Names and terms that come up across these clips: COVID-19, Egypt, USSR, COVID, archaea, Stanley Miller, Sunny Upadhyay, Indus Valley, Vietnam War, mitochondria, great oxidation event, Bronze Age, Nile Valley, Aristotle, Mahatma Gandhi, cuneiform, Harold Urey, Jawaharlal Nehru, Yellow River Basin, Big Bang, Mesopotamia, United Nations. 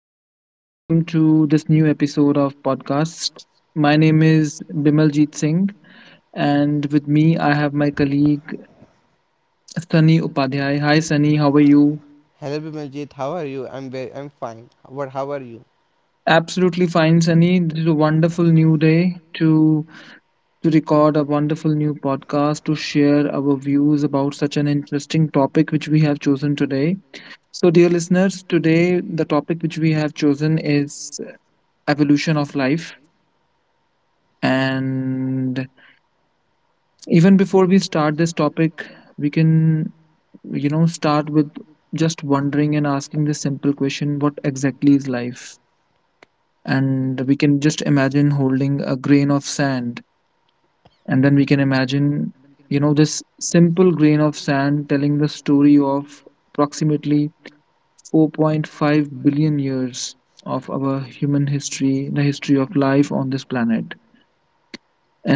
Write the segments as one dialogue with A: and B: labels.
A: everyone. Welcome to this new episode of podcast. My name is Bimaljeet Singh, and with me, I have my colleague Sunny Upadhyay. Hi, Sunny. How are you?
B: Hello Bimaljit, how are you? I'm fine. What? How are you?
A: Absolutely fine, Sunny. This is a wonderful new day to record a wonderful new podcast to share our views about such an interesting topic which we have chosen today. So, dear listeners, today the topic which we have chosen is evolution of life. And even before we start this topic, we can, you know, start with just wondering and asking this simple question, what exactly is life? And we can just imagine holding a grain of sand, and then we can imagine, this simple grain of sand telling the story of approximately 4.5 billion years of our human history, the history of life on this planet.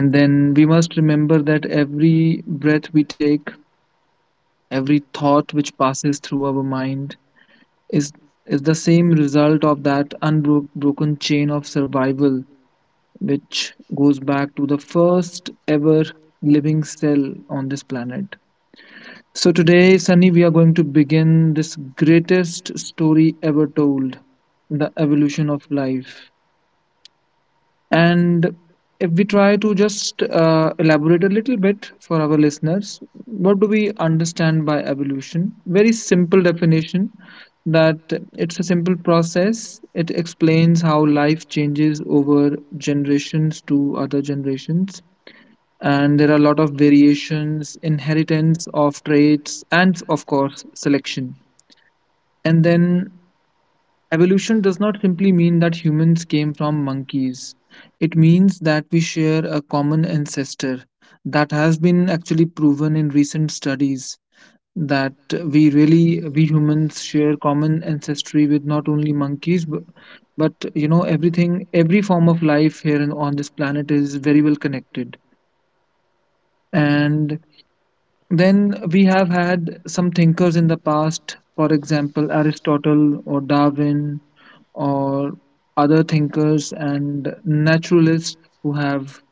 A: And then we must remember that every breath we take, every thought which passes through our mind is is the same result of that unbroken chain of survival which goes back to the first ever living cell on this planet. So today, Sunny, we are going to begin this greatest story ever told, the evolution of life. And if we try to just elaborate a little bit for our listeners, what do we understand by evolution? Very simple definition, that it's a simple process. It explains how life changes over generations to other generations. And there are a lot of variations, inheritance of traits, and of course, selection. And then evolution does not simply mean that humans came from monkeys. It means that we share a common ancestor. That has been actually proven in recent studies that we humans share common ancestry with not only monkeys, but, but everything, every form of life on this planet is very well connected. And then we have had some thinkers in the past, for example, Aristotle or Darwin or other thinkers and naturalists who have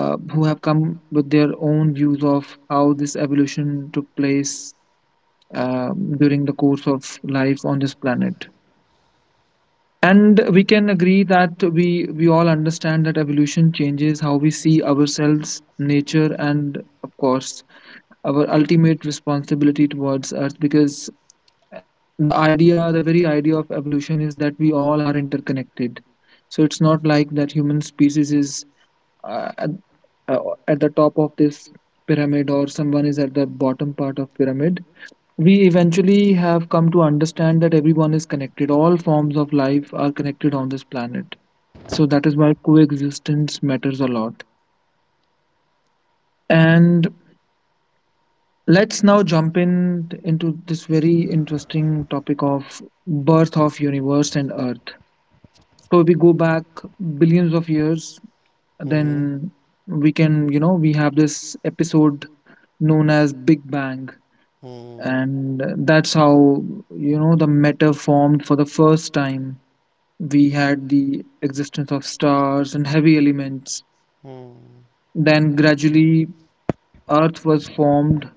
A: who have come with their own views of how this evolution took place during the course of life on this planet. And we can agree that we all understand that evolution changes how we see ourselves, nature, and of course our ultimate responsibility towards earth, because the very idea of evolution is that we all are interconnected. So it's not like that human species is uh, at, uh, at the top of this pyramid, or someone is at the bottom part of pyramid. We eventually have come to understand that everyone is connected, all forms of life are connected on this planet. So that is why coexistence matters a lot. And let's now jump in into this very interesting topic of birth of universe and earth. So if we go back billions of years,
B: Mm-hmm.
A: then we can, we have this episode known as big bang.
B: Mm, hmm hmm
A: And that's how, the matter formed for the first time. We had the existence of stars and heavy elements.
B: hmm
A: Then gradually earth was formed.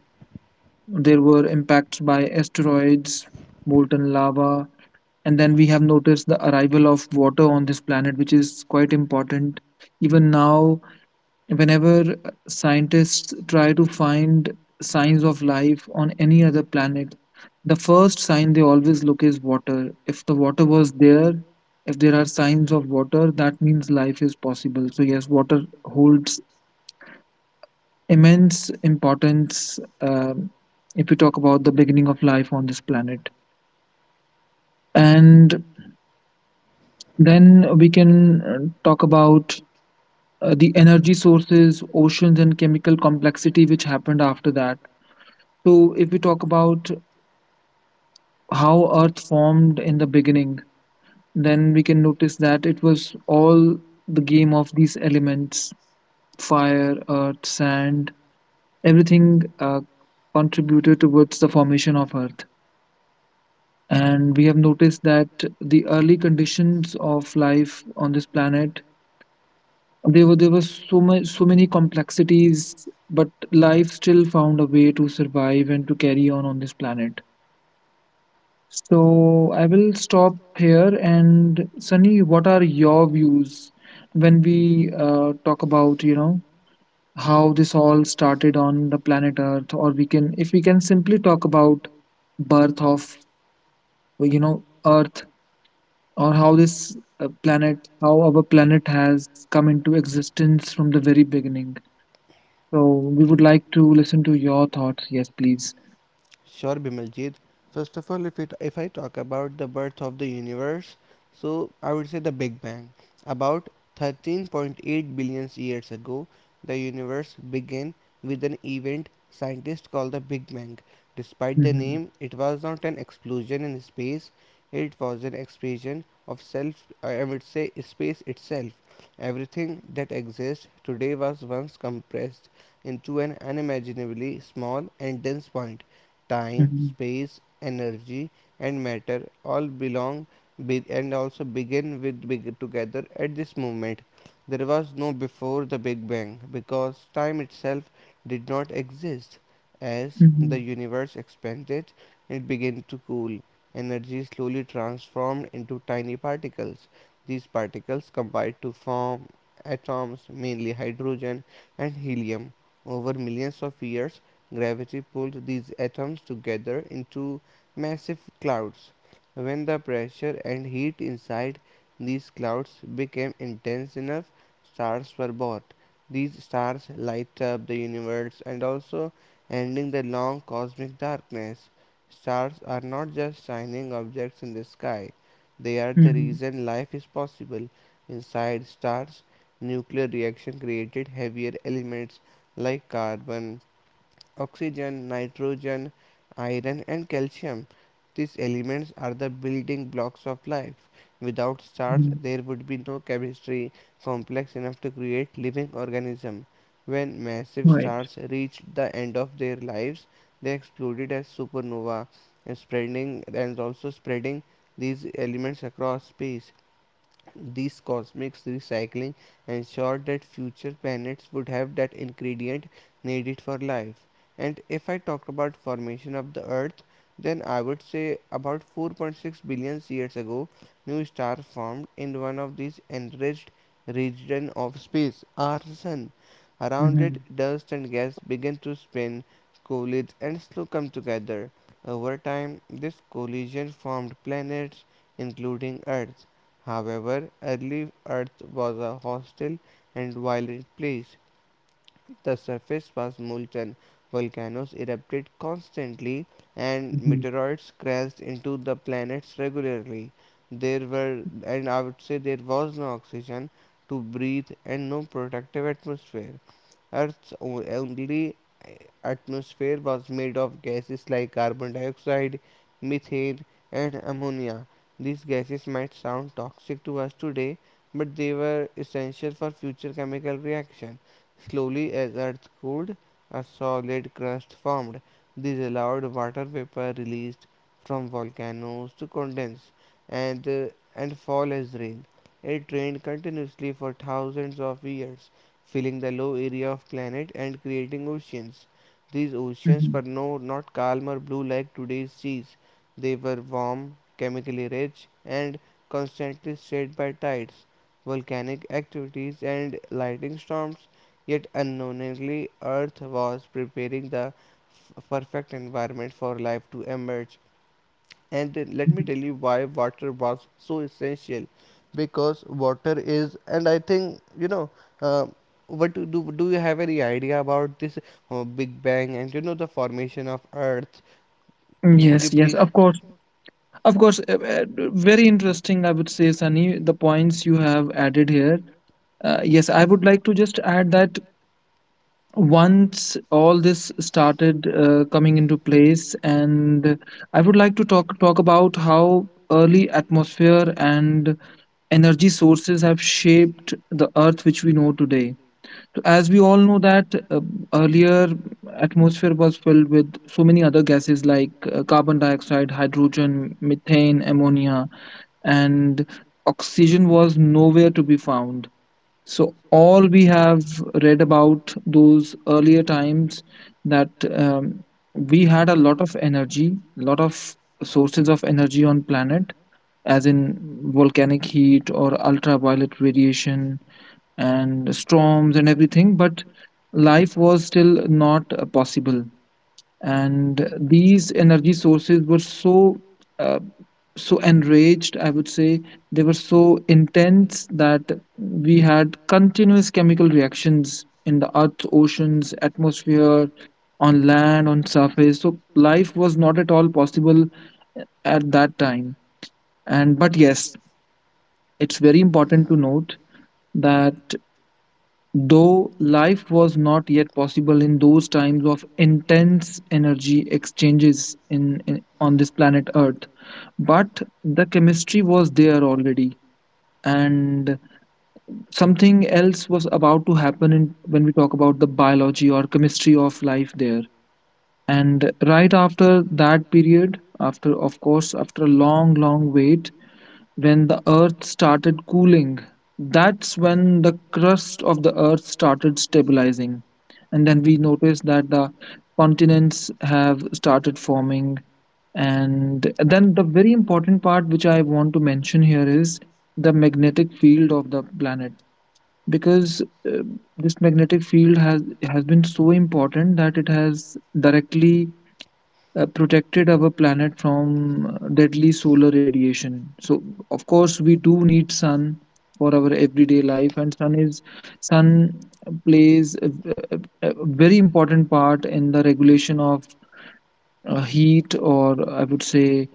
A: There were impacts by asteroids, molten lava, and then we have noticed the arrival of water on this planet, which is quite important. Even now, whenever scientists try to find signs of life on any other planet, the first sign they always look is water. If the water was there, if there are signs of water, that means life is possible. So, yes, water holds immense importance if we talk about the beginning of life on this planet. And then we can talk about the energy sources, oceans, and chemical complexity which happened after that. So, if we talk about how Earth formed in the beginning, then we can notice that it was all the game of these elements: fire, earth, sand, everything contributed towards the formation of Earth. And we have noticed that the early conditions of life on this planet. There were so much so many complexities, but life still found a way to survive and to carry on this planet. So I will stop here. And Sunny, what are your views when we talk about, you know, how this all started on the planet Earth, or we can, if we can simply talk about birth of, you know, Earth, or how this planet, how our planet has come into existence from the very beginning. So we would like to listen to your thoughts. Yes, please.
B: Sure, Bimaljit. First of all, if I talk about the birth of the universe, so I would say the Big Bang. About 13.8 billion years ago, the universe began with an event scientists call the Big Bang. Despite the
A: Mm-hmm.
B: name, it was not an explosion in space; it was an expansion of self. I would say space itself. Everything that exists today was once compressed into an unimaginably small and dense point time,
A: Mm-hmm.
B: space, energy, and matter all belong and also begin with big together at this moment. There was no before the Big Bang because time itself did not exist. As
A: Mm-hmm.
B: the universe expanded, it began to cool. Energy slowly transformed into tiny particles. These particles combined to form atoms, mainly hydrogen and helium. Over millions of years, gravity pulled these atoms together into massive clouds. When the pressure and heat inside these clouds became intense enough, stars were born. These stars light up the universe and also ending the long cosmic darkness. Stars are not just shining objects in the sky, they are the
A: Mm-hmm.
B: reason life is possible. Inside stars, nuclear reaction created heavier elements like carbon, oxygen, nitrogen, iron, and calcium. These elements are the building blocks of life. Without stars,
A: Mm-hmm.
B: there would be no chemistry complex enough to create living organisms. When massive
A: Right.
B: stars reached the end of their lives, they exploded as supernova, and spreading and also spreading these elements across space. These cosmic recycling ensured that future planets would have that ingredient needed for life. And if I talk about formation of the Earth, then I would say about 4.6 billion years ago, new star formed in one of these enriched regions of space, our sun. Around
A: Mm-hmm.
B: it, dust and gas began to spin, collide, and slow come together. Over time, this collision formed planets, including Earth. However, early Earth was a hostile and violent place. The surface was molten, volcanoes erupted constantly, and
A: Mm-hmm.
B: meteoroids crashed into the planets regularly. There were, and I would say, there was no oxygen to breathe and no protective atmosphere. Earth's only eh, atmosphere was made of gases like carbon dioxide, methane, and ammonia. These gases might sound toxic to us today, but they were essential for future chemical reaction. Slowly, as Earth cooled, a solid crust formed. This allowed water vapor released from volcanoes to condense and, uh, and fall as rain. It rained continuously for thousands of years filling the low area of planet and creating oceans. These oceans
A: Mhm,
B: were not calm or blue like today's seas. They were warm, chemically rich, and constantly stirred by tides, volcanic activities, and lightning storms. Yet unknowingly, Earth was preparing the perfect environment for life to emerge. And then let me
A: mhm.
B: tell you why water was so essential because water is, and I think, uh, what do you have any idea about this Big Bang and you know the formation of Earth? Could
A: Yes,
B: you
A: yes,
B: please?
A: of course, of course. Very interesting, I would say, Sunny, the points you have added here. Yes, I would like to just add that once all this started coming into place, and I would like to talk about how early atmosphere and energy sources have shaped the Earth which we know today. So, as we all know that, earlier atmosphere was filled with so many other gases like carbon dioxide, hydrogen, methane, ammonia, and oxygen was nowhere to be found. So all we have read about those earlier times, that we had a lot of energy, lot of sources of energy on planet, as in volcanic heat or ultraviolet radiation and storms and everything, but life was still not possible. And these energy sources were so uh, so enraged, I would say, they were so intense that we had continuous chemical reactions in the earth, oceans, atmosphere, on land, on surface. So life was not at all possible at that time. And but yes, it's very important to note that though life was not yet possible in those times of intense energy exchanges in on this planet Earth, but the chemistry was there already, and something else was about to happen in, when we talk about the biology or chemistry of life there. And right after that period, after of course after a long, long wait, when the earth started cooling. That's when the crust of the earth started stabilizing. And then we noticed that the continents have started forming. And then the very important part which I want to mention here is the magnetic field of the planet. Because uh, this magnetic field has been so important that it has directly protected our planet from deadly solar radiation. So of course we do need sun for our everyday life, and sun plays a- a very important part in the regulation of heat, or I would say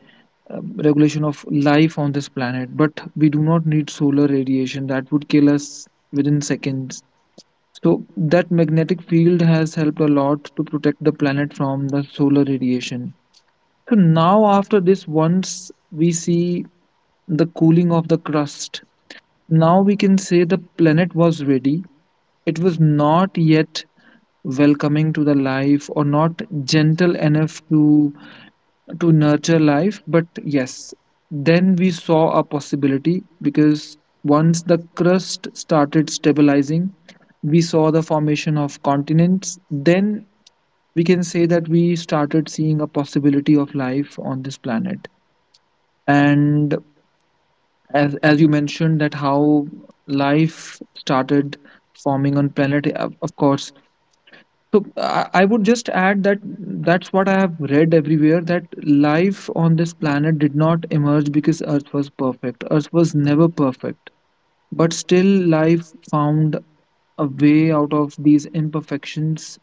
A: uh, regulation of life on this planet, but we do not need solar radiation that would kill us within seconds. So that magnetic field has helped a lot to protect the planet from the solar radiation. So now, after this, once we see the cooling of the crust, now we can say the planet was ready. It was not yet welcoming to the life or not gentle enough to nurture life, but yes, then we saw a possibility, because once the crust started stabilizing, we saw the formation of continents. Then we can say that we started seeing a possibility of life on this planet. And as you mentioned that how life started forming on planet, of course. So I would just add that that's what I have read everywhere, that life on this planet did not emerge because earth was perfect. Earth was never perfect, but still life found a way out of these imperfections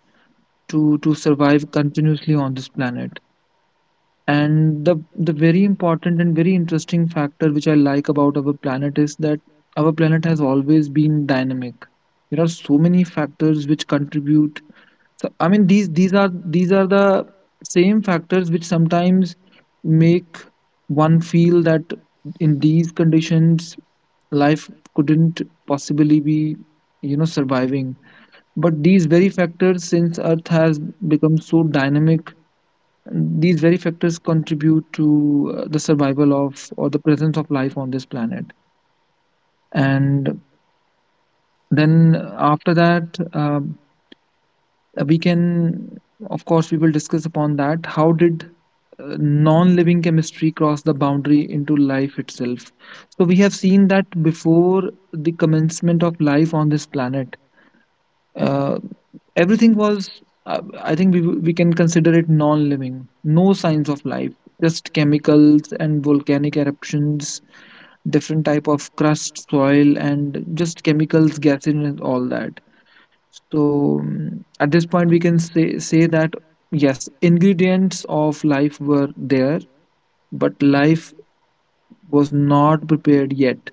A: to survive continuously on this planet. And the very important and very interesting factor which I like about our planet is that our planet has always been dynamic. There are so many factors which contribute. So, I mean, these are the same factors which sometimes make one feel that in these conditions life couldn't possibly be, you know, surviving, but these very factors, since earth has become so dynamic, these very factors contribute to the survival of or the presence of life on this planet. And then after that, um, we can, of course, we will discuss upon that. How did non-living chemistry cross the boundary into life itself? So we have seen that before the commencement of life on this planet, uh, everything was, I think we can consider it non-living, no signs of life, just chemicals and volcanic eruptions, different type of crust, soil, and just chemicals, gases and all that. So at this point we can say that yes, ingredients of life were there, but life was not prepared yet.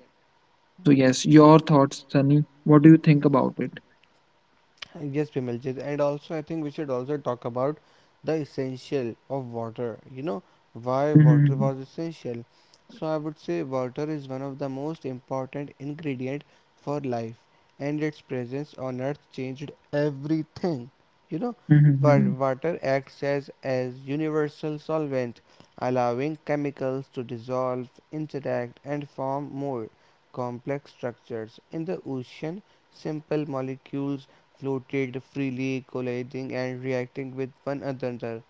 A: So yes, your thoughts, Sunny, what do you think about it?
B: Yes, Bimaljit, and also I think we should also talk about the essential of water. You know, why water
A: Hmm.
B: was essential. So I would say water is one of the most important ingredient for life, and its presence on earth changed everything. You know,
A: Hmm.
B: water acts as universal solvent, allowing chemicals to dissolve, interact, and form more complex structures in the ocean. Simple molecules floated freely, colliding and reacting with one another.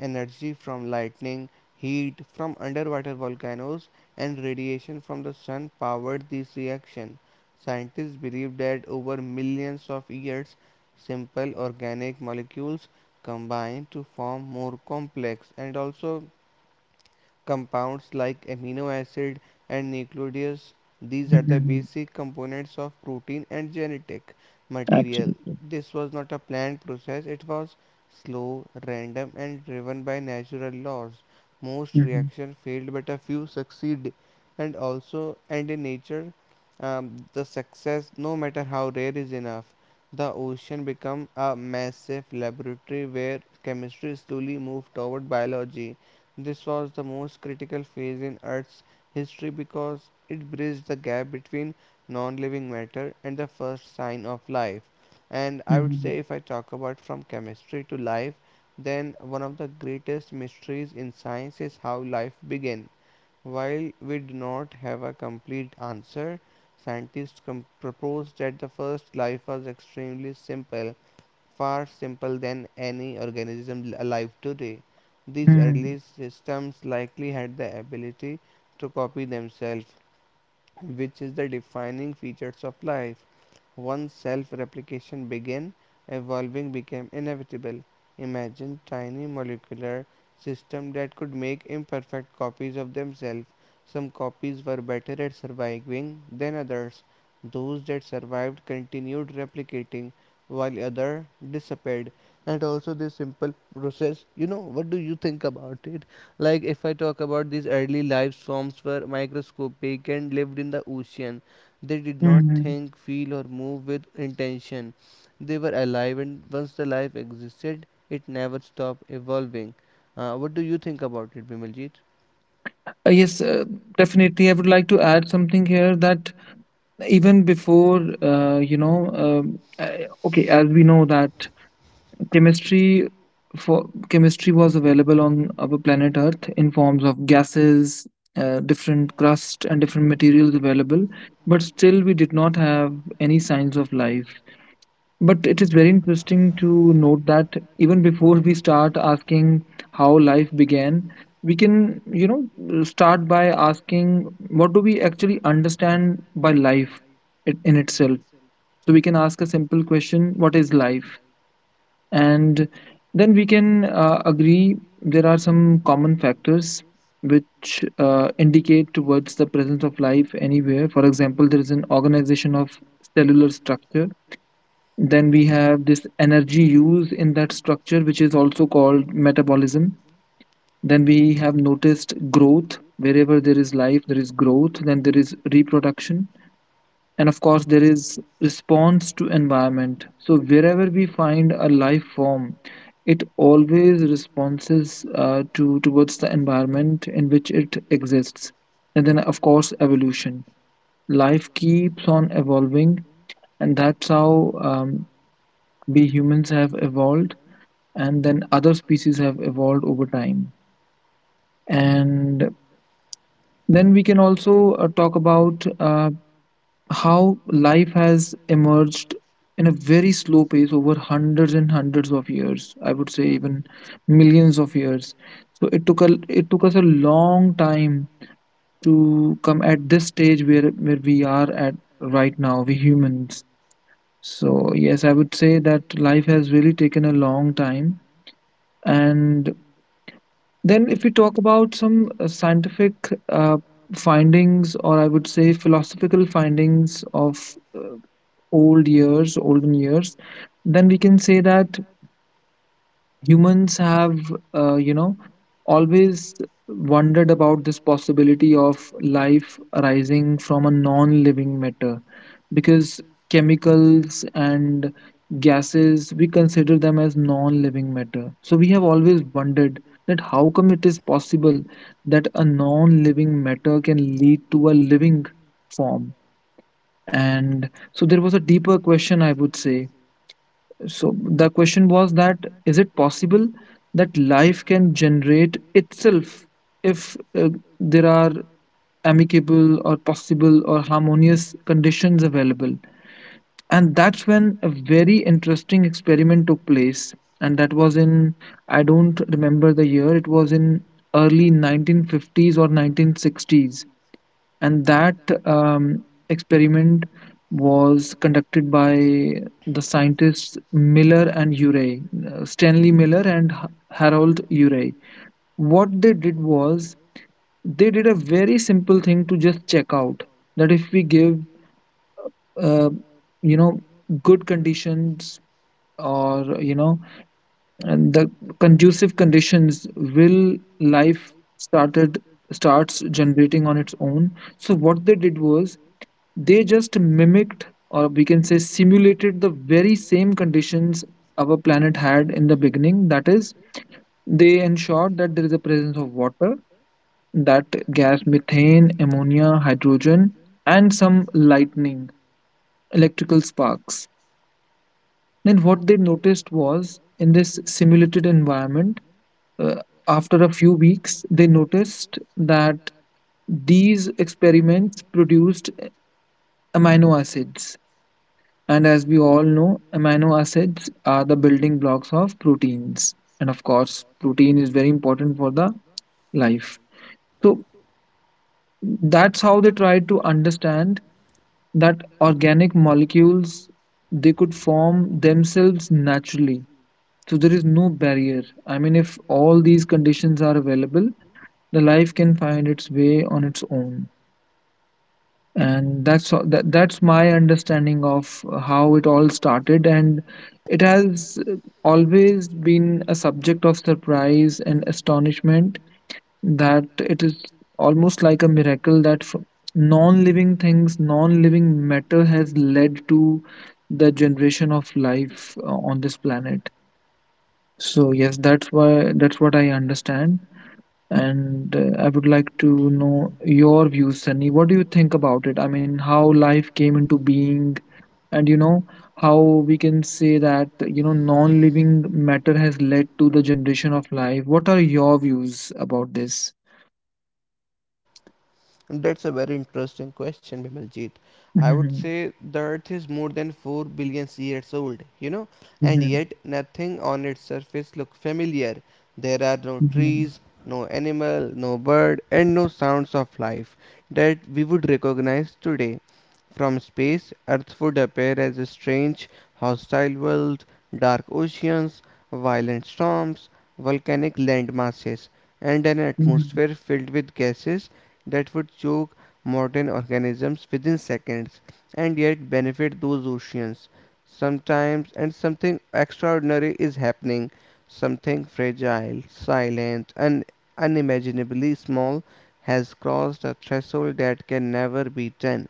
B: Energy from lightning, heat from underwater volcanoes, and radiation from the sun powered this reaction. Scientists believe that over millions of years, simple organic molecules combined to form more complex and also compounds like amino acid and nucleides, these are the
A: Hmm.
B: basic components of protein and genetic material.
A: Absolutely.
B: This was not a planned process, it was slow, random, and driven by natural laws. Most
A: Mhm.
B: reactions failed, but a few succeed. And also, and in nature, um, the success no matter how rare is enough. The ocean become a massive laboratory where chemistry slowly moved toward biology. This was the most critical phase in Earth's history because it bridged the gap between non living matter and the first sign of life. And I would say,
A: Mhm.
B: if I talk about from chemistry to life, then one of the greatest mysteries in science is how life began. While we do not have a complete answer, scientists com- proposed that the first life was extremely simple, far simpler than any organism alive today. These early
A: Mm.
B: systems likely had the ability to copy themselves, which is the defining features of life. Once self replication began, evolving became inevitable. Imagine tiny molecular systems that could make imperfect copies of themselves. Some copies were better at surviving than others. Those that survived continued replicating while others disappeared. And also this simple process, you know, what do you think about it? Like if I talk about these early life forms were microscopic and lived in the ocean, they did not
A: Mhm.
B: think, feel, or move with intention. They were alive, and once the life existed, it never stopped evolving. What do you think about it, Bimaljit?
A: Yes, definitely. I would like to add something here that even before, as we know that chemistry for chemistry was available on our planet Earth in forms of gases, different crust and different materials available, but still we did not have any signs of life. But it is very interesting to note that even before we start asking how life began, we can, start by asking what do we actually understand by life in itself. So we can ask a simple question, what is life? And then we can agree there are some common factors which indicate towards the presence of life anywhere. For example, there is an organization of cellular structure, then we have this energy use in that structure, which is also called metabolism. Then we have noticed growth. Wherever there is life, there is growth. Then there is reproduction. And of course, there is response to environment. So, wherever we find a life form, it always responses to towards the environment in which it exists. And then, of course, evolution. Life keeps on evolving, and that's how we humans have evolved, and then other species have evolved over time. And then we can also talk about how life has emerged in a very slow pace over hundreds and hundreds of years. I would say even millions of years. So it took a it took us a long time to come at this stage where we are at right now, we humans. So yes, I would say that life has really taken a long time. And then, if we talk about some scientific uh, findings, or I would say philosophical findings of old years, olden years, then we can say that humans have, uh, you know, always wondered about this possibility of life arising from a non living matter, because chemicals and gases, we consider them as non-living matter. So we have always wondered that how come it is possible that a non-living matter can lead to a living form. And so there was a deeper question, I would say. So the question was that, is it possible that life can generate itself if there are amicable or possible or harmonious conditions available? And that's when a very interesting experiment took place, and that was in, I don't remember the year, it was in early 1950s or 1960s. And that um, experiment was conducted by the scientists Miller and Urey, Stanley Miller and Harold Urey. What they did was, they did a very simple thing to just check out that if we give uh, you know good conditions, or, and the conducive conditions, will life started starts generating on its own. So what they did was, they just mimicked, or we can say simulated, the very same conditions our planet had in the beginning. That is, they ensured that there is a presence of water, that gas, methane, ammonia, hydrogen, and some lightning, electrical sparks. Then what they noticed was, in this simulated environment, Uh, after a few weeks, they noticed that these experiments produced amino acids. And as we all know, amino acids are the building blocks of proteins. And of course, protein is very important for the life. So that's how they tried to understand that organic molecules, they could form themselves naturally. So there is no barrier. I mean, if all these conditions are available, the life can find its way on its own. And that's my understanding of how it all started. And it has always been a subject of surprise and astonishment that it is almost like a miracle that non-living things, non-living matter has led to the generation of life on this planet. So yes, that's why, that's what I understand. And I would like to know your views, Sunny. What do you think about it? I mean, how life came into being, and how we can say that, non-living matter has led to the generation of life. What are your views about this?
B: That's a very interesting question, Bimaljit. I would
A: Mhm,
B: say the Earth is more than 4 billion years old, you know, and
A: mhm,
B: yet nothing on its surface looks familiar. There are no
A: mhm,
B: trees, no animal, no bird, and no sounds of life that we would recognize today. From space, Earth would appear as a strange, hostile world, dark oceans, violent storms, volcanic landmasses, and an
A: mhm,
B: atmosphere filled with gases that would choke modern organisms within seconds and yet benefit those oceans. Sometimes, and something extraordinary is happening, something fragile, silent, and unimaginably small has crossed a threshold that can never be done.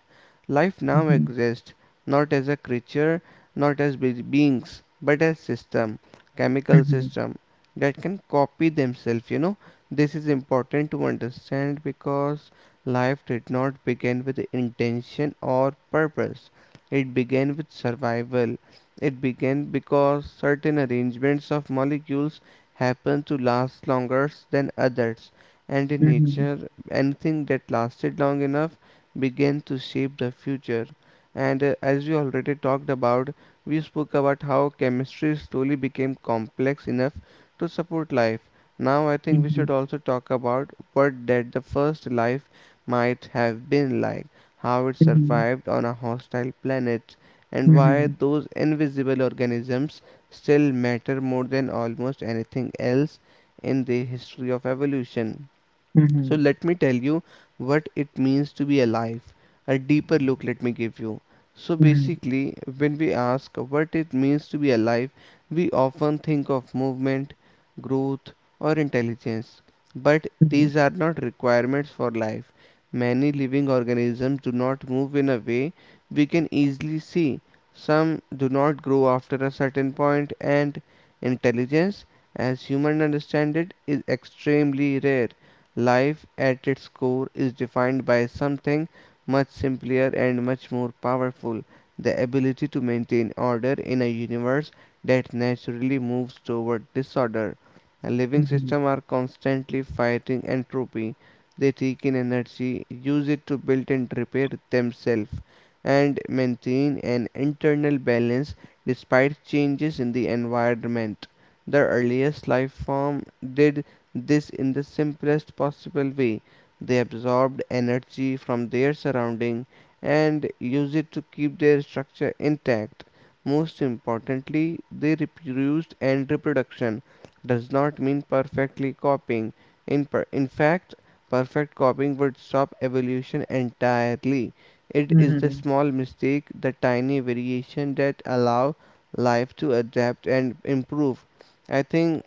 B: Life now
A: mhm,
B: exists not as a creature, not as be- beings, but as system, chemical
A: mhm,
B: system that can copy themselves, you know this is important to understand because life did not begin with intention or purpose. It began with survival. It began because certain arrangements of molecules happen to last longer than others, and in
A: mhm,
B: nature, anything that lasted long enough began to shape the future. And As we already talked about, we spoke about how chemistry slowly became complex enough to support life. Now I think we should also talk about what that the first life might have been like, how it
A: mhm,
B: survived on a hostile planet, and why
A: mhm,
B: those invisible organisms still matter more than almost anything else in the history of evolution.
A: mhm,
B: So
A: mhm,
B: let me tell you what it means to be alive. A deeper look let me give you. So
A: mhm,
B: basically, when we ask what it means to be alive, we often think of movement, growth, or intelligence. But
A: mhm,
B: these are not requirements for life. Many living organisms do not move in a way we can easily see. Some do not grow after a certain point, and intelligence, as human understand it, is extremely rare. Life at its core is defined by something much simpler and much more powerful, the ability to maintain order in a universe that naturally moves toward disorder. Living
A: mhm,
B: systems are constantly fighting entropy. They take in energy, use it to build and repair themselves, and maintain an internal balance despite changes in the environment. The earliest life form did this in the simplest possible way. They absorb energy from their surrounding and use it to keep their structure intact. Most importantly, they reproduced and reproduction does not mean perfectly copying. In fact, perfect copying would stop evolution entirely. It is the
A: mhm,
B: small mistake, the tiny variation that allow life to adapt and improve. I think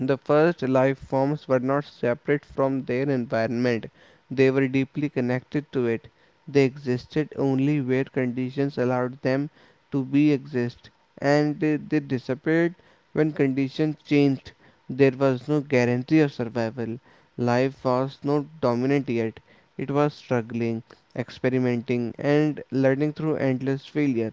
B: the first life forms were not separate from their environment, they were deeply connected to it. They existed only where conditions allowed them to be exist, and they disappeared when conditions changed. There was no guarantee of survival. Life was not dominant yet, it was struggling, experimenting, and learning through endless failure.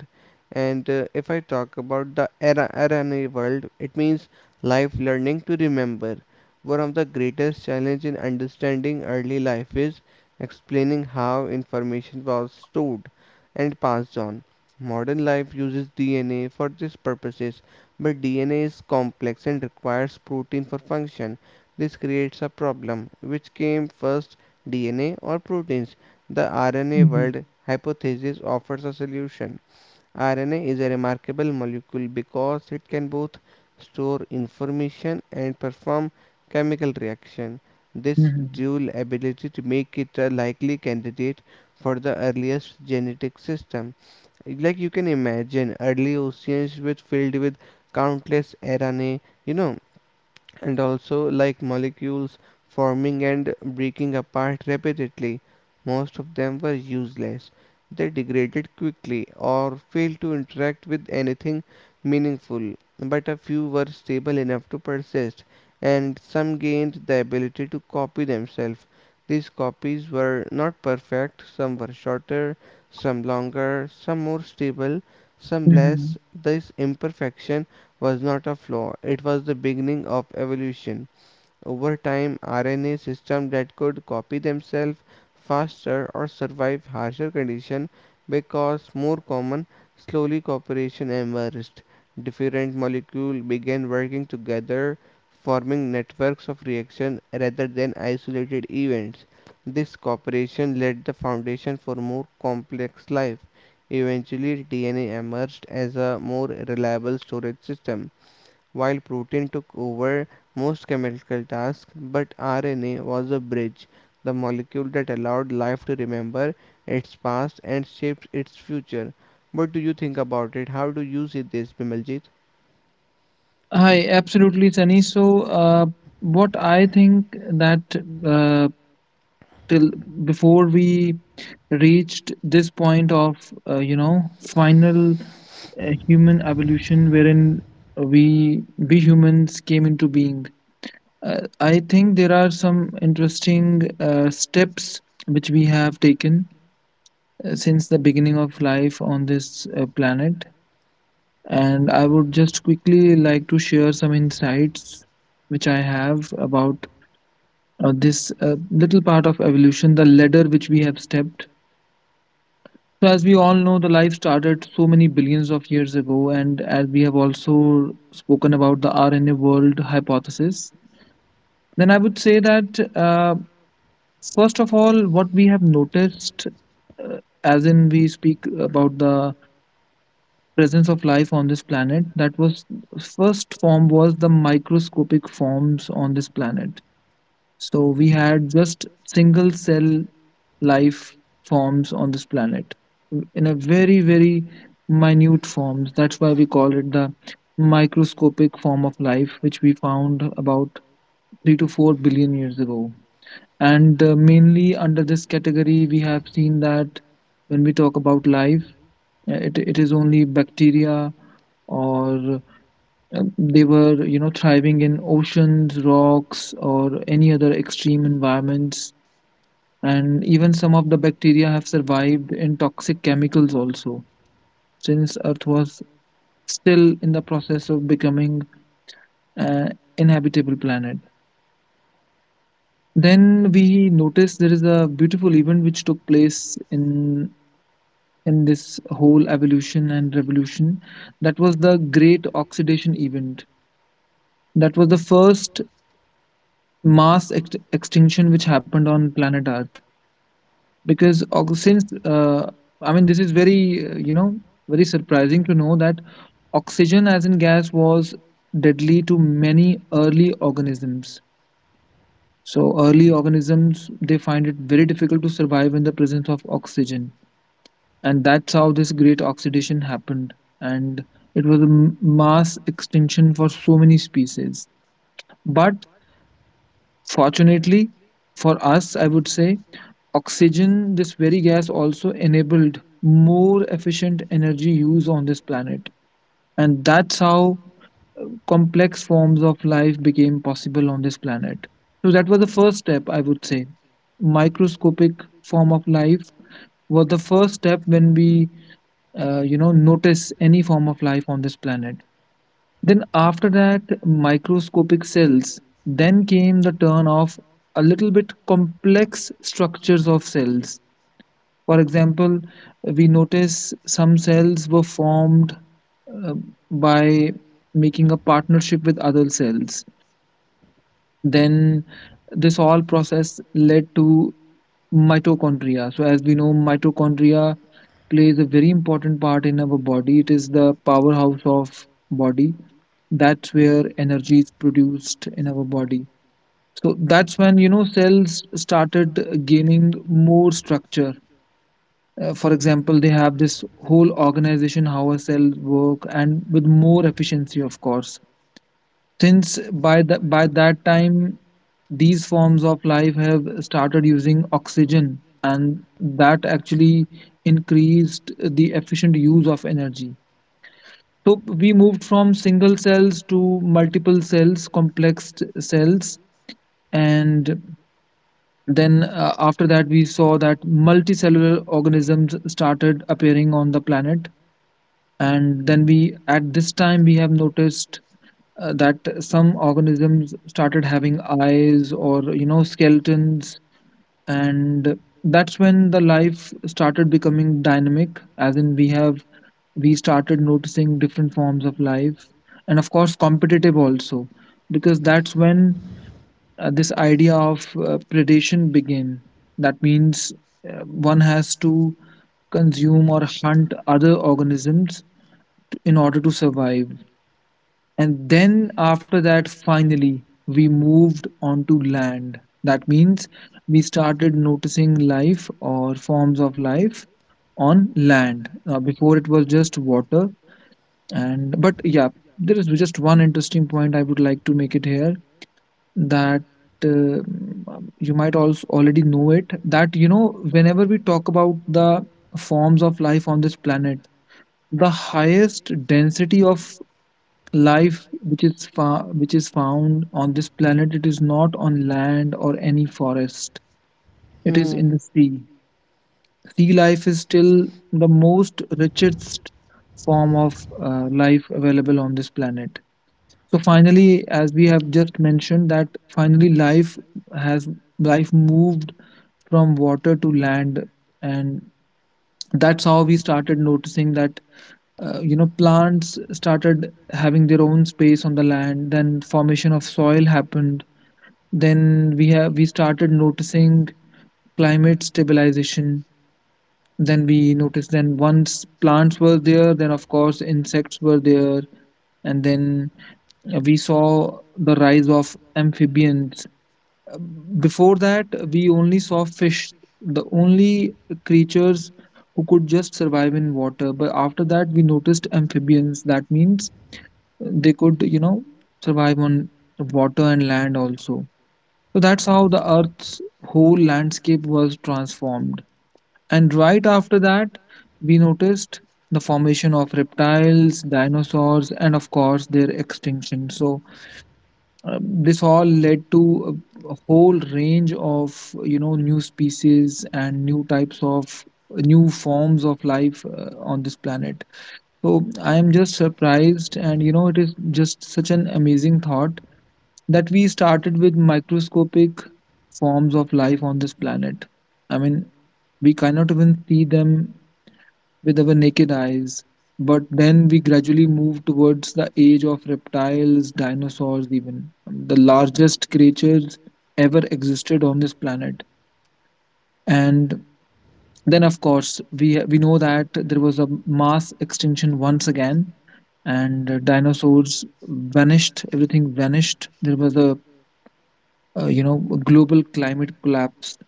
B: And If I talk about the era in the world, it means life learning to remember. One of the greatest challenges in understanding early life is explaining how information was stored and passed on. Modern life uses DNA for these purposes, but DNA is complex and requires protein for function. This creates a problem. Which came first, DNA or proteins? The RNA
A: mhm,
B: world hypothesis offers a solution. RNA is a remarkable molecule because it can both store information and perform chemical reaction.
A: mhm,
B: This
A: mhm,
B: dual ability to make it a likely candidate for the earliest genetic system. Like you can imagine early oceans with filled with countless RNA, you know, and also like molecules forming and breaking apart rapidly. Most of them were useless. They degraded quickly or failed to interact with anything meaningful, but a few were stable enough to persist, and some gained the ability to copy themselves. These copies were not perfect, some were shorter, some longer, some more stable, some
A: mhm.
B: less. This imperfection was not a flaw, it was the beginning of evolution. Over time, RNA systems that could copy themselves faster or survive harsher conditions because more common, slowly cooperation emerged. Different molecules began working together, forming networks of reaction rather than isolated events. This cooperation laid the foundation for more complex life. Eventually, DNA emerged as a more reliable storage system while protein took over most chemical tasks, but RNA was a bridge, the molecule that allowed life to remember its past and shape its future. What do you think about it? How do you see this, Bimaljit?
A: Hi, absolutely, Sunny. So, what I think that, uh, till before we reached this point of final human evolution, wherein we humans came into being, I think there are some interesting steps which we have taken since the beginning of life on this planet. And I would just quickly like to share some insights which I have about this little part of evolution, the ladder which we have stepped. So, as we all know, the life started so many billions of years ago, and as we have also spoken about the RNA world hypothesis, then I would say that, first of all, what we have noticed, uh, as in we speak about the presence of life on this planet, that was, first form was the microscopic forms on this planet. So we had just single cell life forms on this planet, in a very very minute forms. That's why we call it the microscopic form of life, which we found about 3 to 4 billion years ago. And mainly under this category we have seen that when we talk about life, it is only bacteria, or they were, you know, thriving in oceans, rocks, or any other extreme environments. And even some of the bacteria have survived in toxic chemicals also, since earth was still in the process of becoming an inhabitable planet. Then we notice there is a beautiful event which took place in this whole evolution and revolution. That was the great oxidation event. That was the first mass extinction which happened on planet earth, because ox- since I mean, this is very, very surprising to know that oxygen as in gas was deadly to many early organisms. So early organisms, they find it very difficult to survive in the presence of oxygen. And that's how this great oxidation happened. And it was a mass extinction for so many species. But fortunately, for us, I would say, oxygen, this very gas, also enabled more efficient energy use on this planet. And that's how complex forms of life became possible on this planet. So, that was the first step, I would say. Microscopic form of life was the first step when we, notice any form of life on this planet. Then, after that, microscopic cells, then came the turn of a little bit complex structures of cells. For example, we notice some cells were formed uh, by making a partnership with other cells. Then, this all process led to mitochondria. So, as we know, mitochondria plays a very important part in our body. It is the powerhouse of body. That's where energy is produced in our body. So that's when, you know, cells started gaining more structure. For example, they have this whole organization, how a cell work, and with more efficiency, of course, since by that time these forms of life have started using oxygen. And that actually increased the efficient use of energy. So we moved from single cells to multiple cells, complex cells. And then after that we saw that multicellular organisms started appearing on the planet. And then we, at this time we have noticed that some organisms started having eyes, or you know, skeletons. And that's when the life started becoming dynamic, as in we have, we started noticing different forms of life, and of course competitive also, because that's when this idea of predation began. That means one has to consume or hunt other organisms in order to survive. And then after that, finally, we moved on to land. That means we started noticing life or forms of life on land. Before it was just water. And but yeah, there is just one interesting point I would like to make it here that uh, you might also already know it that whenever we talk about the forms of life on this planet, the highest density of life which is found on this planet, it is not on land or any forest. It is in
B: Hmm.
A: the sea. Sea life is still the most richest form of life available on this planet. So finally, as we have just mentioned that finally has life moved from water to land, and that's how we started noticing that plants started having their own space on the land. Then formation of soil happened. Then we started noticing climate stabilization. Then we noticed, then once plants were there, then of course insects were there. And then we saw the rise of amphibians. Uh, Before that we only saw fish, the only creatures who could just survive in water. But after that we noticed amphibians. That means they could, survive on water and land also. So that's how the earth's whole landscape was transformed. And right after that we noticed the formation of reptiles, dinosaurs, and of course their extinction. So this all led to a whole range of new species and new forms of life on this planet. So I am just surprised, and it is just such an amazing thought that we started with microscopic forms of life on this planet. I mean, we cannot even see them with our naked eyes, but then we gradually move towards the age of reptiles, dinosaurs, even the largest creatures ever existed on this planet. And then, of course, we know that there was a mass extinction once again, and dinosaurs vanished. Everything vanished. There was a you know a global climate collapse.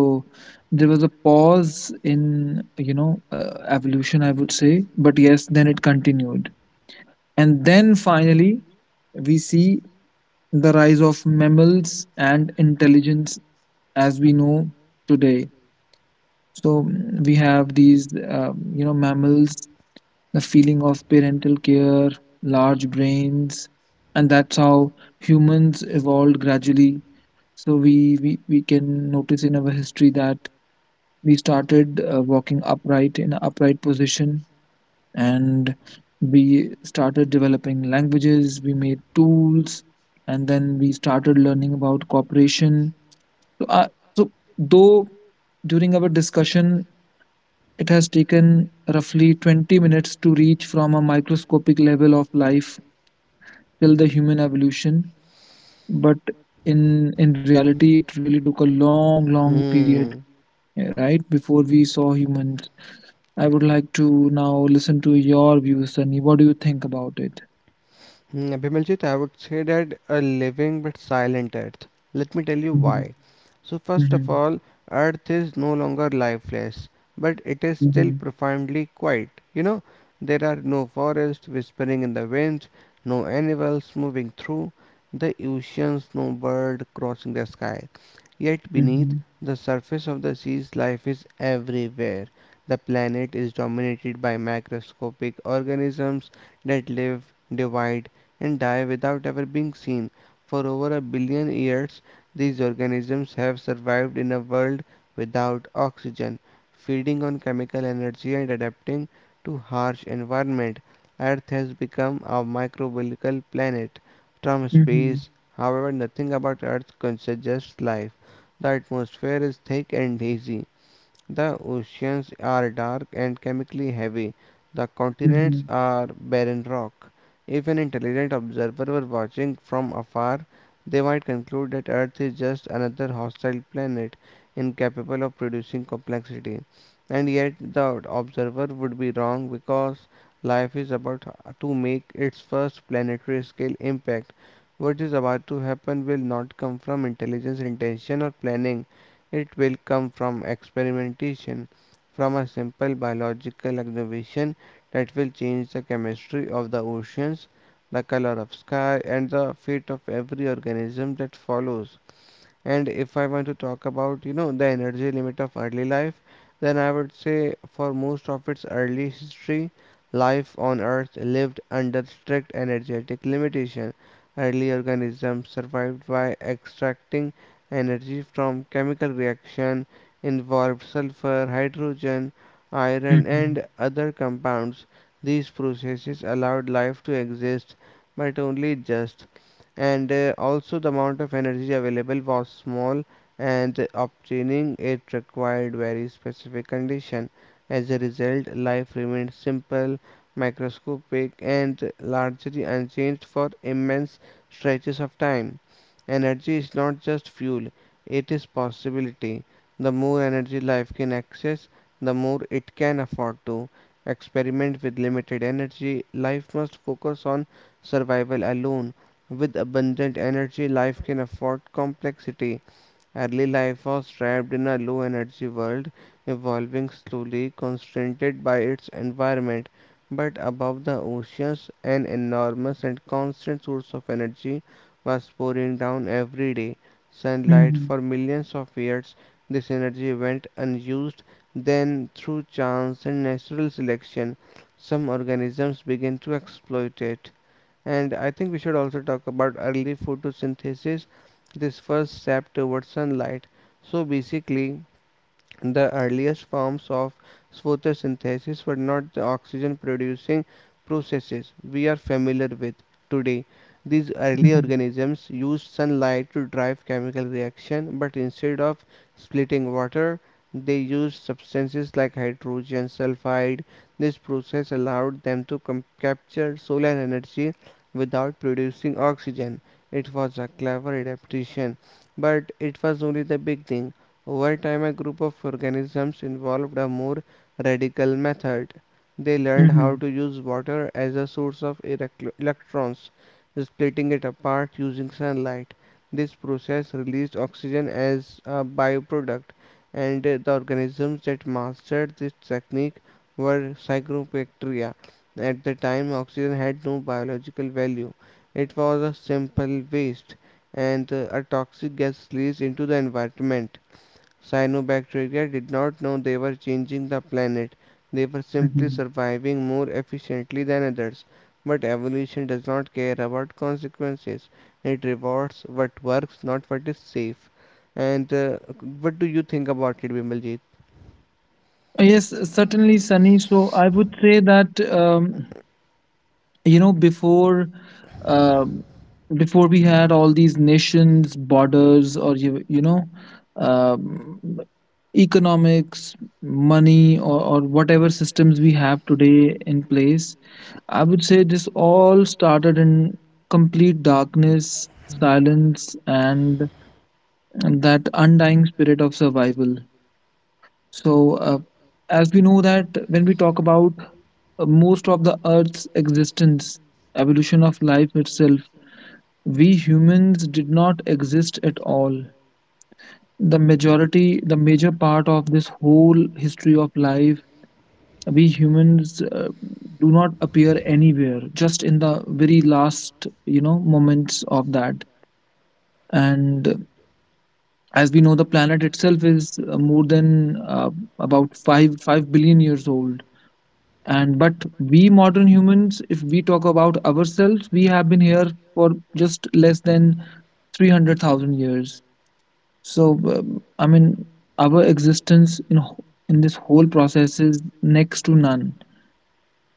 A: So there was a pause in, evolution, I would say. But yes, then it continued, and then finally we see the rise of mammals and intelligence as we know today. So we have these, mammals, the feeling of parental care, large brains, and that's how humans evolved gradually. So we can notice in our history that we started walking upright in an upright position, and we started developing languages. We made tools, and then we started learning about cooperation. So, so though during our discussion it has taken roughly 20 minutes to reach from a microscopic level of life till the human evolution, but in reality, it really took a long, long period,
B: Hmm.
A: yeah, right, before we saw humans. I would like to now listen to your views, Sunny. What do you think about it?
B: Mm, Bimaljit, I would say that a living but silent Earth. Let me tell you
A: Mm-hmm.
B: why. So, first
A: Mm-hmm.
B: of all, Earth is no longer lifeless, but it is still profoundly quiet. You know, there are no forests whispering in the winds, no animals moving through the oceans, no bird crossing the sky. Yet, beneath
A: Mm-hmm.
B: the surface of the seas, life is everywhere. The planet is dominated by microscopic organisms that live, divide, and die without ever being seen. For over a billion years, these organisms have survived in a world without oxygen, feeding on chemical energy and adapting to harsh environment. Earth has become a microbial planet from space.
A: Mm-hmm.
B: However, nothing about Earth suggests life. The atmosphere is thick and hazy, the oceans are dark and chemically heavy. The continents
A: Mm-hmm.
B: are barren rock. If an intelligent observer were watching from afar, they might conclude that Earth is just another hostile planet incapable of producing complexity. And yet, the observer would be wrong because life is about to make its first planetary scale impact. What is about to happen will not come from intelligence, intention, or planning, it will come from experimentation, from a simple biological observation that will change the chemistry of the oceans, the color of sky, and the fate of every organism that follows. And if I want to talk about, you know, the energy limit of early life, then I would say for most of its early history, life on Earth lived under strict energetic limitation. Early organisms survived by extracting energy from chemical reaction involved sulfur, hydrogen, iron
A: Mm-hmm.
B: and other compounds. These processes allowed life to exist, but only just, and also the amount of energy available was small and obtaining it required very specific condition. As a result, life remained simple, microscopic and largely unchanged for immense stretches of time. Energy is not just fuel, it is possibility. The more energy life can access, the more it can afford to experiment with limited energy. Life must focus on survival alone with abundant energy, life can afford complexity. Early life was trapped in a low energy world, evolving slowly, constrained by its environment. But above the oceans, an enormous and constant source of energy was pouring down every day.
A: Mm-hmm.
B: Sunlight
A: Mm-hmm.
B: for millions of years, this energy went unused. Then, through chance and natural selection, some organisms began to exploit it. And I think we should also talk about early photosynthesis, this first step towards sunlight. So basically, the earliest forms of photosynthesis were not the oxygen producing processes we are familiar with today. These early
A: Mm-hmm.
B: organisms used sunlight to drive chemical reaction, but instead of splitting water, they used substances like hydrogen sulfide. This process allowed them to capture solar energy without producing oxygen. It was a clever adaptation, but it was only the beginning. Over time, a group of organisms involved a more radical method. They learned how to
A: Mm-hmm.
B: use water as a source of electrons, splitting it apart using sunlight. This process released oxygen as a byproduct, and the organisms that mastered this technique were cyanobacteria. At the time, oxygen had no biological value, it was a simple waste and a toxic gas released into the environment. Cyanobacteria did not know they were changing the planet, they were simply
A: Mm-hmm.
B: surviving more efficiently than others. But evolution does not care about consequences, it rewards what works, not what is safe. And What do you think about it, Bimaljit?
A: Yes, certainly, Sunny. So I would say that, before, um, before we had all these nations, borders, or um, economics, money, or, whatever systems we have today in place, I would say this all started in complete darkness, silence, and, that undying spirit of survival. So, as we know, that when we talk about most of the Earth's existence, evolution of life itself, we humans did not exist at all. The majority, the major part of this whole history of life, we humans do not appear anywhere, just in the very last moments of that. And as we know, the planet itself is, more than, about five billion years old, and but we modern humans, if we talk about ourselves, we have been here for just less than 300,000 years. So, I mean, our existence in this whole process is next to none.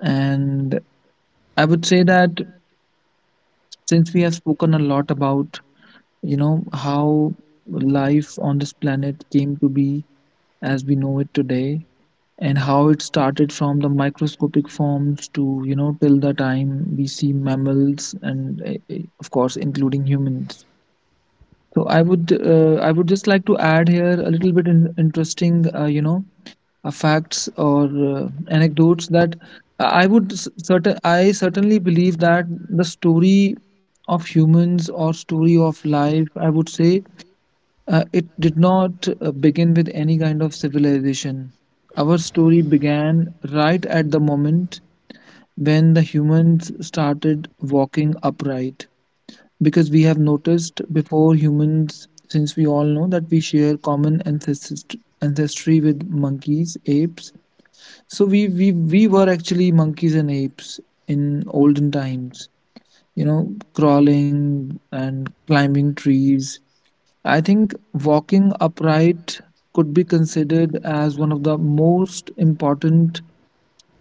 A: And I would say that since we have spoken a lot about, how life on this planet came to be as we know it today, and how it started from the microscopic forms to, till the time we see mammals and, of course including humans. So I would just like to add here a little bit, interesting, facts or, anecdotes, that I certainly believe that the story of humans or story of life, I would say, it did not, begin with any kind of civilization. Our story began right at the moment when the humans started walking upright. Because we have noticed, before humans, since we all know that we share common ancestry with monkeys, apes. So, we were actually monkeys and apes in olden times, crawling and climbing trees. I think walking upright could be considered as one of the most important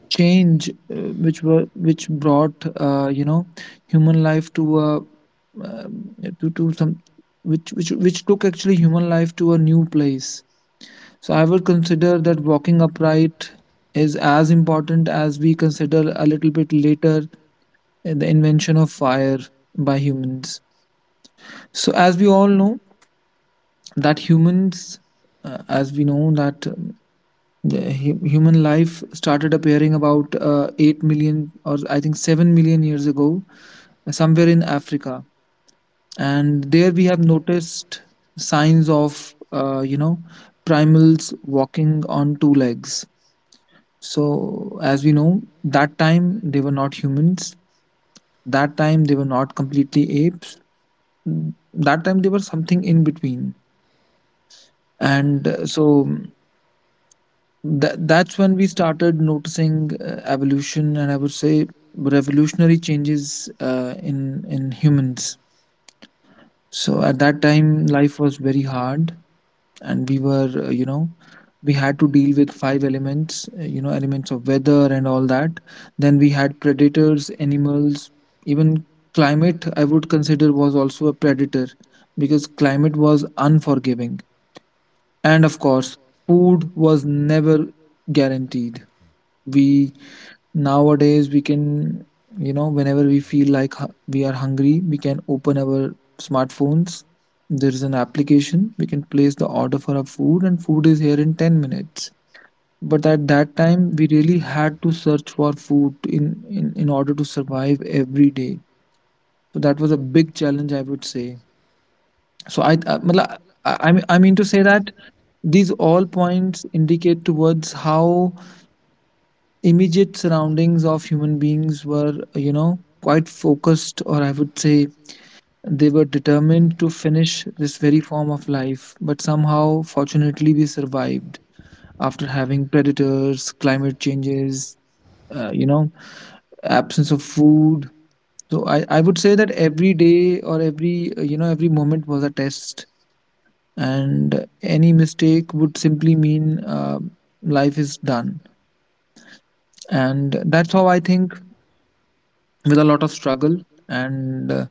A: change, which brought, human life to a, to some, which took actually human life to a new place. So I would consider that walking upright is as important as we consider a little bit later, the invention of fire by humans. So as we all know, that humans, as we know that, the human life started appearing about, 8 million, or I think 7 million years ago, somewhere in Africa. And there we have noticed signs of, uh, you know primals walking on two legs. So as we know, that time they were not humans, that time they were not completely apes, that time they were something in between. And, so that's when we started noticing, evolution, and I would say revolutionary changes, in humans. So at that time life was very hard, and we were, we had to deal with five elements, elements of weather and all that. Then we had predators, animals. Even climate, I would consider, was also a predator, because climate was unforgiving. And of course, food was never guaranteed. We Nowadays, we can, whenever we feel like, we are hungry, we can open our smartphones. There is an application. We can place the order for our food, and food is here in 10 minutes. But at that time, we really had to search for food, in order to survive every day. So that was a big challenge, I would say. So I mean to say that these all points indicate towards how immediate surroundings of human beings were, quite focused, or I would say they were determined to finish this very form of life. But somehow, fortunately, we survived after having predators, climate changes, uh, you know, absence of food. So I would say that every day, or every moment was a test, and any mistake would simply mean, life is done. And that's how I think, with a lot of struggle and,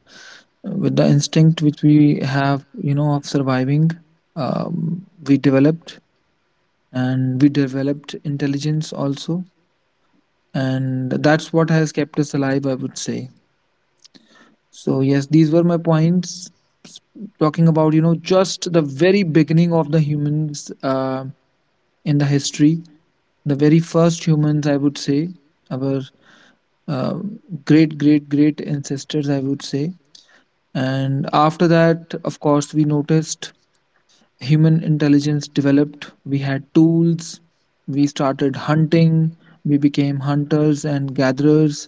A: with the instinct which we have, of surviving, we developed. And we developed intelligence also, and that's what has kept us alive, I would say. So yes, these were my points. S- Talking about, just the very beginning of the humans, in the history, the very first humans, I would say, our, uh, great great great ancestors, I would say. And after that, of course, we noticed human intelligence developed. We had tools, we started hunting, we became hunters and gatherers.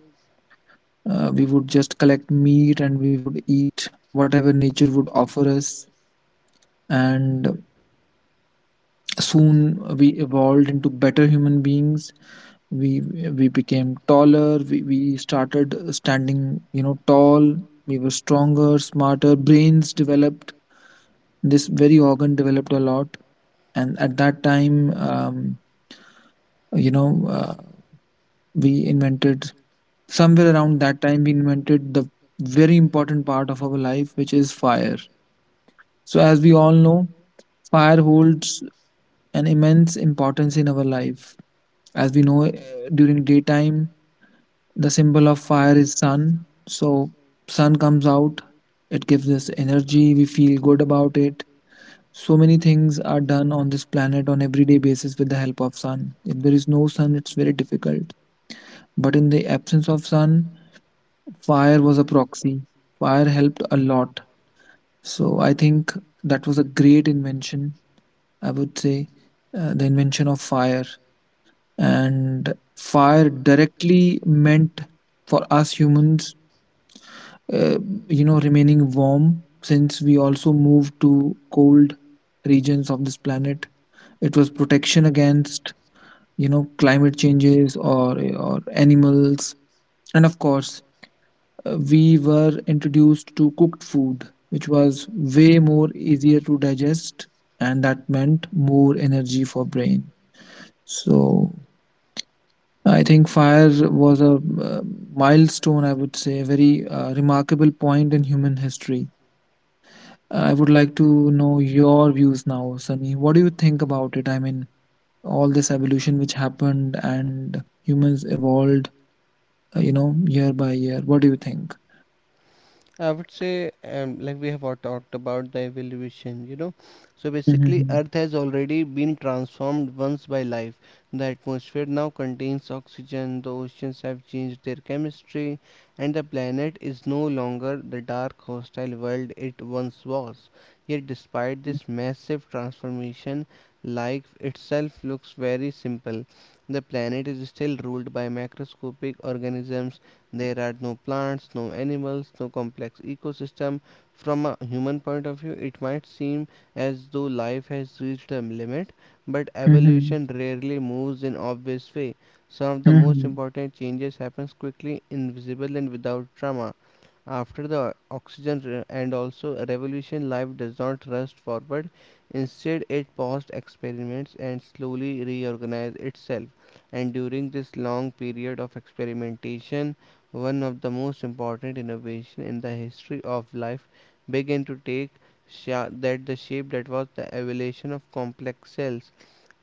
A: We would just collect meat, and we would eat whatever nature would offer us. And soon we evolved into better human beings. We we became taller. We started standing, tall. We were stronger, smarter. Brains developed. This very organ developed a lot. And at that time, you know uh, we invented somewhere around that time we invented the very important part of our life, which is fire. So as we all know, fire holds an immense importance in our life. As we know, during daytime the symbol of fire is sun. So sun comes out, it gives us energy, we feel good about it. So many things are done on this planet on everyday basis with the help of sun. If there is no sun, it's very difficult. But in the absence of sun, fire was a proxy. Fire helped a lot. So I think that was a great invention, I would say, the invention of fire. And fire directly meant for us humans, uh, remaining warm since we also moved to cold regions of this planet. It was protection against, climate changes, or, animals. And of course, we were introduced to cooked food, which was way more easier to digest, and that meant more energy for brain. So I think fire was a, milestone, I would say, a very, remarkable point in human history. I would like to know your views now, Sunny. What do you think about it? I mean, all this evolution which happened and humans evolved, year by year. What do you think?
B: I would say, like we have all talked about the evolution, you know. So basically,
A: Mm-hmm.
B: Earth has already been transformed once by life. The atmosphere now contains oxygen, the oceans have changed their chemistry, and the planet is no longer the dark, hostile world it once was. Yet, despite this massive transformation, life itself looks very simple. The planet is still ruled by macroscopic organisms, there are no plants, no animals, no complex ecosystem. From a human point of view, it might seem as though life has reached a limit, but
A: Mm-hmm.
B: evolution rarely moves in obvious way. Some of the most important changes happen quickly, invisible and without drama. After the oxygen and also revolution, life does not rush forward. Instead, it paused experiments and slowly reorganized itself. And during this long period of experimentation, one of the most important innovations in the history of life began to take that the shape that was the evolution of complex cells,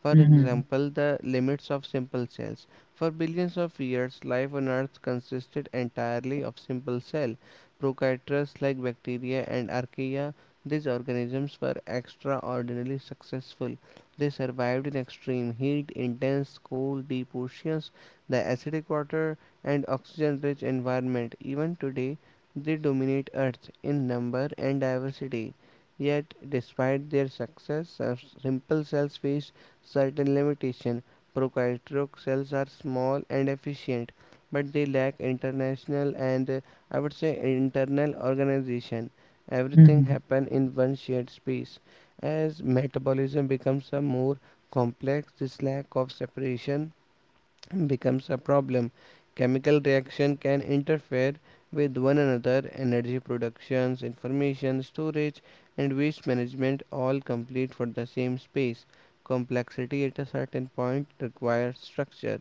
B: for
A: Mm-hmm.
B: example, the limits of simple cells. For billions of years, life on Earth consisted entirely of simple cells. Prokaryotes like bacteria and archaea, these organisms were extraordinarily successful. They survived in extreme heat, intense cold, deep oceans, the acidic water, and oxygen rich environment. Even today, they dominate Earth in number and diversity. Yet, despite their success, simple cells face certain limitation. Prokaryotic cells are small and efficient, but they lack international and I would say internal organization. Everything
A: Mhm,
B: happens in one shared space. As metabolism becomes a more complex, this lack of separation becomes a problem. Chemical reaction can interfere with one another. Energy productions, information storage, and waste management all complete for the same space. Complexity at a certain point requires structure.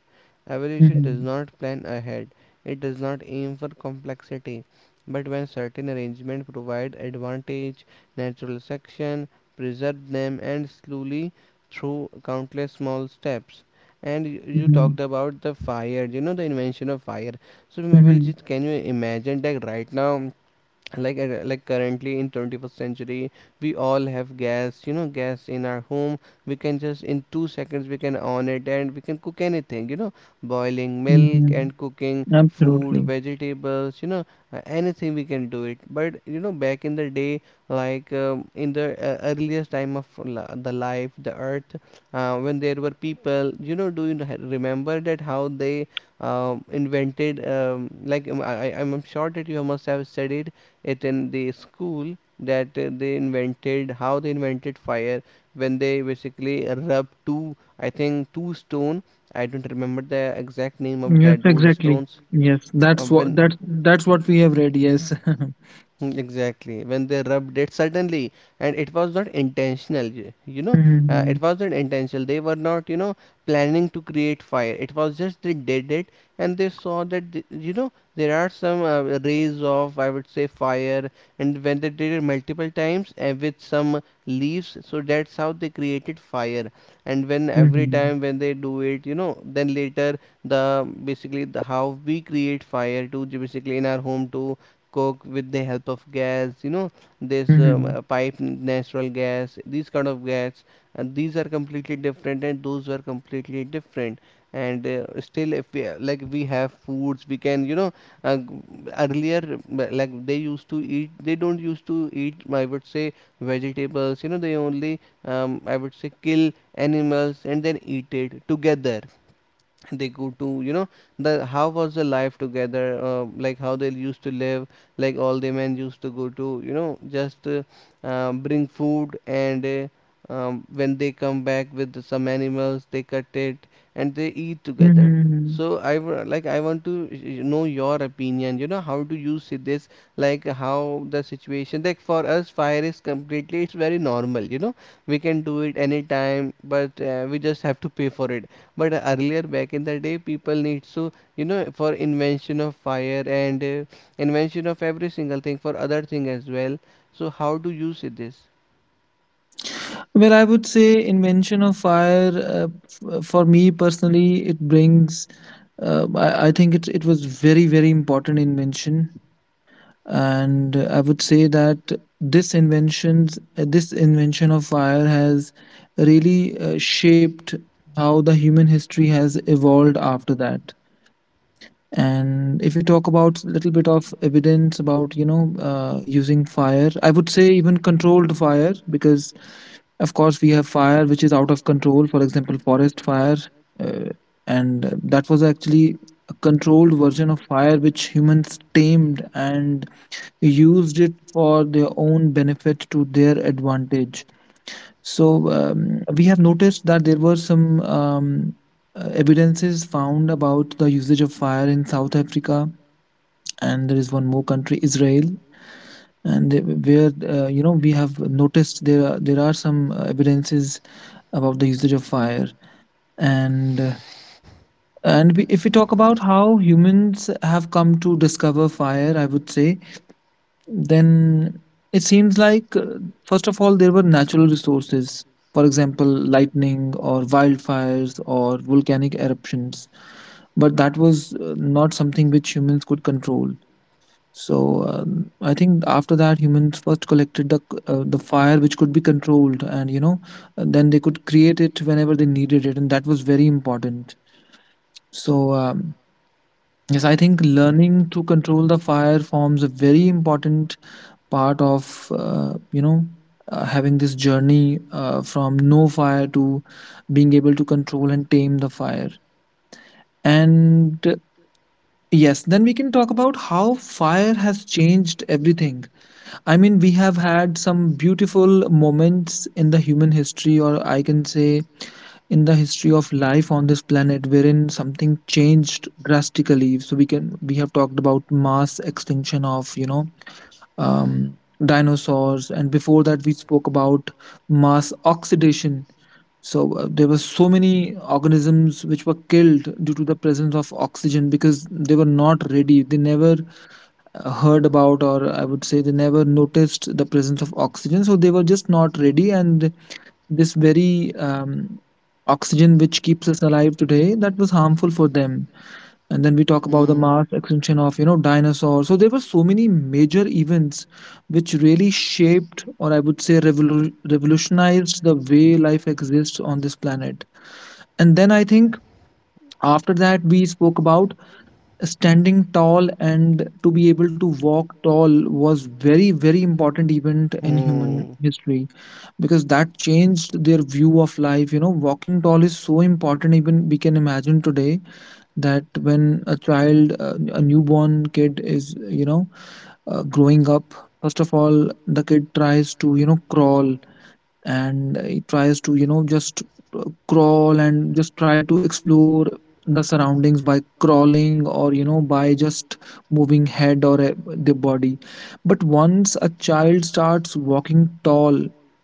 B: Evolution does
A: mhm,
B: not plan ahead. It does not aim for complexity. But when certain arrangements provide advantage, natural selection preserved them and slowly through countless small steps. And you
A: mhm,
B: talked about the fire, you know, the invention of fire. So Mabelji,
A: mhm,
B: can you imagine that right now, like like currently in 21st century we all have gas, you know, gas in our home. We can just in 2 seconds we can on it and we can cook anything, you know, boiling milk
A: mhm.
B: and cooking food
A: Absolutely.
B: vegetables, you know, anything we can do it. But you know, back in the day, like in the earliest time of the life the earth, when there were people, you know, do you remember that how they invented like I'm sure that you must have studied it in the school that they invented, how they invented fire, when they basically rub two, I think two stone. I don't remember the exact name of
A: Yes,
B: that those
A: exactly.
B: stones.
A: Yes,
B: uh,
A: that's what
B: when
A: that's that's what we have read. Yes.
B: Mm, exactly. When they rubbed it suddenly, and it was not intentional, you know, it
A: Mhm,
B: wasn't intentional. They were not, you know, planning to create fire. It was just they did it, and they saw that, you know, there are some rays of, I would say, fire. And when they did it multiple times and with some leaves, so that's how they created fire. And when every
A: mhm,
B: time when they do it, you know, then later the basically the how we create fire to basically in our home to Coke with the help of gas, you know, this
A: mhm,
B: pipe natural gas, these kind of gas, and these are completely different and those were completely different. And still if we like we have foods we can, you know, uh, earlier, like they used to eat, they don't used to eat, I would say, vegetables, you know, they only I would say kill animals and then eat it together. They go to, you know, the how was the life together, like how they used to live, like all the men used to go to, you know, just bring food. And when they come back with some animals they cut it and they eat together.
A: mhm.
B: So like I want to know your opinion, you know, how do you see this? Like how the situation, like for us fire is completely, it's very normal, you know, we can do it anytime, but we just have to pay for it. But earlier back in the day people needs to, you know, for invention of fire and invention of every single thing for other thing as well. So how do you see this?
A: Well, I would say invention of fire. For me personally, it brings. I think it was very very important invention. And, I would say that this invention of fire has really, shaped how the human history has evolved after that. And if we talk about a little bit of evidence about, using fire, I would say even controlled fire, because of course we have fire which is out of control, for example forest fire, uh, and that was actually a controlled version of fire which humans tamed and used it for their own benefit to their advantage. So we have noticed that there were some evidences found about the usage of fire in South Africa, and there is one more country, Israel, where you know we have noticed there are some evidences about the usage of fire and. Uh, and if we talk about how humans have come to discover fire, I would say then it seems like, first of all, there were natural resources, for example, lightning or wildfires or volcanic eruptions, but that was not something which humans could control. So I think after that, humans first collected the fire which could be controlled, and then they could create it whenever they needed it, and that was very important. So. Um, Yes, I think learning to control the fire forms a very important part of having this journey from no fire to being able to control and tame the fire. And Yes, then we can talk about how fire has changed everything. I mean, we have had some beautiful moments in the human history, or I can say, in the history of life on this planet, wherein something changed drastically. We have talked about mass extinction of um, dinosaurs, and before that we spoke about mass oxidation. So there were so many organisms which were killed due to the presence of oxygen because they were not ready. They never heard about, or I would say they never noticed the presence of oxygen, so they were just not ready. And this very oxygen which keeps us alive today, that was harmful for them. And then we talk about the
B: Hmm.
A: mass extinction of you know dinosaurs. So there were so many major events which really shaped, or I would say revolutionized the way life exists on this planet. And then I think after that we spoke about standing tall, and to be able to walk tall was very, very important event in human
B: Hmm.
A: history, because that changed their view of life. You know, walking tall is so important. Even we can imagine today that when a newborn kid is you know growing up, first of all the kid tries to you know crawl, and he tries to you know just crawl and just try to explore the surroundings by crawling or you know by just moving head or the body. But once a child starts walking tall,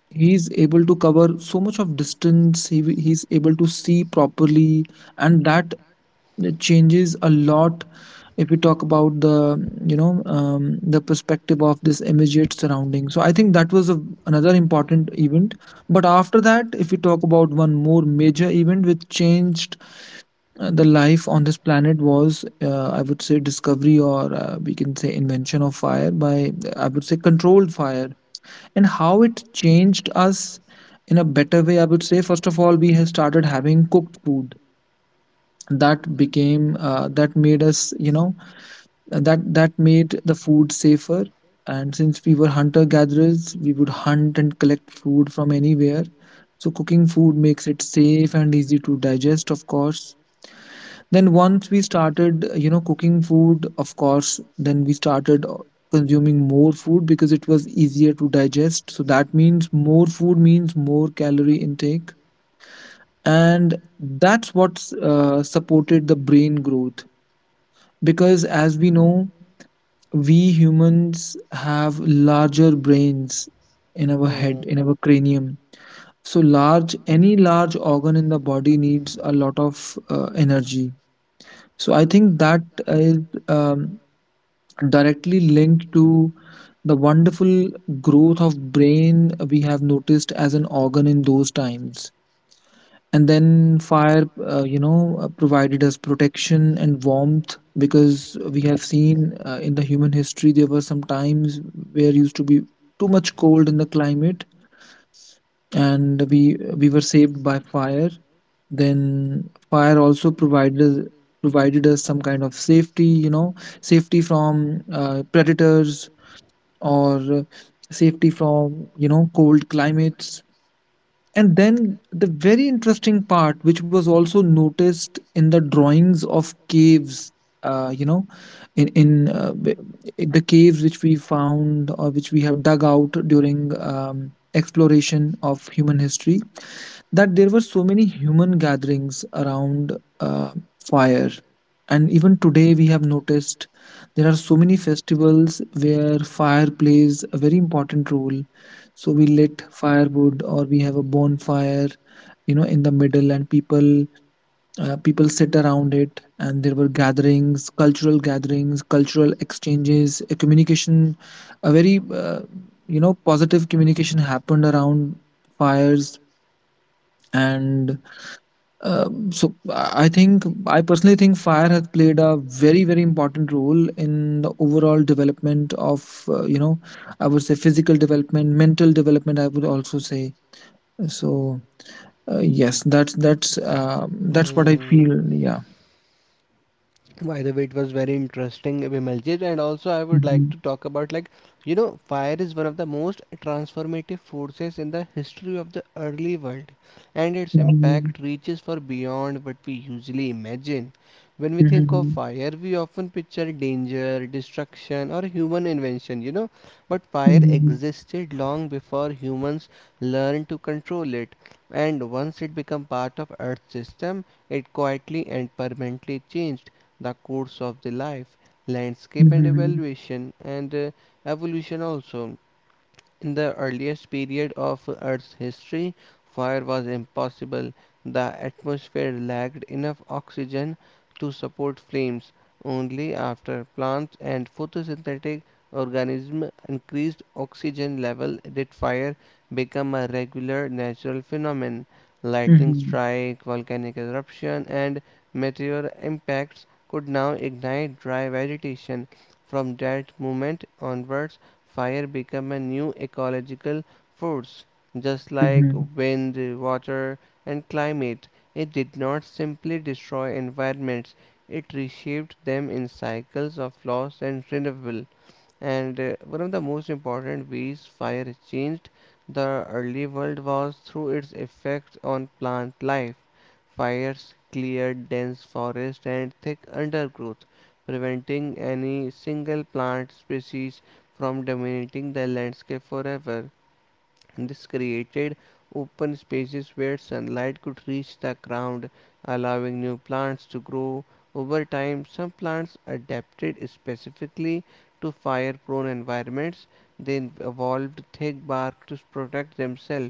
A: he's able to cover so much of distance, he's able to see properly, and that, it changes a lot if we talk about the the perspective of this immediate surrounding. So I think that was another important event. But after that, if we talk about one more major event which changed the life on this planet, was I would say discovery, or we can say invention of fire, by, I would say, controlled fire. And how it changed us in a better way, I would say, first of all, we have started having cooked food. That made us you know, that made the food safer. And since we were hunter gatherers, we would hunt and collect food from anywhere, so cooking food makes it safe and easy to digest, of course. Then once we started you know cooking food, of course, then we started consuming more food because it was easier to digest. So that means more food means more calorie intake, and that's what supported the brain growth. Because as we know, we humans have larger brains in our head, in our cranium. So large, any large organ in the body needs a lot of energy. So I think that is um, directly linked to the wonderful growth of brain we have noticed as an organ in those times. And then fire you know provided us protection and warmth, because we have seen in the human history there were some times where used to be too much cold in the climate, and we were saved by fire. Then fire also provided us some kind of safety, you know, safety from predators, or safety from you know cold climates. And then the very interesting part, which was also noticed in the drawings of caves, uh, you know, in in, uh, b- the caves which we found or which we have dug out during exploration of human history, that there were so many human gatherings around fire. And even today we have noticed there are so many festivals where fire plays a very important role. So we lit firewood, or we have a bonfire you know in the middle, and people people sit around it, and there were gatherings, cultural gatherings, cultural exchanges, a communication, a very you know positive communication happened around fires. And so I think I personally think fire has played a very, very important role in the overall development of you know, I would say physical development, mental development, I would also say. So, yes, that's what I
B: Hmm. Hmm.
A: feel. Yeah.
B: By the way, it was very interesting, Vimaljit, and also I would like
A: Mhm,
B: to talk about, like, you know, fire is one of the most transformative forces in the history of the early world, and its
A: mhm,
B: impact reaches far beyond what we usually imagine. When we think of
A: mhm,
B: fire, we often picture danger, destruction, or human invention, but fire existed long before humans learned to control it. And once it became part of Earth's system, it quietly and permanently changed the course of the life landscape and
A: mhm,
B: evaluation and evolution also. In the earliest period of Earth's history, fire was impossible. The atmosphere lacked enough oxygen to support flames. Only after plants and photosynthetic organisms increased oxygen level did fire become a regular natural phenomenon. Lightning
A: mhm,
B: strike, volcanic eruption, and meteor impacts could now ignite dry vegetation. From that moment onwards, fire became a new ecological force. Just like
A: mhm,
B: wind, water, and climate, it did not simply destroy environments, it reshaped them in cycles of loss and renewal. And one of the most important ways fire changed the early world was through its effects on plant life. Fires cleared dense forest and thick undergrowth, preventing any single plant species from dominating the landscape forever. And this created open spaces where sunlight could reach the ground, allowing new plants to grow. Over time, some plants adapted specifically to fire prone environments. They evolved thick bark to protect themselves,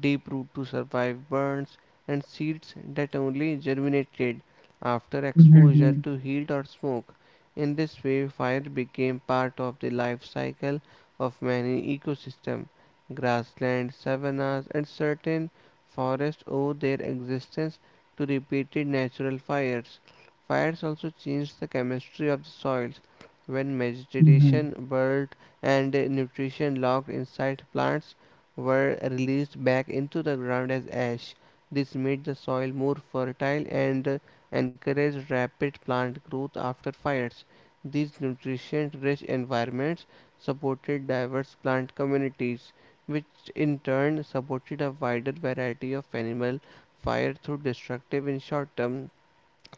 B: deep root to survive burns, and seeds that only germinated after
A: mhm,
B: exposure
A: mhm,
B: to heat or smoke. In this way, fire became part of the life cycle of many ecosystems. Grasslands, savannas, and certain forests owe their existence to repeated natural fires. Fires also changed the chemistry of the soils. When
A: mhm,
B: vegetation, bird, and nutrition locked inside plants were released back into the ground as ash, this made the soil more fertile and encouraged rapid plant growth after fires. These nutrient rich environments supported diverse plant communities which in turn supported a wider variety of animal fire through destructive in short term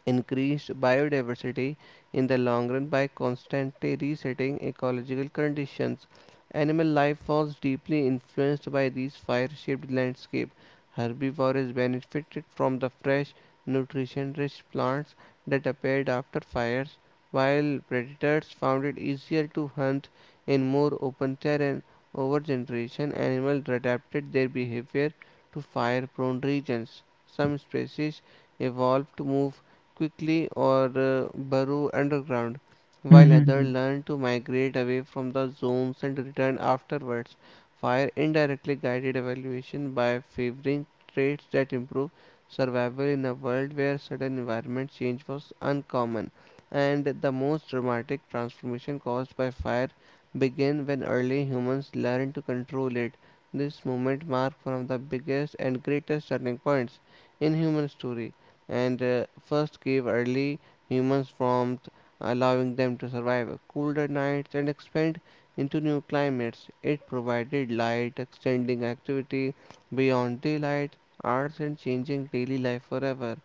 B: increased biodiversity in the long run by constantly resetting ecological conditions. Animal life was deeply influenced by these fire-shaped landscape. Herbivores benefited from the fresh, nutrition-rich plants that appeared after fires, while predators found it easier to hunt in more open terrain. Over generation, animals adapted their behavior to fire-prone regions. Some species evolved to move quickly or burrow underground, while others
A: mhm,
B: learn to migrate away from the zones and return afterwards. Fire indirectly guided evaluation by favoring traits that improve survival in a world where sudden environment change was uncommon, and the most dramatic transformation caused by fire began when early humans learned to control it. This moment marked one of the biggest and greatest turning points in human history, and first gave early humans warmth, allowing them to survive colder nights and expand into new climates. It provided light, extending activity beyond daylight hours and changing daily life forever.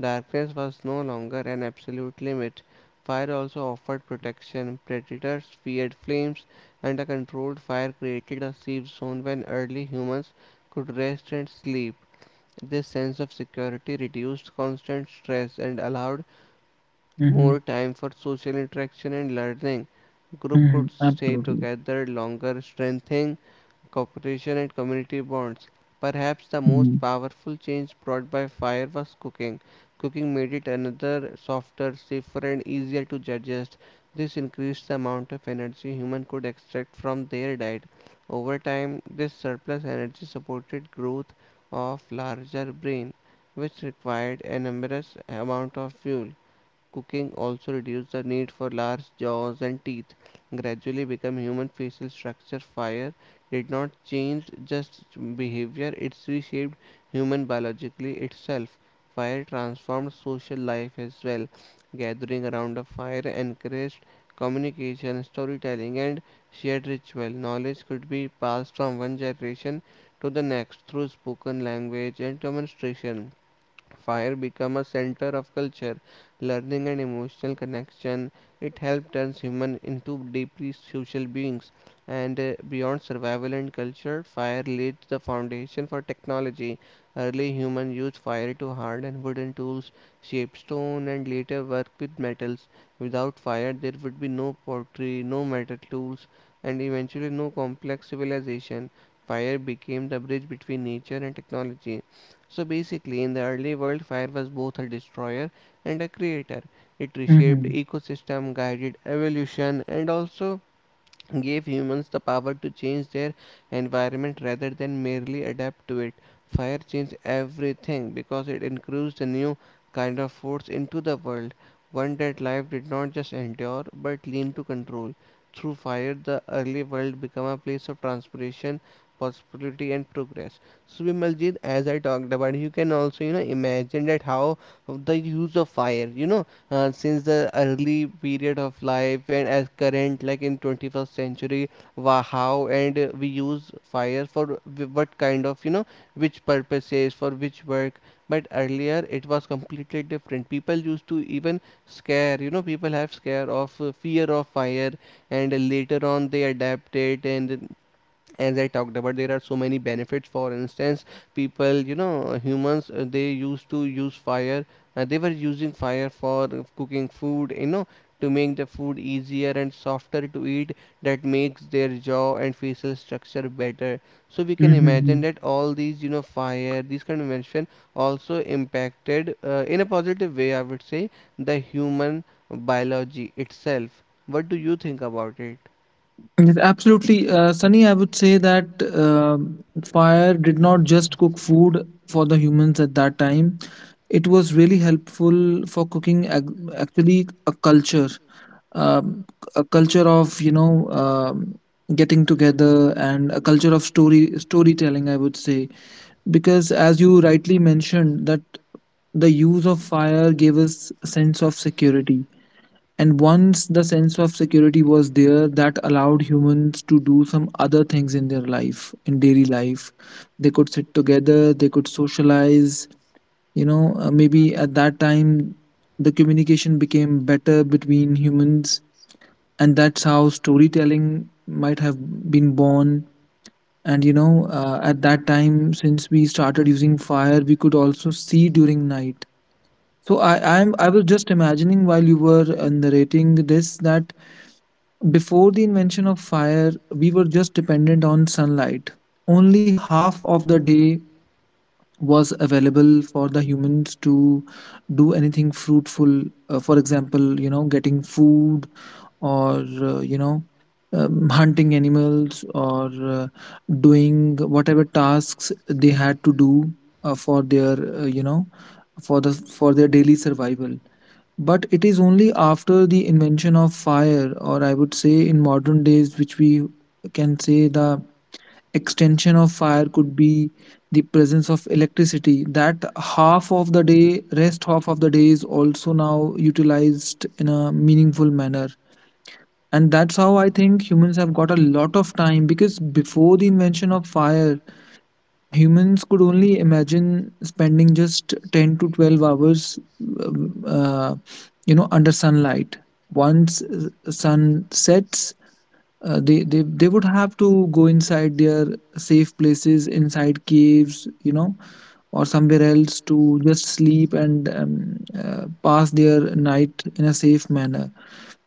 B: Darkness was no longer an absolute limit. Fire also offered protection. Predators feared flames, and a controlled fire created a safe zone when early humans could rest and sleep. This sense of security reduced constant stress and allowed
A: mhm,
B: more time for social interaction and learning. Group
A: mhm.
B: could stay
A: Absolutely.
B: together longer, strengthening cooperation and community bonds. Perhaps the most
A: Mhm,
B: powerful change brought by fire was cooking. Cooking made it another softer, safer, and easier to digest. This increased the amount of energy humans could extract from their diet. Over time, this surplus energy supported growth of larger brain, which required an enormous amount of fuel. Cooking also reduced the need for large jaws and teeth, gradually become human facial structure. Fire did not change just behavior, it reshaped human biologically itself. Fire transformed social life as well. Gathering around a fire encouraged communication, storytelling, and shared ritual. Knowledge could be passed from one generation to the next through spoken language and demonstration. Fire became a center of culture, learning, and emotional connection. It helped turn humans into deeply social beings. And beyond survival and culture, fire laid the foundation for technology. Early humans used fire to harden wooden tools, shape stone, and later work with metals. Without fire, there would be no pottery, no metal tools, and eventually no complex civilization. Fire became the bridge between nature and technology. So basically, in the early world, fire was both a destroyer and a creator. It reshaped
A: mhm,
B: ecosystem, guided evolution, and also gave humans the power to change their environment rather than merely adapt to it. Fire changed everything because it introduced a new kind of force into the world, one that life did not just endure but lean to control. Through fire, the early world became a place of transpiration, possibility, and progress. So, Vimaljit, as I talked about, you can also imagine that how the use of fire, since the early period of life and as current like in 21st century, how and we use fire for, what kind of, which purposes for which work. But earlier it was completely different. People used to even scare, people have scare of fear of fire, and later on they adapted. And as I talked about, there are so many benefits. For instance, people, humans, they used to use fire, they were using fire for cooking food, to make the food easier and softer to eat. That makes their jaw and facial structure better. So we can imagine
A: mhm.
B: that all these, fire, these kind of invention also impacted, in a positive way, I would say, the human biology itself. What do you think about it?
A: Yes, absolutely. Sunny, I would say that fire did not just cook food for the humans at that time. It was really helpful for cooking actually a culture, um, a culture of, you know, getting together, and a culture of storytelling, I would say. Because as you rightly mentioned, that the use of fire gave us a sense of security, and once the sense of security was there, that allowed humans to do some other things in their life, in daily life. They could sit together, they could socialize. You know, maybe at that time, the communication became better between humans, and that's how storytelling might have been born. And you know, at that time, since we started using fire, we could also see during night. So I was just imagining while you were narrating this, that before the invention of fire, we were just dependent on sunlight. Only half of the day was available for the humans to do anything fruitful. For example, you know, getting food, or, you know, hunting animals, or doing whatever tasks they had to do for their you know, for their daily survival. But it is only after the invention of fire, or I would say in modern days, which we can say the extension of fire could be the presence of electricity, that half of the day, rest half of the day is also now utilized in a meaningful manner. And that's how I think humans have got a lot of time, because before the invention of fire, humans could only imagine spending just 10 to 12 hours, um, uh, you know, under sunlight. Once sun sets, they would have to go inside their safe places, inside caves, you know, or somewhere else to just sleep and pass their night in a safe manner.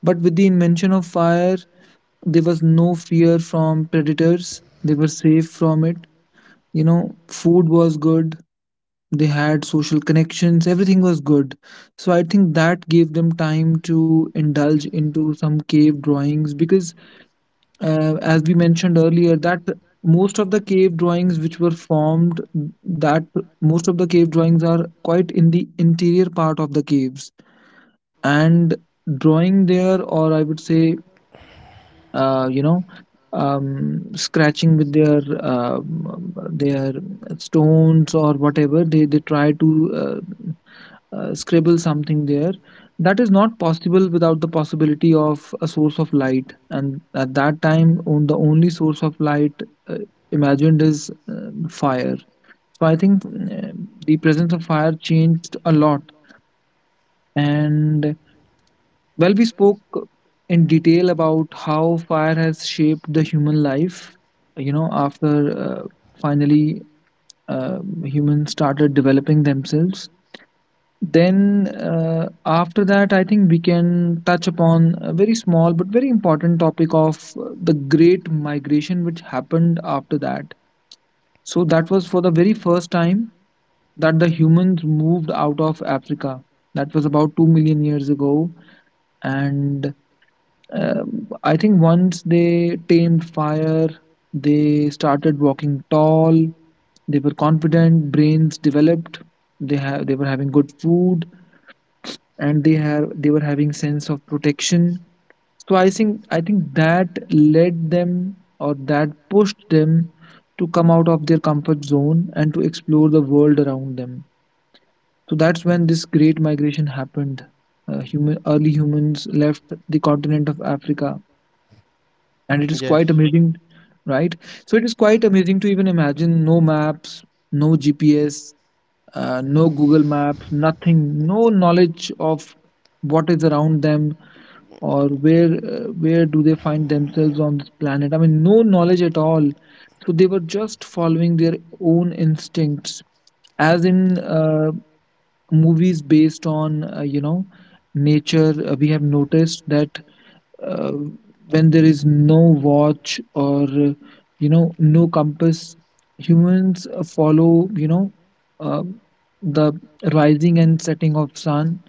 A: But with the invention of fire, there was no fear from predators. They were safe from it. You know, food was good, they had social connections, everything was good. So I think that gave them time to indulge into some cave drawings, because as we mentioned earlier that most of the cave drawings which were formed, that most of the cave drawings are quite in the interior part of the caves. And drawing there, or I would say uh, you know scratching with their stones, or whatever they try to uh, scribble something there, that is not possible without the possibility of a source of light. And at that time, on the only source of light uh, imagined is fire. So I think the presence of fire changed a lot. And well, we spoke in detail about how fire has shaped the human life, you know, after uh, finally humans started developing themselves. Then after that, I think we can touch upon a very small but very important topic of the great migration which happened after that. So that was for the very first time that the humans moved out of Africa. That was about 2 million years ago. And I think once they tamed fire, they started walking tall, they were confident, brains developed, they were having good food, and they were having sense of protection. So I think that led them or that pushed them to come out of their comfort zone and to explore the world around them. So that's when this great migration happened. Human early humans left the continent of Africa and it is
B: Yes.
A: quite amazing, right. So it is quite amazing to even imagine no maps, no GPS, no Google Maps, nothing. No knowledge of what is around them or where do they find themselves on this planet, I mean no knowledge at all. So they were just following their own instincts, as in movies based on nature we have noticed that uh, when there is no watch or no compass, humans follow uh, the rising and setting of sun.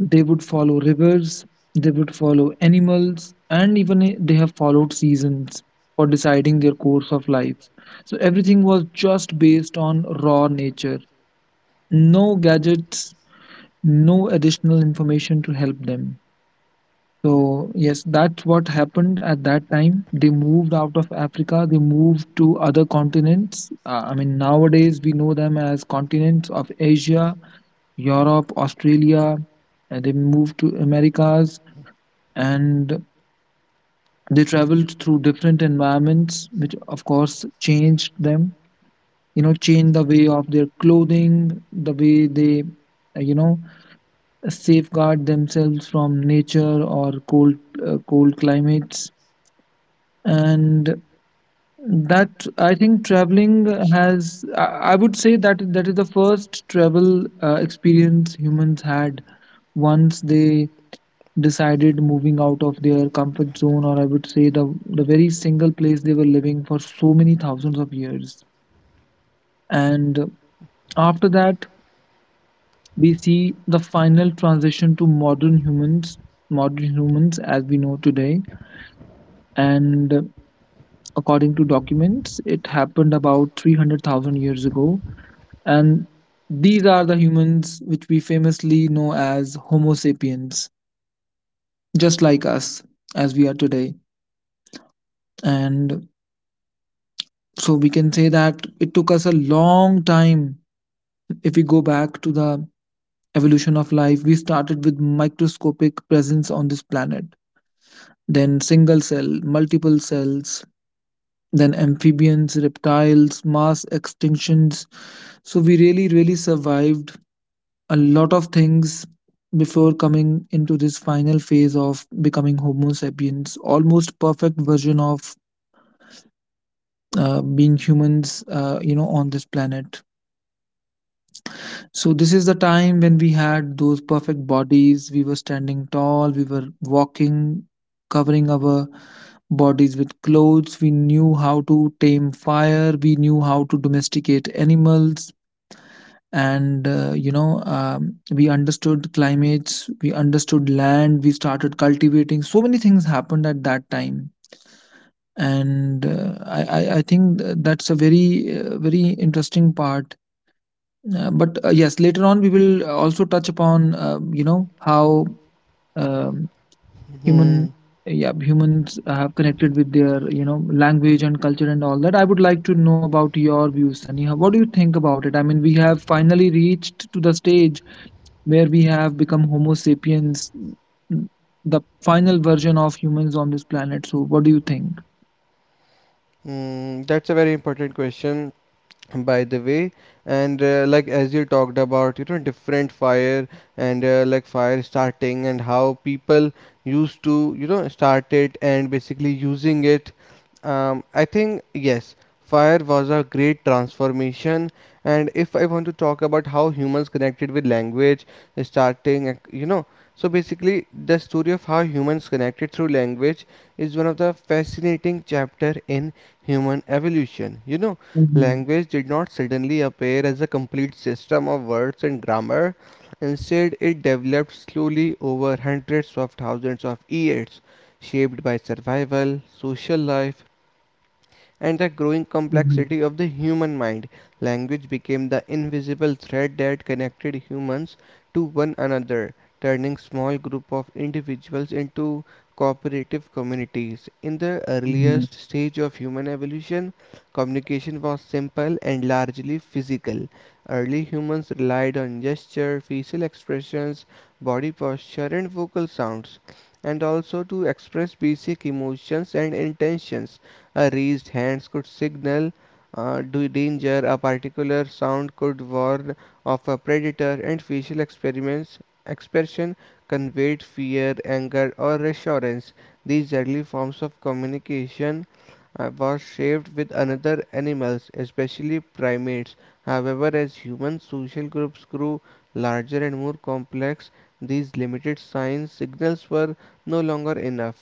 A: They would follow rivers, they would follow animals, and even they have followed seasons for deciding their course of life. So everything was just based on raw nature. No gadgets, no additional information to help them. So, yes, that's what happened at that time. They moved out of Africa, they moved to other continents. I mean, nowadays we know them as continents of Asia, Europe, Australia, and they moved to Americas, and they traveled through different environments which of course changed them, you know, changed the way of their clothing, the way they uh, you know safeguard themselves from nature or cold, cold climates. And that, I think, traveling has i, I would say that that is the first travel experience humans had once they decided moving out of their comfort zone, or I would say the very single place they were living for so many thousands of years. And after that we see the final transition to modern humans, modern humans as we know today. And according to documents, it happened about 300,000 years ago. And these are the humans which we famously know as homo sapiens, just like us, as we are today. And so we can say that it took us a long time. If we go back to the evolution of life, we started with microscopic presence on this planet, then single cell, multiple cells, then amphibians, reptiles, mass extinctions. So we really, really survived a lot of things before coming into this final phase of becoming homo sapiens, almost perfect version of being humans on this planet. So this is the time when we had those perfect bodies. We were standing tall, we were walking, covering our bodies with clothes. We knew how to tame fire, we knew how to domesticate animals. And we understood climates, we understood land, we started cultivating. So many things happened at that time, and that's a very very interesting part. But yes, later on we will also touch upon how um,
B: Hmm.
A: human yeah humans have connected with their, you know, language and culture and all that. I would like to know about your views, Sunny. What do you think about it? I mean, we have finally reached to the stage where we have become Homo sapiens, n- the final version of humans on this planet. So, what do you think?
B: Mm, that's a very important question, by the way. And like, as you talked about, different fire, and like fire starting and how people used to, start it and basically using it. I think, yes, fire was a great transformation. And if I want to talk about how humans connected with language, starting so basically the story of how humans connected through language is one of the fascinating chapter in human evolution.
A: Mm-hmm.
B: Language did not suddenly appear as a complete system of words and grammar. Instead, it developed slowly over hundreds of thousands of years, shaped by survival, social life, and the growing
A: Mm-hmm.
B: complexity of the human mind. Language became the invisible thread that connected humans to one another, turning small group of individuals into cooperative communities. In the earliest
A: Mm-hmm.
B: stage of human evolution, communication was simple and largely physical. Early humans relied on gesture, facial expressions, body posture, and vocal sounds, and also to express basic emotions and intentions. Raised hands could signal uh, danger, a particular sound could warn of a predator, and facial experiments expression conveyed fear, anger, or reassurance. These early forms of communication was shaped with other animals, especially primates. However, as human social groups grew larger and more complex, these limited sign signals were no longer enough.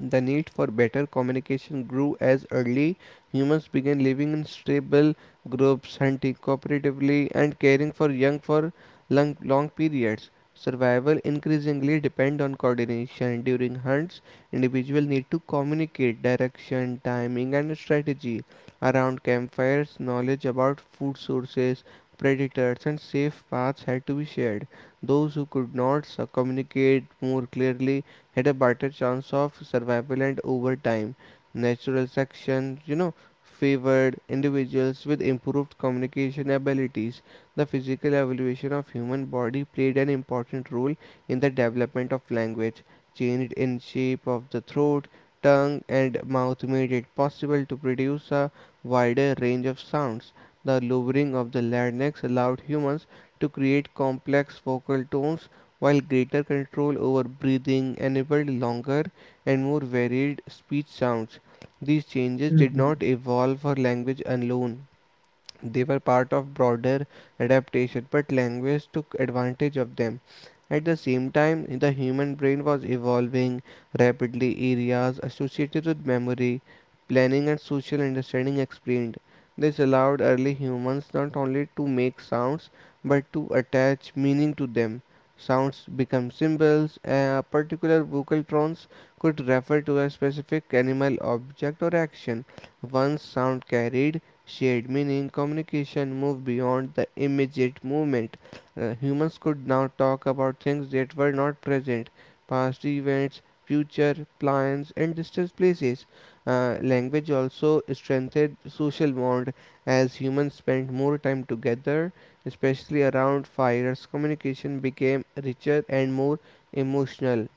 B: The need for better communication grew as early humans began living in stable groups, hunting cooperatively, and caring for young for long, long periods. Survival increasingly depend on coordination. During hunts, individuals need to communicate direction, timing, and strategy. Around campfires, knowledge about food sources, predators, and safe paths had to be shared. Those who could not so communicate more clearly had a better chance of survival, and over time natural selection favored individuals with improved communication abilities. The physical evolution of human body played an important role in the development of language. Change in shape of the throat tongue and mouth made it possible to produce a wider range of sounds. The lowering of the larynx allowed humans to create complex vocal tones while greater control over breathing enabled longer and more varied speech sounds. These changes did not evolve for language alone, they were part of broader adaptation, but language took advantage of them. At the same time, the human brain was evolving rapidly. Areas associated with memory, planning, and social understanding explained. This allowed early humans not only to make sounds but to attach meaning to them. Sounds become symbols. Particular vocal tones could refer to a specific animal, object, or action. Once sound carried shared meaning, communication moved beyond the immediate moment. Humans could now talk about things that were not present, past events, future plans, and distant places. Language also strengthened social bond as humans spent more time together, especially around fires. Communication became richer and more emotional.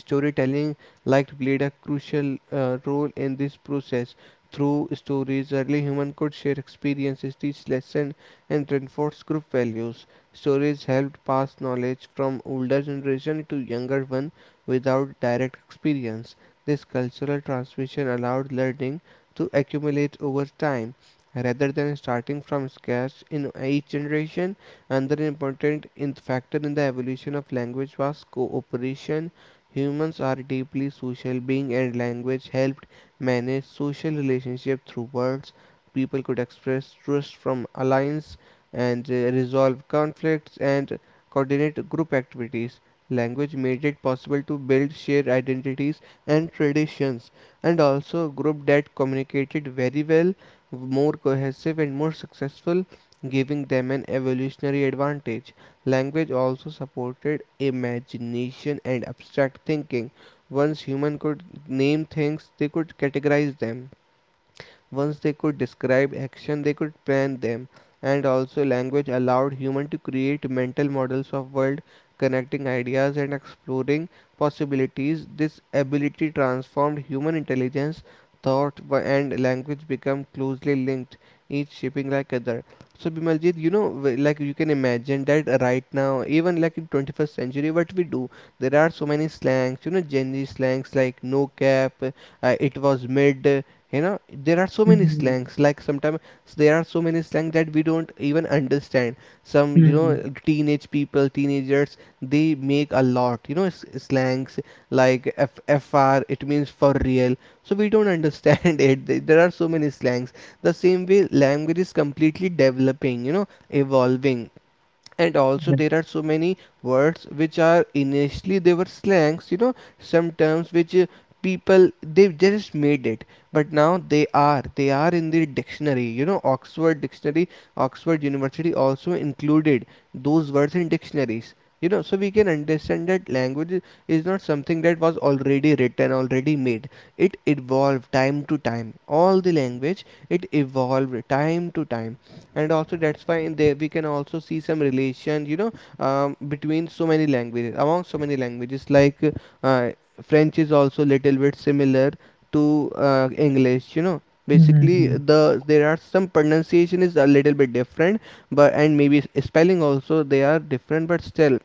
B: Storytelling liked played a crucial role in this process. Through stories, early humans could share experiences, teach lessons, and reinforce group values. Stories helped pass knowledge from older generation to younger one without direct experience. This cultural transmission allowed learning to accumulate over time rather than starting from scratch in each generation. Another important in factor in the evolution of language was cooperation. Humans are deeply social beings and language helped manage social relationships through words. People could express trust from alliance and resolve conflicts and coordinate group activities. Language made it possible to build shared identities and traditions, and also a group that communicated very well, more cohesive, and more successful, giving them an evolutionary advantage. Language also supported imagination and abstract thinking. Once humans could name things, they could categorize them. Once they could describe action, they could plan them, and also language allowed humans to create mental models of world, connecting ideas and exploring possibilities. This ability transformed human intelligence, thought and language become closely linked, each shaping like other. So Bimaljit, like you can imagine that right now, even like in 21st century, what we do, there are so many slangs, Gen Z slangs like no cap, it was mid, you know there are so many
A: Mm-hmm.
B: slangs like sometimes there are so many slang that we don't even understand some teenagers, they make a lot slangs like fr, it means for real, so we don't understand it. There are so many slangs. The same way language is completely developing, evolving. And also there are so many words which are initially they were slangs, some terms which people they just made it, but now they are in the dictionary, Oxford dictionary. Oxford University also included those words in dictionaries, so we can understand that language is not something that was already written, already made. It evolved time to time, all the language. It evolved time to time. And also that's why in there we can also see some relation, between so many languages, among so many languages, like uh, French is also little bit similar to English, basically
A: Mm-hmm.
B: the there are some pronunciation is a little bit different. But and maybe spelling also they are different, but still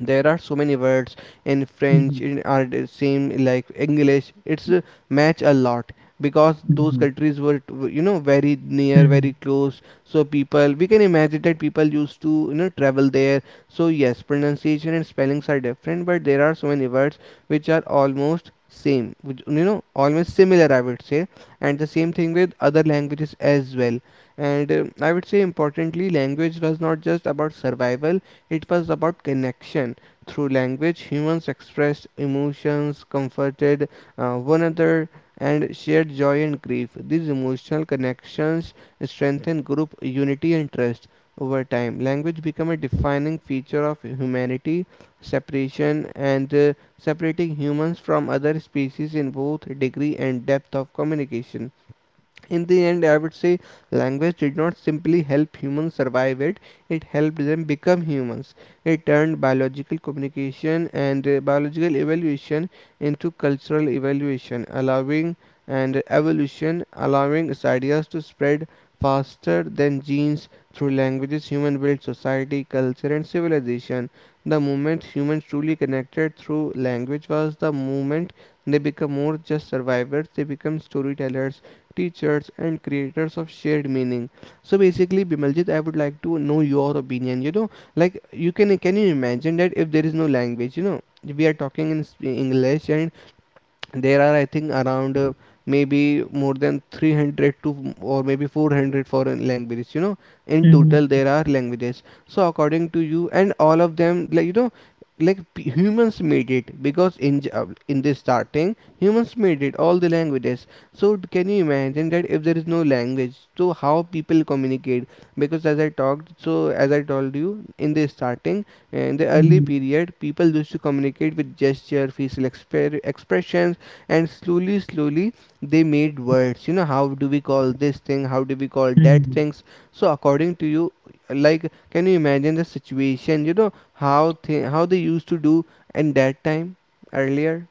B: there are so many words in French in are the same like English. It's match a lot, because those
A: Mm-hmm.
B: countries were very near, very
A: Mhm,
B: close, so people we can imagine that people used to travel there. So yes, pronunciation and spellings are different, but there are so many words which are almost same, which, almost similar, I would say. And the same thing with other languages as well. And I would say importantly language was not just about survival, it was about connection. Through language, humans expressed emotions, comforted one another, and shared joy and grief. These emotional connections strengthen group unity and trust. Over time, language became a defining feature of humanity. Separation and separating humans from other species in both degree and depth of communication. In the end, I would say language did not simply help humans survive it, it helped them become humans. It turned biological communication and biological evaluation into cultural evaluation, allowing and evolution, allowing its ideas to spread faster than genes through languages. Human built society, culture, and civilization. The moment humans truly connected through language was the moment they become more just survivors, they become storytellers, teachers, and creators of shared meaning. So basically, Bimaljit, I would like to know your opinion. Like you can you imagine that if there is no language, we are talking in English, and there are I think around maybe more than 300 to or maybe 400 foreign languages, in total
A: mhm,
B: there are languages. So according to you, and all of them, like like humans made it, because in in the starting humans made it, all the languages. So can you imagine that if there is no language, so how people communicate? Because as I talked, so as I told you in the starting, in the early
A: mhm,
B: period people used to communicate with gesture, facial expressions, and slowly they made words, how do we call this thing, how do we call that
A: mhm.
B: things. So according to you, like can you imagine the situation, how how they used to do in that time, earlier.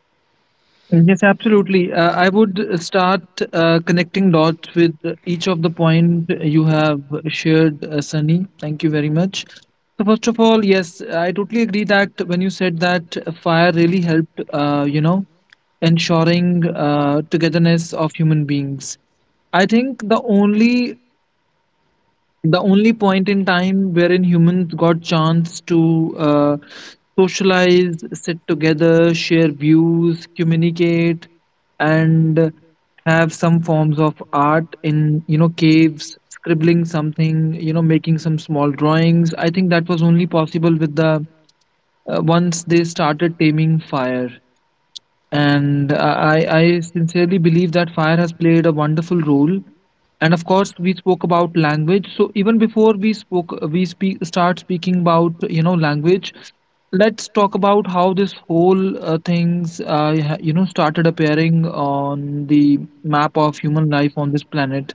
A: Yes, absolutely. I would start connecting dots with each of the point you have shared, Sunny. Thank you very much. So first of all, yes, I totally agree that when you said that fire really helped, ensuring togetherness of human beings. I think the only point in time wherein humans got chance to socialize, sit together, share views, communicate, and have some forms of art in, you know, caves, scribbling something, you know, making some small drawings. I think that was only possible with the once they started taming fire, and I sincerely believe that fire has played a wonderful role. And of course, we spoke about language. So even before we spoke, we speak start speaking about, you know, language. Let's talk about how this whole things started appearing on the map of human life on this planet.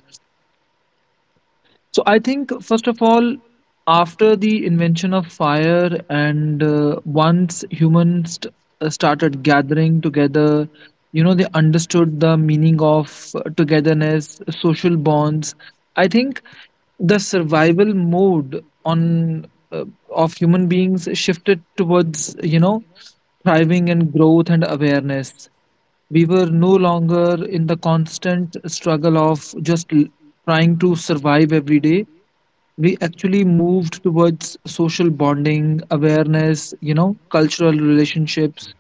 A: So I think first of all, after the invention of fire and once humans started gathering together, you know, they understood the meaning of togetherness, social bonds. I think the survival mode on of human beings shifted towards, you know, thriving and growth and awareness. We were no longer in the constant struggle of just trying to survive every day. We actually moved towards social bonding, awareness, you know, cultural relationships.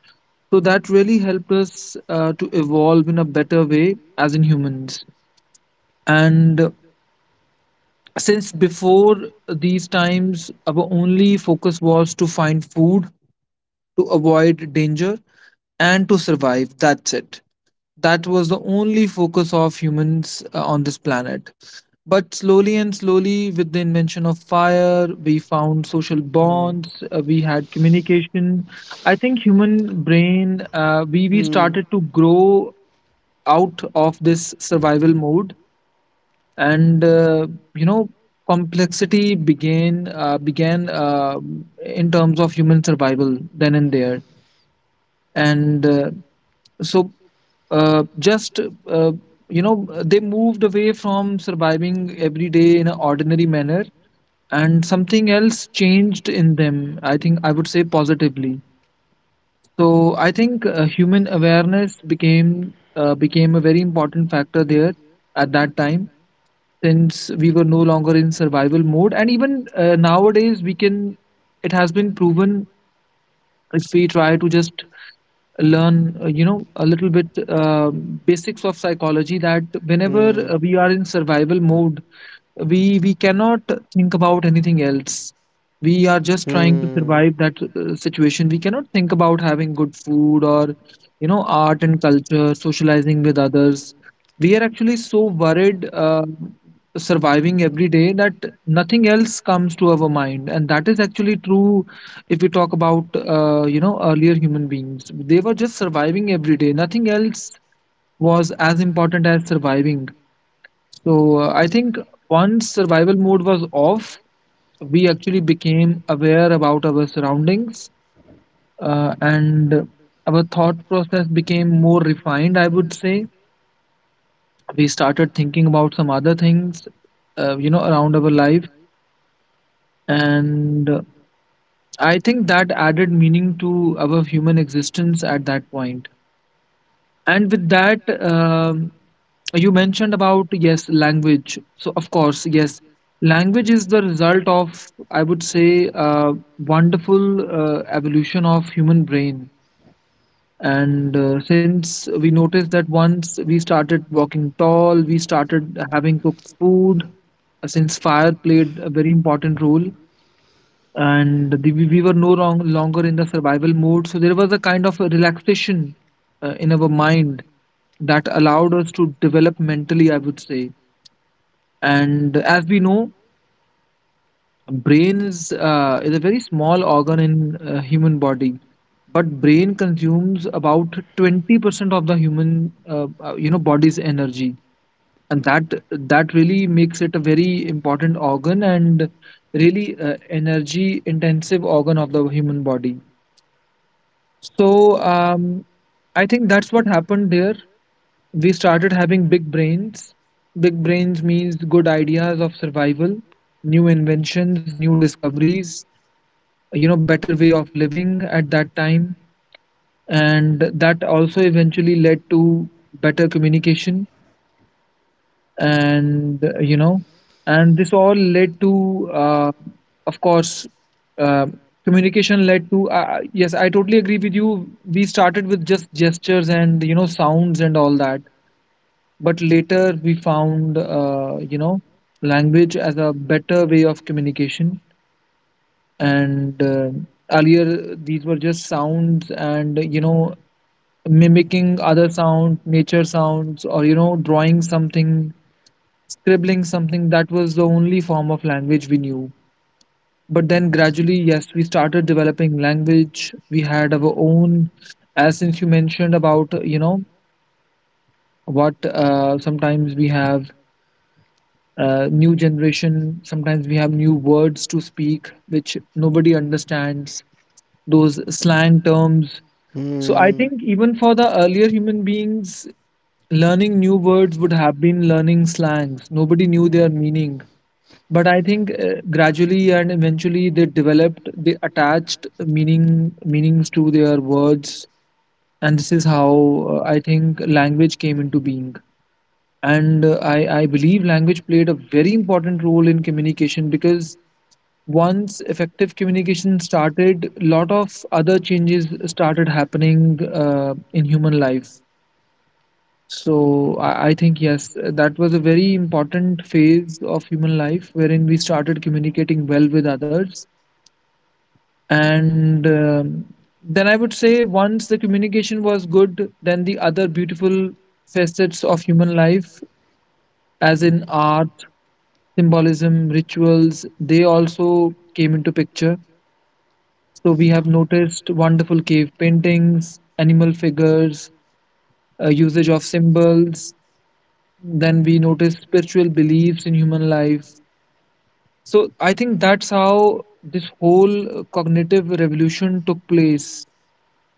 A: So that really helped us to evolve in a better way as in humans. And since before these times, our only focus was to find food, to avoid danger, and to survive, that's it. That was the only focus of humans on this planet. But slowly and slowly, with the invention of fire, we found social
B: Hmm.
A: bonds. We had communication. I think human brain, we
B: Hmm.
A: started to grow out of this survival mode, and you know complexity began in terms of human survival then and there. And so just you know they moved away from surviving every day in an ordinary manner, and something else changed in them, I think I would say positively. So I think human awareness became a very important factor there at that time. Since we were no longer in survival mode, and even nowadays we can, it has been proven, if we try to just learn a little bit basics of psychology, that whenever
B: Hmm.
A: we are in survival mode, we cannot think about anything else, we are just trying to
B: Hmm.
A: survive that situation. We cannot think about having good food or, you know, art and culture, socializing with others. We are actually so worried surviving every day that nothing else comes to our mind, and that is actually true. If we talk about earlier human beings, they were just surviving every day, nothing else was as important as surviving. So I think once survival mode was off, we actually became aware about our surroundings, and our thought process became more refined, I would say. We started thinking about some other things, around our life. And I think that added meaning to our human existence at that point. And with that, you mentioned about yes language. So of course, yes, language is the result of, I would say, wonderful evolution of human brain. And since we noticed that once we started walking tall, we started having cooked food, since fire played a very important role, and the, we were no longer in the survival mode, so there was a kind of a relaxation in our mind that allowed us to develop mentally, I would say. And as we know, brain is is a very small organ in human body, but brain consumes about 20% of the human body's energy, and that really makes it a very important organ and really energy intensive organ of the human body. So um, I think that's what happened there. We started having big brains. Big brains means good ideas of survival, new inventions, new discoveries, you know, better way of living at that time. And that also eventually led to better communication, and, and this all led to, of course, uh, communication led to, yes, I totally agree with you. We started with just gestures and, sounds and all that, but later we found language as a better way of communication. And earlier these were just sounds and, mimicking other sound nature sounds, or drawing something, scribbling something. That was the only form of language we knew. But then gradually, yes, we started developing language. We had our own. As since you mentioned about, what, sometimes we have, new generation, sometimes we have new words to speak which nobody understands, those slang terms. So I
B: Hmm.
A: think even for the earlier human beings, learning new words would have been learning slangs nobody knew their meaning. But I think, gradually and eventually they developed, they attached meaning meanings to their words. And this is how, I think, language came into being. And I believe language played a very important role in communication, because once effective communication started, a lot of other changes started happening in human life. So I think, yes, that was a very important phase of human life, wherein we started communicating well with others. And then I would say, once the communication was good, then the other beautiful facets of human life, as in art, symbolism, rituals, they also came into picture. So we have noticed wonderful cave paintings, animal figures, usage of symbols. Then we notice spiritual beliefs in human life. So I think that's how this whole cognitive revolution took place,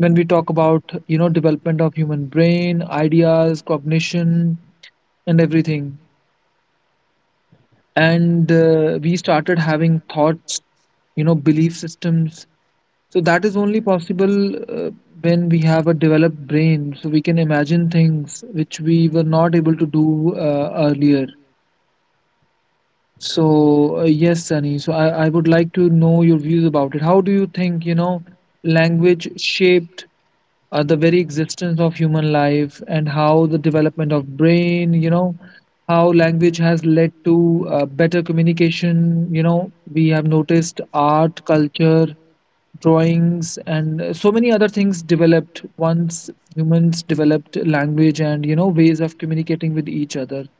A: when we talk about, development of human brain, ideas, cognition, and everything. And we started having thoughts, belief systems. So that is only possible when we have a developed brain, so we can imagine things which we were not able to do earlier. So, yes, Sunny. So I would like to know your views about it. How do you think, language shaped the very existence of human life, and how the development of brain, how language has led to better communication? You know, we have noticed art, culture, drawings, and so many other things developed once humans developed language and, ways of communicating with each other.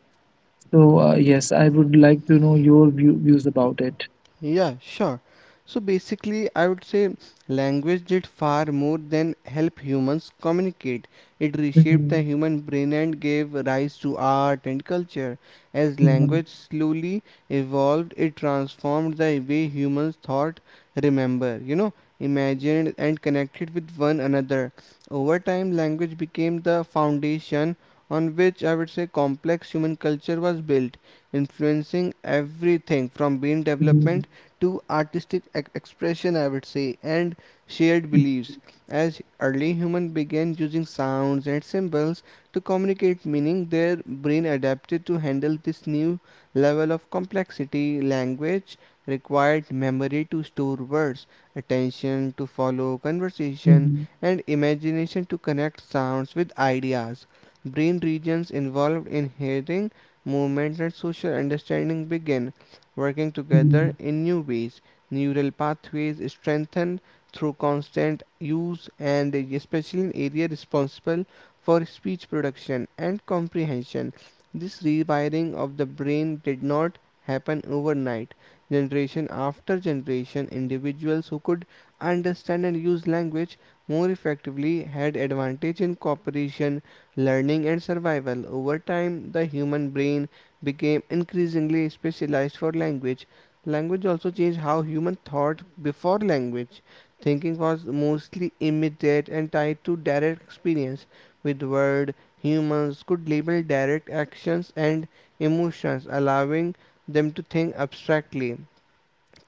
A: So, yes, I would like to know your views about it.
B: Yeah, sure. So basically, I would say language did far more than help humans communicate. It reshaped the human brain and gave rise to art and culture. As
A: Mhm,
B: language slowly evolved, it transformed the way humans thought, remember, imagined, and connected with one another. Over time, language became the foundation on which I would say complex human culture was built, influencing everything from brain development
A: mhm,
B: to artistic expression, I would say, and shared
A: mhm,
B: beliefs. As early humans began using sounds and symbols to communicate meaning, their brain adapted to handle this new level of complexity. Language required memory to store words, attention to follow conversation,
A: mhm,
B: and imagination to connect sounds with ideas. Brain regions involved in hearing, movement, and social understanding began working together
A: mhm,
B: in new ways. Neural pathways strengthened through constant use and especially in area responsible for speech production and comprehension. This rewiring of the brain did not happen overnight. Generation after generation, individuals who could understand and use language more effectively had advantage in cooperation, learning and survival. Over time, the human brain became increasingly specialized for language. Language also changed how human thought before language. Thinking was mostly immediate and tied to direct experience. With word, humans could label direct actions and emotions, allowing them to think abstractly.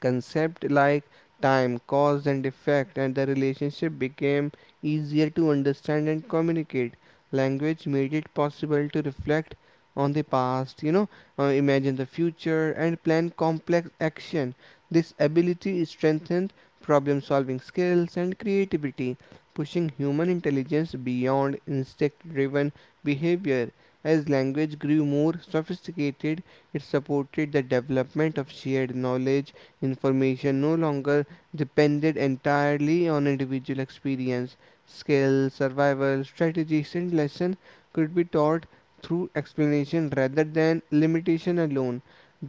B: Concepts like time, cause and effect, and the relationship became easier to understand and communicate. Language made it possible to reflect on the past, imagine the future, and plan complex action. This ability strengthened problem solving skills and creativity, pushing human intelligence beyond instinct driven behavior. As language grew more sophisticated, it supported the development of shared knowledge information no longer depended entirely on individual experience. Skills, survival, strategies, and lesson could be taught through explanation rather than limitation alone.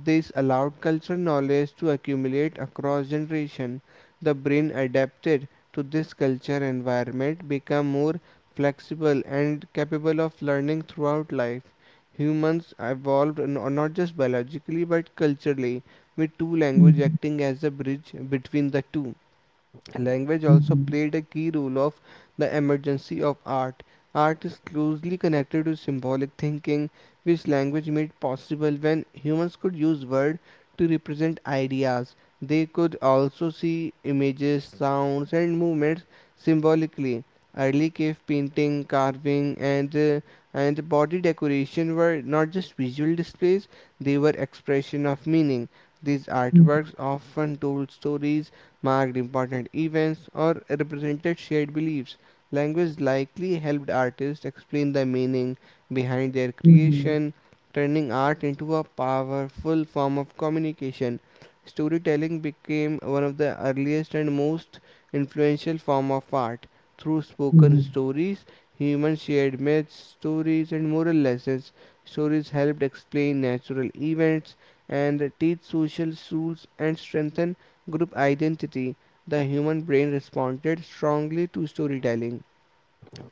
B: This allowed cultural knowledge to accumulate across generations. The brain adapted to this culture environment, become more flexible and capable of learning throughout life humans evolved not just biologically but culturally with two languages
A: mhm,
B: acting as a bridge between the two. Language also
A: mhm,
B: played a key role of the emergence of art. Art is closely connected to symbolic thinking, which language made possible when humans could use words to represent ideas. They could also see images, sounds, and movements symbolically. Early cave painting, carving, and and body decoration were not just visual displays; they were expression of meaning. These artworks often told stories marked important events, or represented shared beliefs. Language likely helped artists explain the meaning behind their
A: mhm,
B: creation, turning art into a powerful form of communication. Storytelling became one of the earliest and most influential form of art. Through
A: mhm, mhm,
B: spoken
A: mhm,
B: stories, humans shared myths, stories, and moral lessons. Stories helped explain natural events and teach social rules and strengthen group identity, the human brain responded strongly to storytelling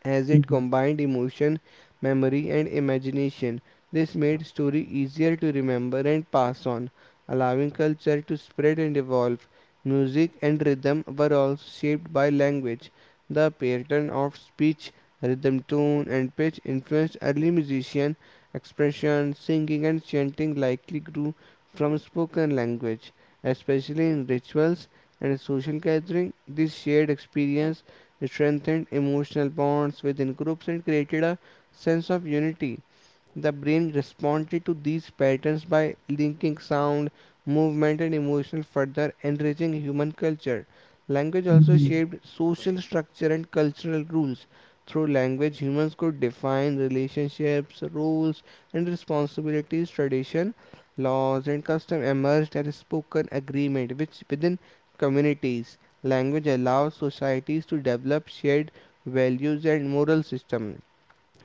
B: as it combined emotion, memory, and imagination. This made story easier to remember and pass on, allowing culture to spread and evolve. Music and rhythm were also shaped by language. The pattern of speech, rhythm, tone, and pitch influenced early musician expression. Singing and chanting likely grew from spoken language, especially in rituals and social gathering. This shared experience it strengthened emotional bonds within groups and created a sense of unity the brain responded to these patterns by linking sound, movement, and emotion, further enriching human culture. Language also
A: mhm,
B: shaped social structure and cultural rules. Through language, humans could define relationships, roles, and responsibilities. Tradition, laws, and custom emerged as spoken agreement, which within communities, language allows societies to develop shared values and moral system.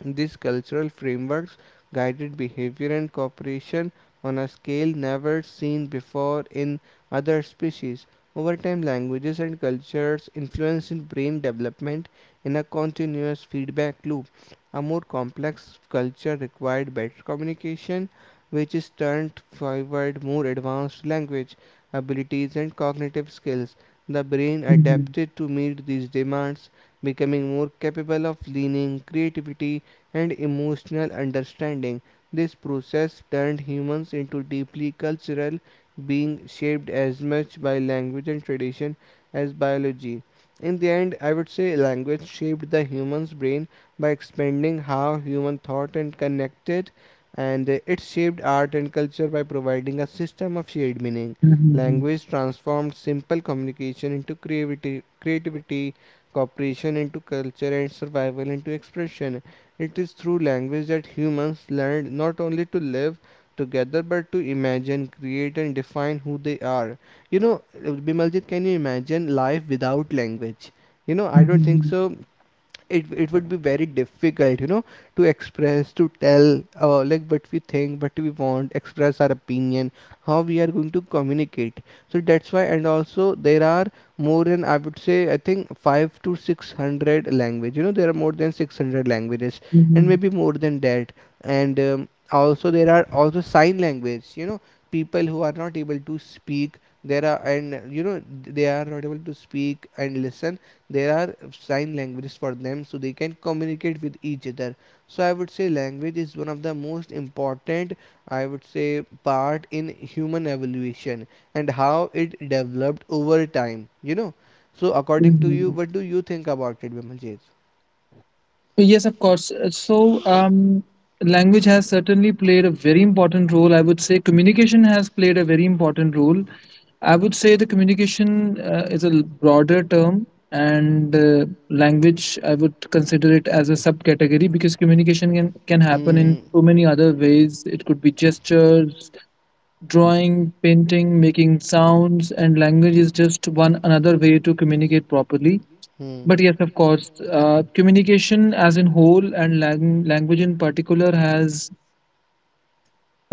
B: These cultural frameworks guided behavior and cooperation on a scale never seen before in other species. Over time, languages and cultures influence in brain development in a continuous feedback loop. A more complex culture required better communication, which is turned forward more advanced language abilities and cognitive skills. The brain
A: mhm,
B: adapted to meet these demands, becoming more capable of learning, creativity, and emotional understanding. This process turned humans into deeply cultural beings shaped as much by language and tradition as biology. In the end, I would say language shaped the human's brain by expanding how human thought and connected, and it shaped art and culture by providing a system of shared meaning.
A: mhm,
B: Language transformed simple communication into creativity, cooperation into culture, and survival into expression. It is through language that humans learned not only to live together but to imagine, create, and define who they are. You know, Bimaljit, can you imagine life without language? I don't think so. It would be very difficult to express, to tell, like what we think, what we want, express our opinion, how we are going to communicate. So that's why. And also there are more than, I would say, I think 5 to 600 language. There are more than 600 languages,
A: mhm,
B: and
A: mhm,
B: maybe more than that. And also there are also sign language, people who are not able to speak. There are and They are not able to speak and listen. There are sign languages for them, so they can communicate with each other. So I would say language is one of the most important, I would say, part in human evolution, and how it developed over time. So
A: mhm,
B: according to you,
A: mhm.
B: what do you think about it, Bimaljit?
A: Yes, of course. So, language has certainly played a very important role. I would say communication has played a very important role. I would say the communication is a broader term, and language I would consider it as a subcategory, because communication can happen
B: Hmm.
A: in so many other ways. It could be gestures, drawing, painting, making sounds, and language is just one another way to communicate properly.
B: Many.
A: But yes, of course, communication as in whole, and language in particular, has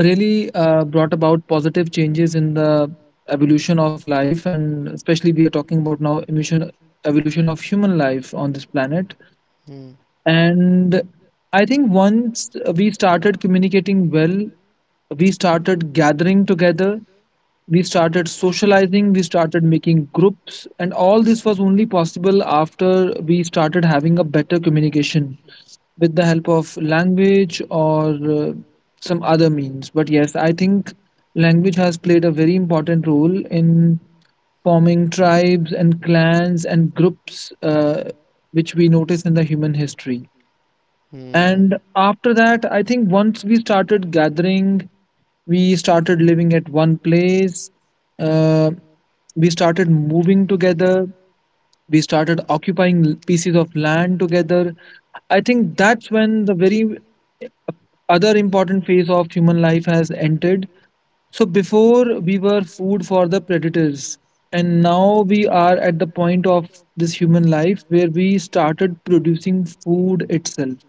A: really brought about positive changes in the evolution of life, and especially we are talking about now emission evolution of human life on this planet.
B: Hmm. Hmm.
A: And I think once we started communicating well, we started gathering together, we started socializing, we started making groups, and all this was only possible after we started having a better communication with the help of language or some other means. But yes, I think language has played a very important role in forming tribes and clans and groups, which we notice in the human history.
B: Hmm.
A: And after that, I think once we started gathering, we started living at one place, uh, we started moving together, we started occupying pieces of land together. I think that's when the very other important phase of human life has entered. So before, we were food for the predators, and now we are at the point of this human life where we started producing food itself.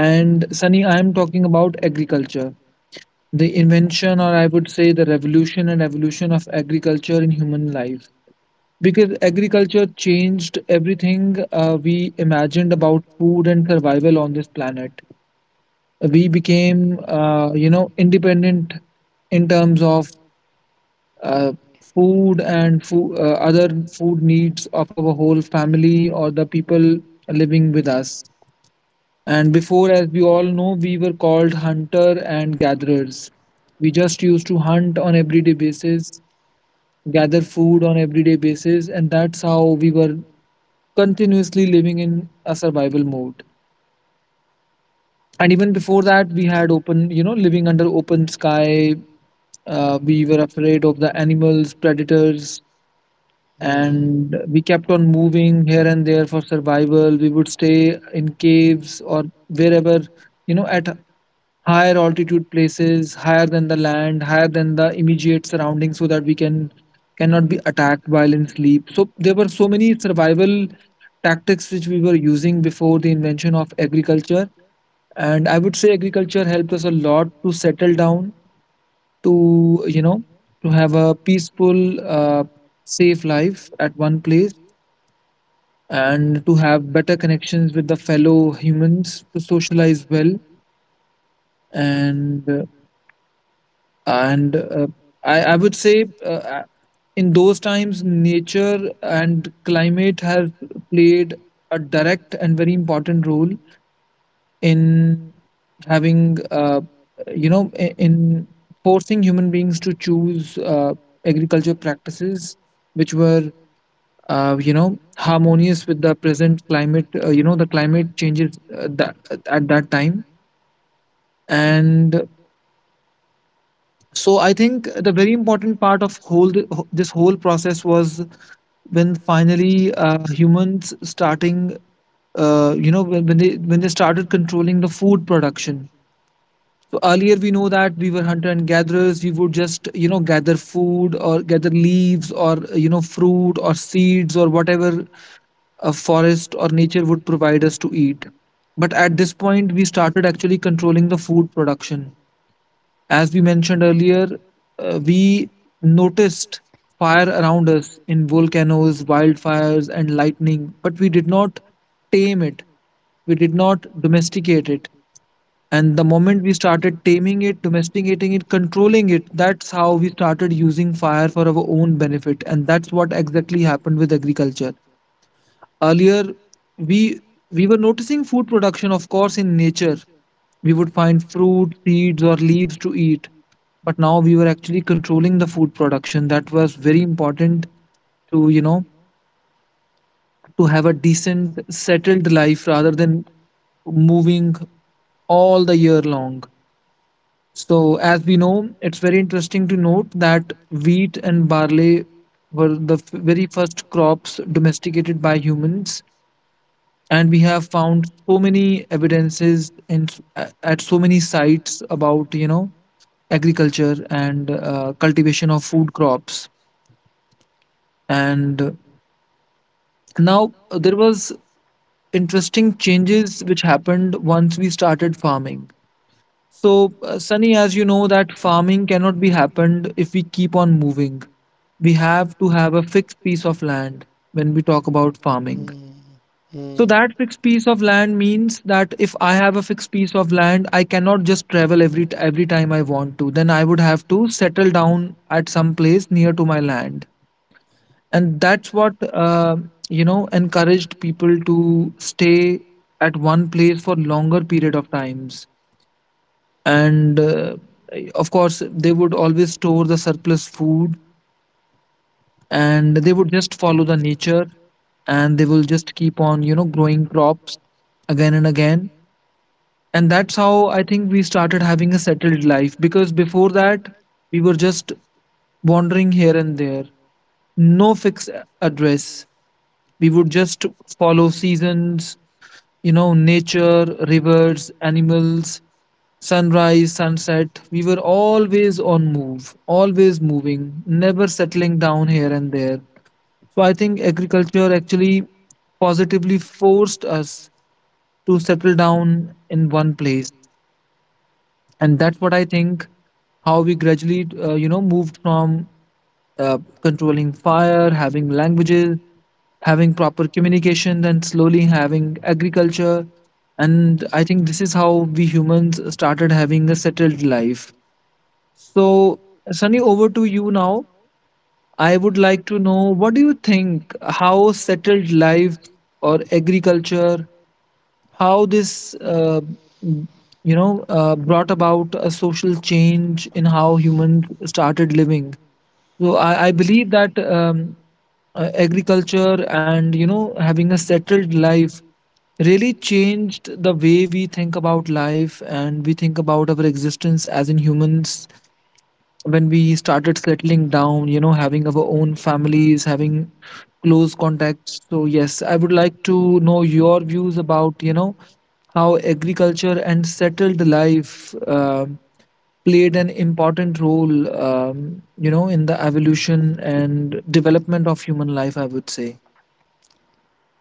A: And Sunny, I am talking about agriculture, the invention, or I would say the revolution and evolution of agriculture in human life. Because agriculture changed everything we imagined about food and survival on this planet. We became, independent in terms of, uh, food and other food needs of our whole family, or the people living with us. And before, as we all know, we were called hunter and gatherers. We just used to hunt on everyday basis, gather food on everyday basis, and that's how we were continuously living in a survival mode. And even before that, we had open, you know, living under open sky. We were afraid of the animals, predators,
B: Hmm.
A: and we kept on moving here and there for survival. We would stay in caves or wherever, at higher altitude places, higher than the land, higher than the immediate surroundings, so that we cannot be attacked while in sleep. So there were so many survival tactics which we were using before the invention of agriculture. And I would say agriculture helped us a lot to settle down, to, to have a peaceful, uh, safe life at one place, and to have better connections with the fellow humans, to socialize well. And and uh, I would say, in those times nature and climate have played a direct and very important role in having, you know in forcing human beings to choose agriculture practices which were harmonious with the present climate, the climate changes that at that time. And so I think the very important part of whole this whole process was when finally, humans starting, when they started controlling the food production. So earlier, we know that we were hunter and gatherers. We would just, gather food, or gather leaves, or, fruit or seeds or whatever a forest or nature would provide us to eat. But at this point, we started actually controlling the food production. As we mentioned earlier, we noticed fire around us in volcanoes, wildfires, and lightning, but we did not tame it. We did not domesticate it. And the moment we started taming it, domesticating it, controlling it, that's how we started using fire for our own benefit. And that's what exactly happened with agriculture. Earlier, we we were noticing food production, of course, in nature. We would find fruit, seeds, or leaves to eat. But now we were actually controlling the food production. That was very important to, to have a decent, settled life rather than moving all the year long. So, as we know, it's very interesting to note that wheat and barley were the very first crops domesticated by humans, and we have found so many evidences in at so many sites about, agriculture and cultivation of food crops. And now, there was interesting changes which happened once we started farming. So, Sunny, as you know, that farming cannot be happened if we keep on moving. We have to have a fixed piece of land when we talk about farming.
B: Hmm.
A: So,
B: Forests.
A: that fixed piece of land means that if I have a fixed piece of land, I cannot just travel every time I want to. Then I would have to settle down at some place near to my land, and that's what, encouraged people to stay at one place for longer period of times. And of course they would always store the surplus food, and they would just follow the nature, and they will just keep on, growing crops again and again. And that's how I think we started having a settled life, because before that we were just wandering here and there, no fixed address. We would just follow seasons, nature, rivers, animals, sunrise, sunset. We were always on move, always moving, never settling down here and there. So I think agriculture actually positively forced us to settle down in one place. And that's what I think, how we gradually, moved from controlling fire, having languages, having proper communication, then slowly having agriculture. And I think this is how we humans started having a settled life. So, Sunny, over to you now. I would like to know, what do you think? How settled life or agriculture, how this, m- brought about a social change in how humans started living? So, I believe that agriculture and, having a settled life really changed the way we think about life, and we think about our existence as in humans, when we started settling down, having our own families, having close contacts. So, yes, I would like to know your views about, how agriculture and settled life played an important role, in the evolution and development of human life, I would say.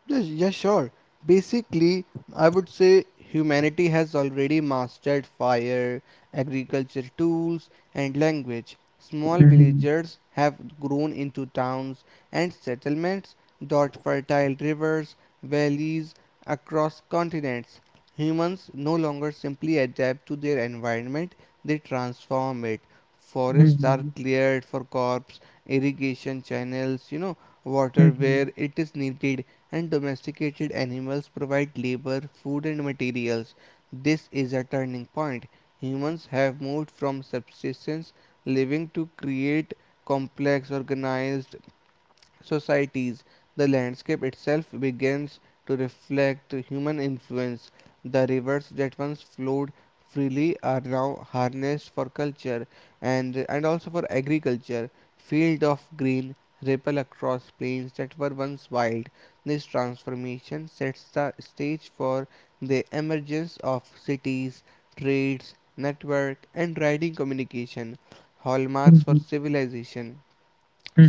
B: Yes, yeah, sure. Basically, I would say humanity has already mastered fire, agriculture tools, and language. Small
A: Mhm,
B: villagers have grown into towns and settlements, dot fertile rivers, valleys across continents. Humans no longer simply adapt to their environment, they transform it. Forests are
A: mhm,
B: cleared for crops, irrigation channels, water where
A: mhm,
B: it is needed, and domesticated animals provide labor, food, and materials. This is a turning point. Humans have moved from subsistence living to create complex, organized societies. The landscape itself begins to reflect human influence. The rivers that once flowed freely are now harnessed for culture and also for agriculture. Field of green ripple across plains that were once wild. This transformation sets the stage for the emergence of cities, trades, network, and riding communication, hallmarks for civilization.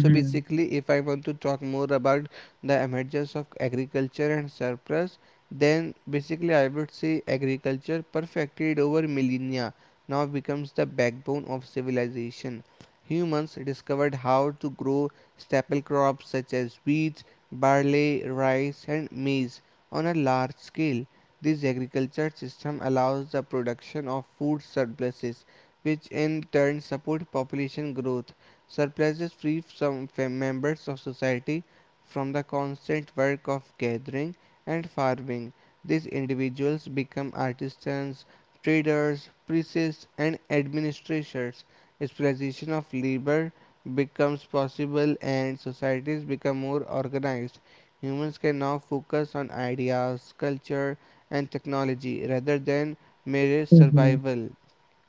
B: So basically, if I want to talk more about the emergence of agriculture and surplus, then basically I would say agriculture, perfected over millennia, now becomes the backbone of civilization. Humans discovered how to grow staple crops such as wheat, barley, rice, and maize on a large scale. This agriculture system allows the production of food surpluses, which in turn support population growth. Surpluses free some members of society from the constant work of gathering and farming. These individuals become artisans, traders, priests, and administrators. Specialization of labor becomes possible and societies become more organized. Humans can now focus on ideas, culture, and technology rather than mere
A: mhm,
B: survival.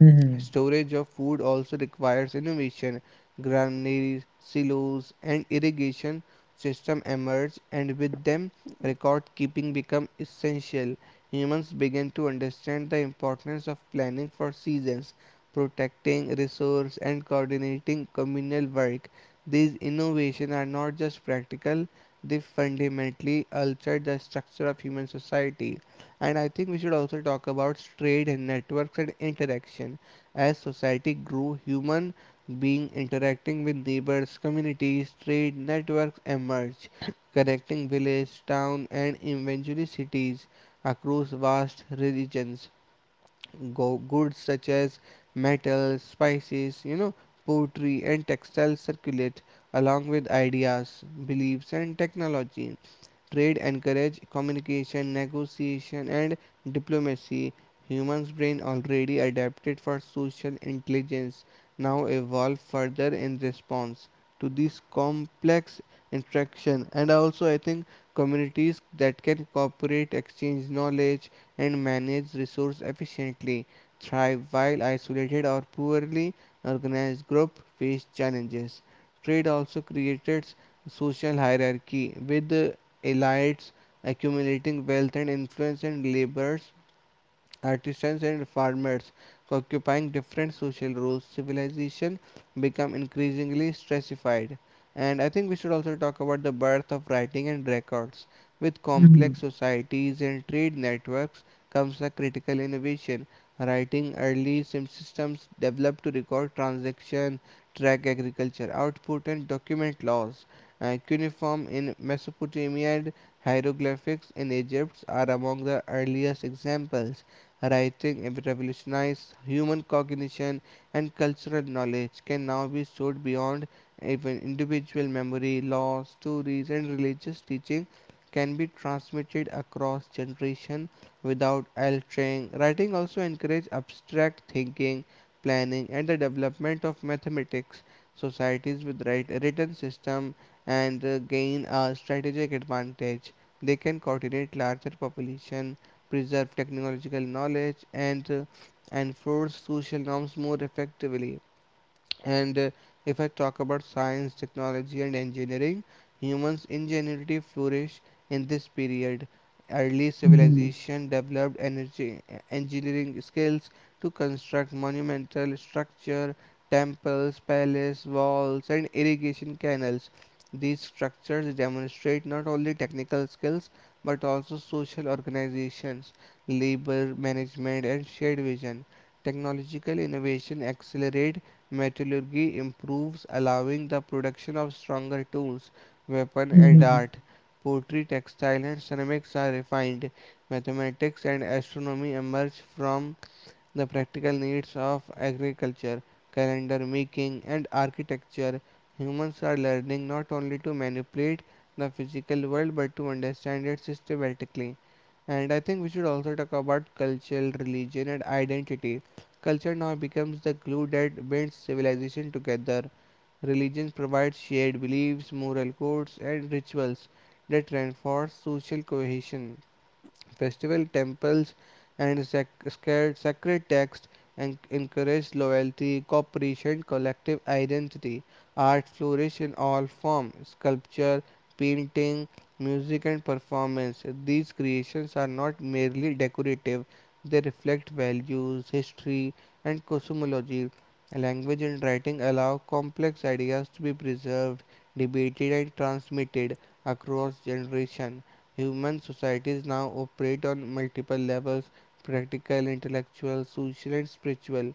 A: mhm,
B: Storage of food also requires innovation. Granaries, silos, and irrigation systems emerge, and with them, record keeping became essential. Humans begin to understand the importance of planning for seasons, protecting resources, and coordinating communal work. These innovations are not just practical, they fundamentally alter the structure of human society. And I think we should also talk about trade and networks and interaction. As society grew, human beings interacting with neighbors, communities, trade networks emerged, connecting village, town, and eventually cities across vast regions. Goods such as metals, spices, pottery, and textiles circulate along with ideas, beliefs, and technology. Trade encourage communication, negotiation, and diplomacy. Humans' brain, already adapted for social intelligence, now evolve further in response to these complex interaction. And also, I think communities that can cooperate, exchange knowledge, and manage resource efficiently thrive, while isolated or poorly organized group face challenges. Trade also created social hierarchy, with elites accumulating wealth and influence, and laborers, artisans, and farmers occupying different social roles. Civilization become increasingly stratified. And I think we should also talk about the birth of writing and records. With
A: mhm.
B: complex societies and trade networks comes a critical innovation: writing. Early systems developed to record transaction, track agriculture output, and document laws. And cuneiform in Mesopotamia and hieroglyphics in Egypt are among the earliest examples. Writing revolutionized human cognition, and cultural knowledge can now be stored beyond even individual memory. Laws, stories, and religious teaching can be transmitted across generation without altering. Writing also encouraged abstract thinking, planning, and the development of mathematics. Societies with written system and gain a strategic advantage. They can coordinate larger population, preserve technological knowledge, and enforce social norms more effectively. And if I talk about science, technology, and engineering, humans' ingenuity flourished in this period. Early
A: Mhm.
B: civilization developed engineering skills to construct monumental structure, temples, palace walls, and irrigation canals. These structures demonstrate not only technical skills, but also social organizations, labor management, and shared vision. Technological innovation accelerates. Metallurgy improves, allowing the production of stronger tools, weapons, and
A: Mhm,
B: art. Pottery, textiles, and ceramics are refined. Mathematics and astronomy emerge from the practical needs of agriculture, calendar making, and architecture. Humans are learning not only to manipulate the physical world but to understand it systematically. And I think we should also talk about culture, religion, and identity. Culture now becomes the glue that binds civilization together. Religion provides shared beliefs, moral codes, and rituals that reinforce social cohesion. Festival, temples, and sac- scared sacred texts, and encouraged loyalty, cooperation, collective identity. Art flourished in all forms: sculpture, painting, music, and performance. These creations are not merely decorative; they reflect values, history, and cosmology. Language and writing allow complex ideas to be preserved, debated, and transmitted across generations. Human societies now operate on multiple levels: practical, intellectual, social, and spiritual.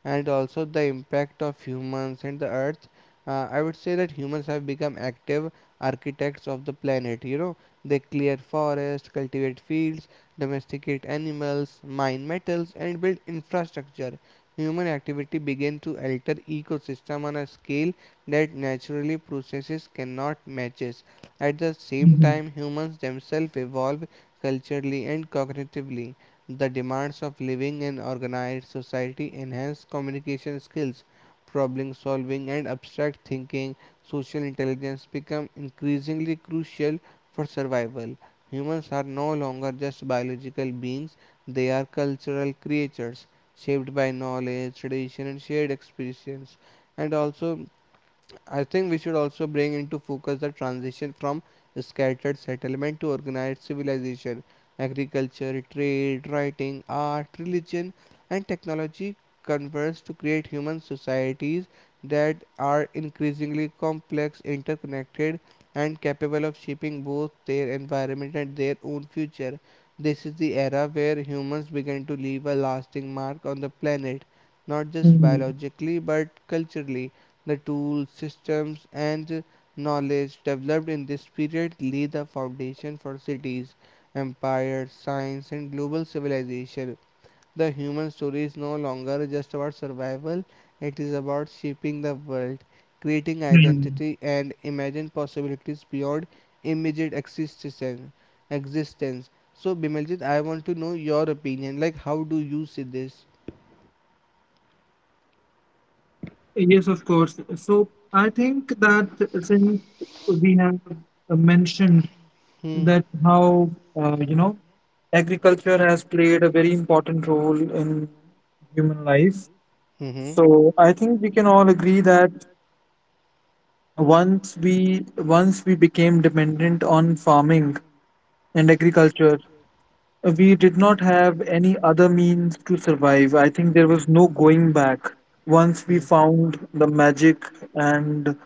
B: And also the impact of humans and the earth. I would say that humans have become active architects of the planet. They clear forests, cultivate fields, domesticate animals, mine metals, and build infrastructure. Human activity began to alter ecosystem on a scale that naturally processes cannot match. At the same
A: mhm,
B: time, humans themselves evolve culturally and cognitively. The demands of living in organized society enhance communication skills, problem solving, and abstract thinking. Social intelligence become increasingly crucial for survival. Humans are no longer just biological beings, they are cultural creatures shaped by knowledge, tradition, and shared experience. And also, I think we should also bring into focus the transition from scattered settlement to organized civilization. Agriculture, trade, writing, art, religion, and technology converge to create human societies that are increasingly complex, interconnected, and capable of shaping both their environment and their own future. This is the era where humans begin to leave a lasting mark on the planet, not just
A: mhm,
B: biologically but culturally. The tools, systems, and knowledge developed in this period lay the foundation for cities, empires, science, and global civilization. The human story is no longer just about survival, it is about shaping the world, creating
A: mhm, mhm.
B: identity, and imagining possibilities beyond immediate existence. So, Bimaljit, I want to know your opinion. Like, how do you see this?
A: Yes, of course. So I think that since we have, mentioned
B: Hmm.
A: that how, uh, you know agriculture has played a very important role in human life.
B: Mm-hmm.
A: So I think we can all agree that once we became dependent on farming and agriculture, we did not have any other means to survive. I think there was no going back. Once we found the magic and,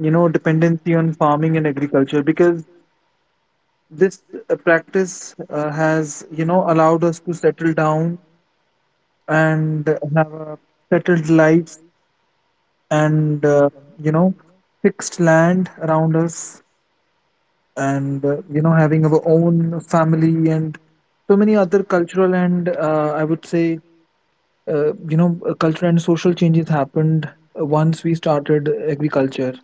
A: dependency on farming and agriculture, because this practice has, allowed us to settle down and have a settled life, and you know fixed land around us, and having our own family, and so many other cultural and, I would say you know, cultural and social changes happened once we started agriculture,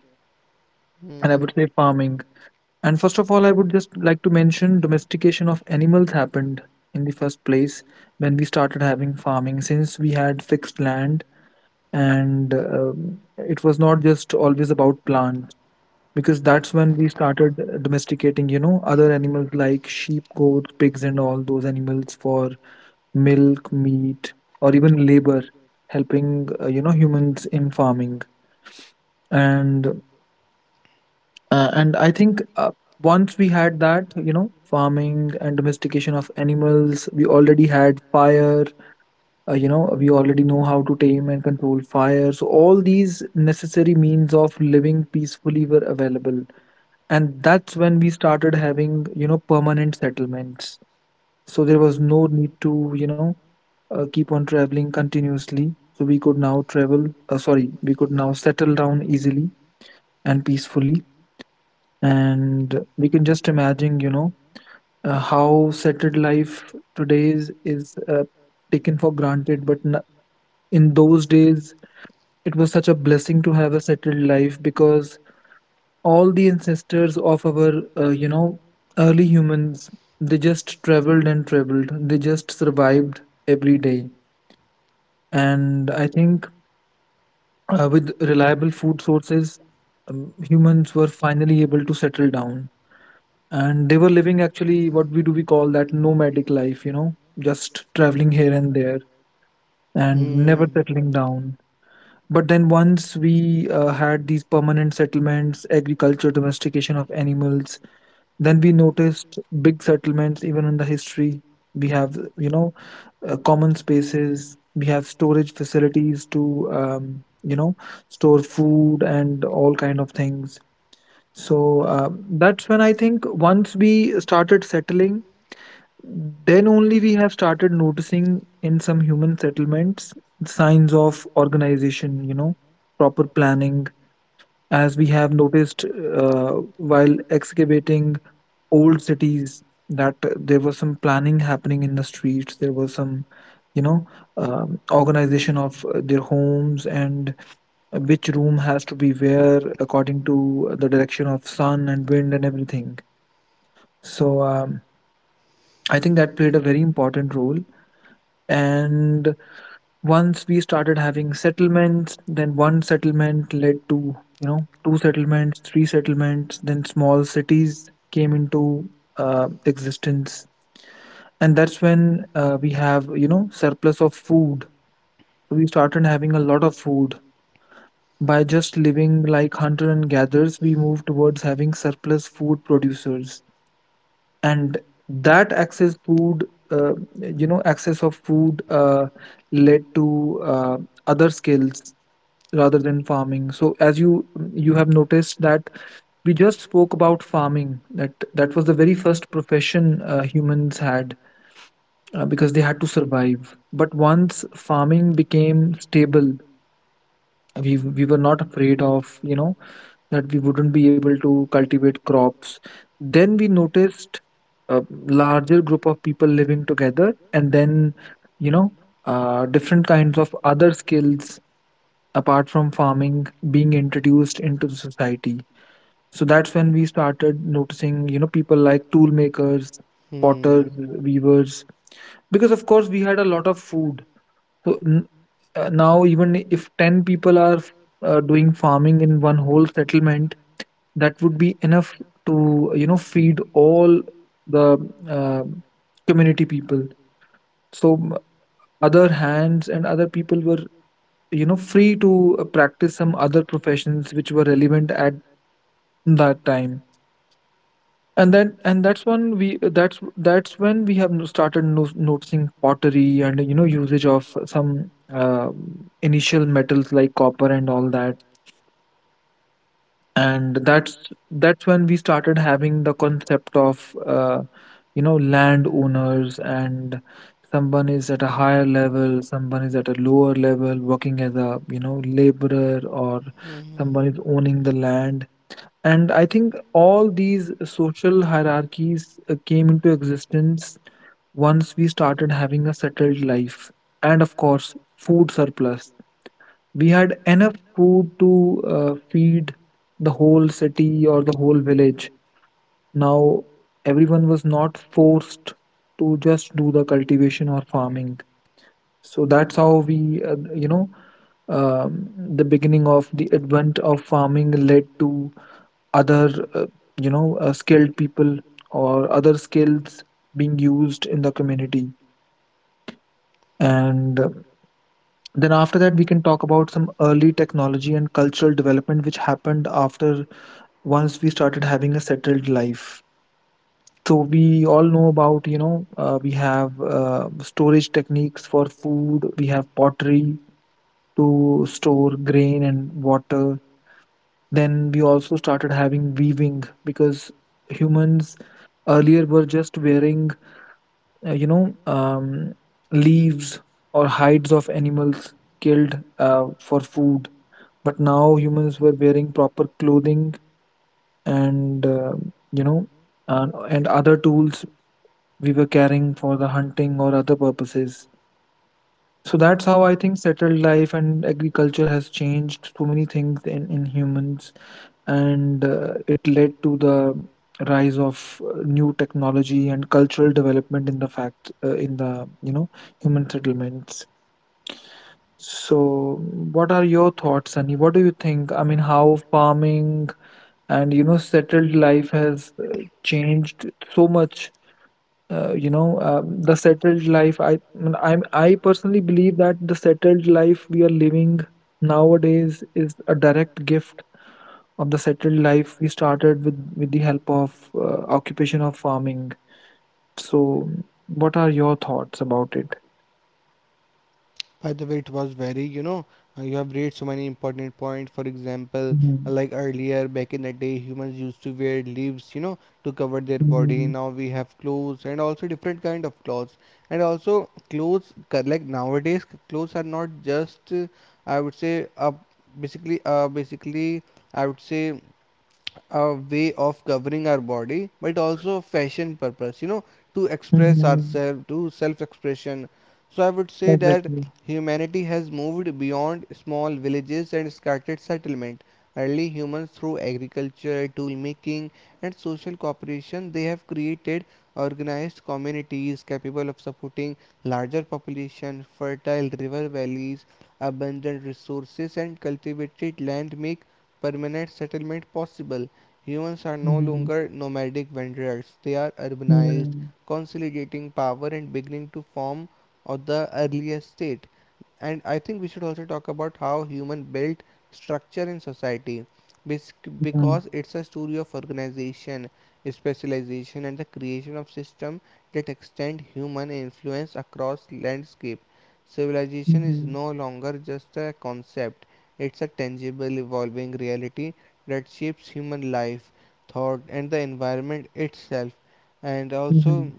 A: and I would say farming. And first of all, I would just like to mention domestication of animals happened in the first place when we started having farming, since we had fixed land. And it was not just always about plants. Because that's when we started domesticating, you know, other animals like sheep, goats, pigs, and all those animals for milk, meat, or even labor, helping you know humans in farming. And and I think once we had that, you know, farming and domestication of animals, we already had fire. You know, we already know how to tame and control fire. So all these necessary means of living peacefully were available, and that's when we started having you know permanent settlements, so there was no need to, you know, keep on traveling continuously, so we could now travel sorry we could now settle down easily and peacefully, and we can just imagine, you know, how settled life today is taken for granted, but in those days it was such a blessing to have a settled life because all the ancestors of our you know early humans, they just traveled and traveled, they just survived every day. And I think with reliable food sources, humans were finally able to settle down. And they were living actually what we call that nomadic life, you know, just traveling here and there and never settling down. But then once we had these permanent settlements, agriculture, domestication of animals, then we noticed big settlements even in the history. We have, you know, common spaces. We have storage facilities to, you know, store food and all kind of things. So that's when I think once we started settling, then only we have started noticing in some human settlements signs of organization. You know, proper planning. As we have noticed while excavating old cities, that there was some planning happening in the streets. There was some, you know, organization of their homes and which room has to be where according to the direction of sun and wind and everything. So I think that played a very important role. And once we started having settlements, then one settlement led to, you know, two settlements, three settlements, then small cities came into existence. And that's when we have, you know, surplus of food, so we started having a lot of food. By just living like hunter and gatherers, we moved towards having surplus food producers. And that access food uh, you know access of food led to other skills rather than farming. So as you have noticed that we just spoke about farming, that was the very first profession humans had, because they had to survive. But once farming became stable, we were not afraid of, you know, that we wouldn't be able to cultivate crops. Then we noticed a larger group of people living together, and then, you know, different kinds of other skills apart from farming being introduced into the society. So that's when we started noticing, you know, people like tool makers, potters, weavers, because of course we had a lot of food. So now, even if 10 people are doing farming in one whole settlement, that would be enough to, you know, feed all the uh, community people. So other hands and other people were, you know, free to practice some other professions which were relevant at that time. And that's when we that's when we have no- started no, noticing pottery and, you know, usage of some initial metals like copper and all that. And that's when we started having the concept of you know, land owners and someone is at a higher level, someone is at a lower level working as a, you know, laborer, or someone is owning the land. And I think all these social hierarchies came into existence once we started having a settled life. And of course, food surplus, we had enough food to feed the whole city or the whole village. Now, everyone was not forced to just do the cultivation or farming. So that's how we, you know, the beginning of the advent of farming led to other, you know, skilled people or other skills being used in the community. And Then after that, we can talk about some early technology and cultural development which happened after once we started having a settled life. So we all know about, you know, we have storage techniques for food. We have pottery to store grain and water. Then we also started having weaving because humans earlier were just wearing you know, leaves or hides of animals killed for food, but now humans were wearing proper clothing and, you know, and other tools we were carrying for the hunting or other purposes. So that's how I think settled life and agriculture has changed so many things in humans, and it led to the rise of new technology and cultural development in the fact in the, you know, human settlements. So what are your thoughts, Sunny? What do you think, I mean, how farming and, you know, settled life has changed so much. You know, the settled life, i I personally believe that the settled life we are living nowadays is a direct gift of the settled life we started with the help of occupation of farming. So what are your thoughts about it?
B: By the way, it was very, you have raised so many important points. For example,
A: Mhm.
B: like earlier back in the day, humans used to wear leaves, you know, to cover their body.
A: Mhm.
B: Now we have clothes, and also different kind of clothes. And also clothes, like nowadays, clothes are not just, I would say, basically, I would say, a way of covering our body, but it also fashion purpose, to express
A: Mhm.
B: ourselves, to self expression. So I would say that
A: Exactly.
B: humanity has moved beyond small villages and scattered settlement. Early humans, through agriculture, tool making, and social cooperation, they have created organized communities capable of supporting larger population. Fertile river valleys, abundant resources, and cultivated land make permanent settlement possible. Humans are no
A: Mhm.
B: longer nomadic wanderers, they are urbanized,
A: Mhm.
B: consolidating power and beginning to form of the earliest stage. And I think we should also talk about how human built structure in society,
A: Mhm.
B: because it's a story of organization, specialization, and the creation of system that extend human influence across landscape. Civilization is
A: Mhm.
B: no longer just a concept; it's a tangible, evolving reality that shapes human life, thought, and the environment itself. And also,
A: Mhm.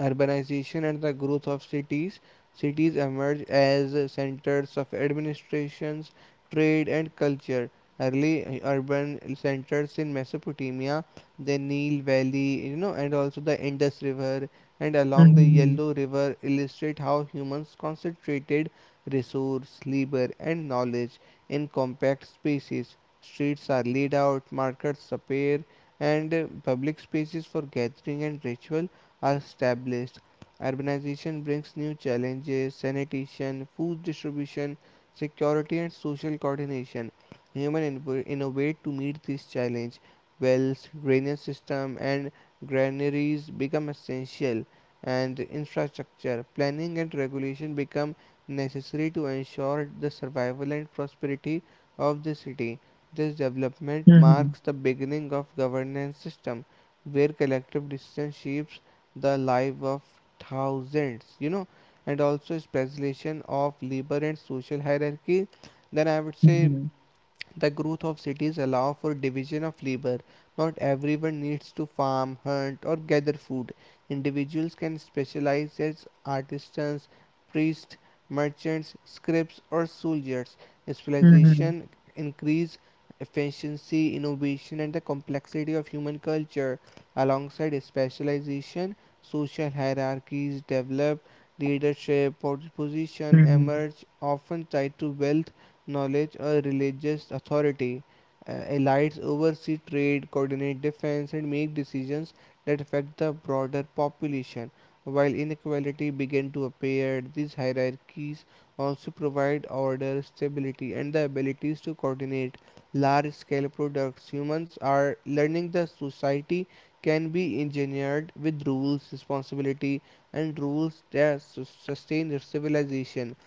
B: urbanization and the growth of cities. Cities emerge as centers of administrations, trade, and culture. Early urban centers in Mesopotamia, the Nile Valley, and also the Indus River and along the
A: Mhm.
B: Yellow River illustrate how humans concentrated resource, labor, and knowledge in compact spaces. Streets are laid out, markets appear, and public spaces for gathering and ritual are established. Urbanization brings new challenges: sanitation, food distribution, security, and social coordination. Humans innovate to meet this challenge. Wells, drainage system, and granaries become essential, and infrastructure planning and regulation become necessary to ensure the survival and prosperity of the city. This development
A: Mhm.
B: marks the beginning of governance system where collective decision shapes the life of thousands. And also specialization of labor and social hierarchy. Then I would say
A: Mhm.
B: the growth of cities allow for division of labor. Not everyone needs to farm, hunt, or gather food. Individuals can specialize as artisans, priests, merchants, scribes, or soldiers.
A: Mhm,
B: Specialization increase efficiency, innovation, and the complexity of human culture. Alongside specialization, social hierarchies develop, leadership position
A: mhm,
B: emerge, often tied to wealth, knowledge, or religious authority. Elites oversee trade, coordinate defense, and make decisions that affect the broader population. While inequality began to appear, these hierarchies also provide order, stability, and the abilities to coordinate large scale products. Humans are learning that society can be engineered with rules, responsibility, and rules that sustain civilization.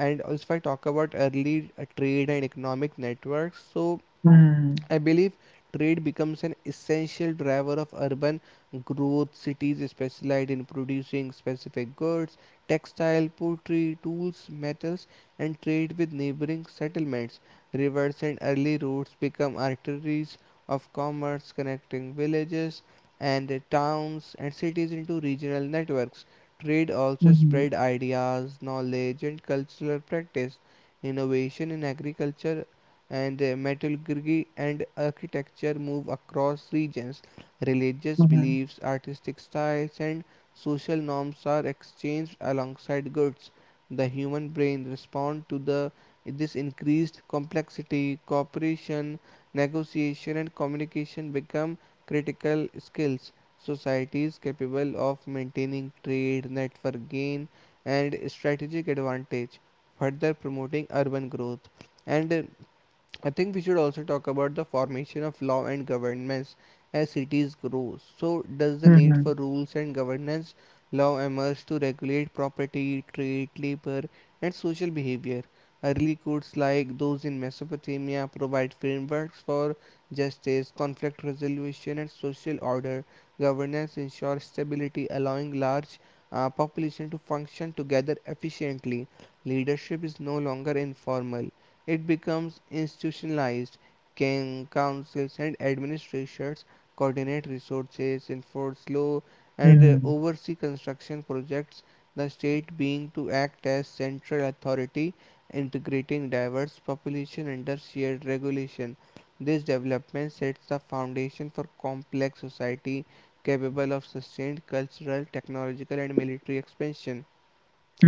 B: And also, if I talk about early trade and economic networks,
A: mm,
B: I believe trade becomes an essential driver of urban growth. Cities specialize in producing specific goods, textile, pottery, tools, metals, and trade with neighboring settlements. Rivers and early roads become arteries of commerce, connecting villages and towns and cities into regional networks. Trade also
A: mhm,
B: spread ideas, knowledge, and cultural practice. Innovation in agriculture and metalurgy and architecture move across regions. Religious
A: mhm,
B: beliefs, artistic styles, and social norms are exchanged alongside goods. The human brain responds to the this increased complexity, cooperation, negotiation, and communication become critical skills. Societies capable of maintaining trade, network gain, and strategic advantage, further promoting urban growth. And I think we should also talk about the formation of law and governments as cities grow. So, does the need
A: mhm,
B: for rules and governance law emerge to regulate property, trade, labor, and social behavior? Early courts like those in Mesopotamia provide frameworks for justice, conflict resolution, and social order. Governance ensures stability, allowing large population to function together efficiently. Leadership is no longer informal, it becomes institutionalized. Can councils and administrations coordinate resources, enforce law, and
A: mhm,
B: oversee construction projects? The state being to act as central authority, integrating diverse population under shared regulation. This development sets the foundation for complex society capable of sustained cultural, technological, and military expansion.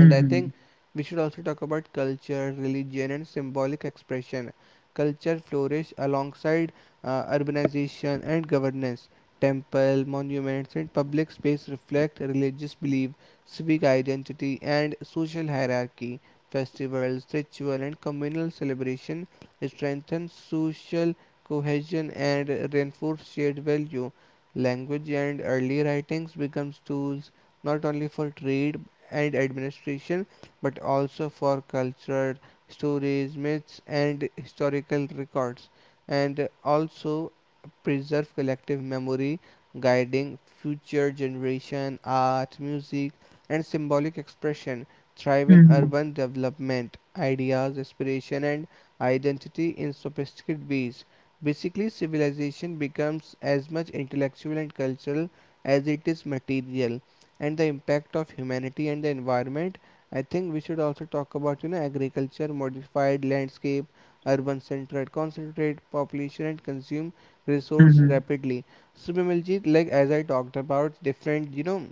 B: And I think we should also talk about culture, religion, and symbolic expression. Culture flourish alongside urbanization and governance. Temple, monuments, and public space reflect religious belief, civic identity, and social hierarchy. Festivals, ritual, and communal celebration strengthen social cohesion and reinforce shared value. Language and early writings becomes tools not only for trade and administration, but also for cultural stories, myths, and historical records, and also preserve collective memory, guiding future generation art, music, and symbolic expression. Thrive in
A: mhm,
B: urban development, ideas, aspiration, and identity in sophisticated ways. Basically, civilization becomes as much intellectual and cultural as it is material, and the impact of humanity and the environment, I think we should also talk about, you know, agriculture modified landscape, urban centered concentrate population and consume resource
A: mhm.
B: rapidly. So Bimaljit, like as I talked about different, you know,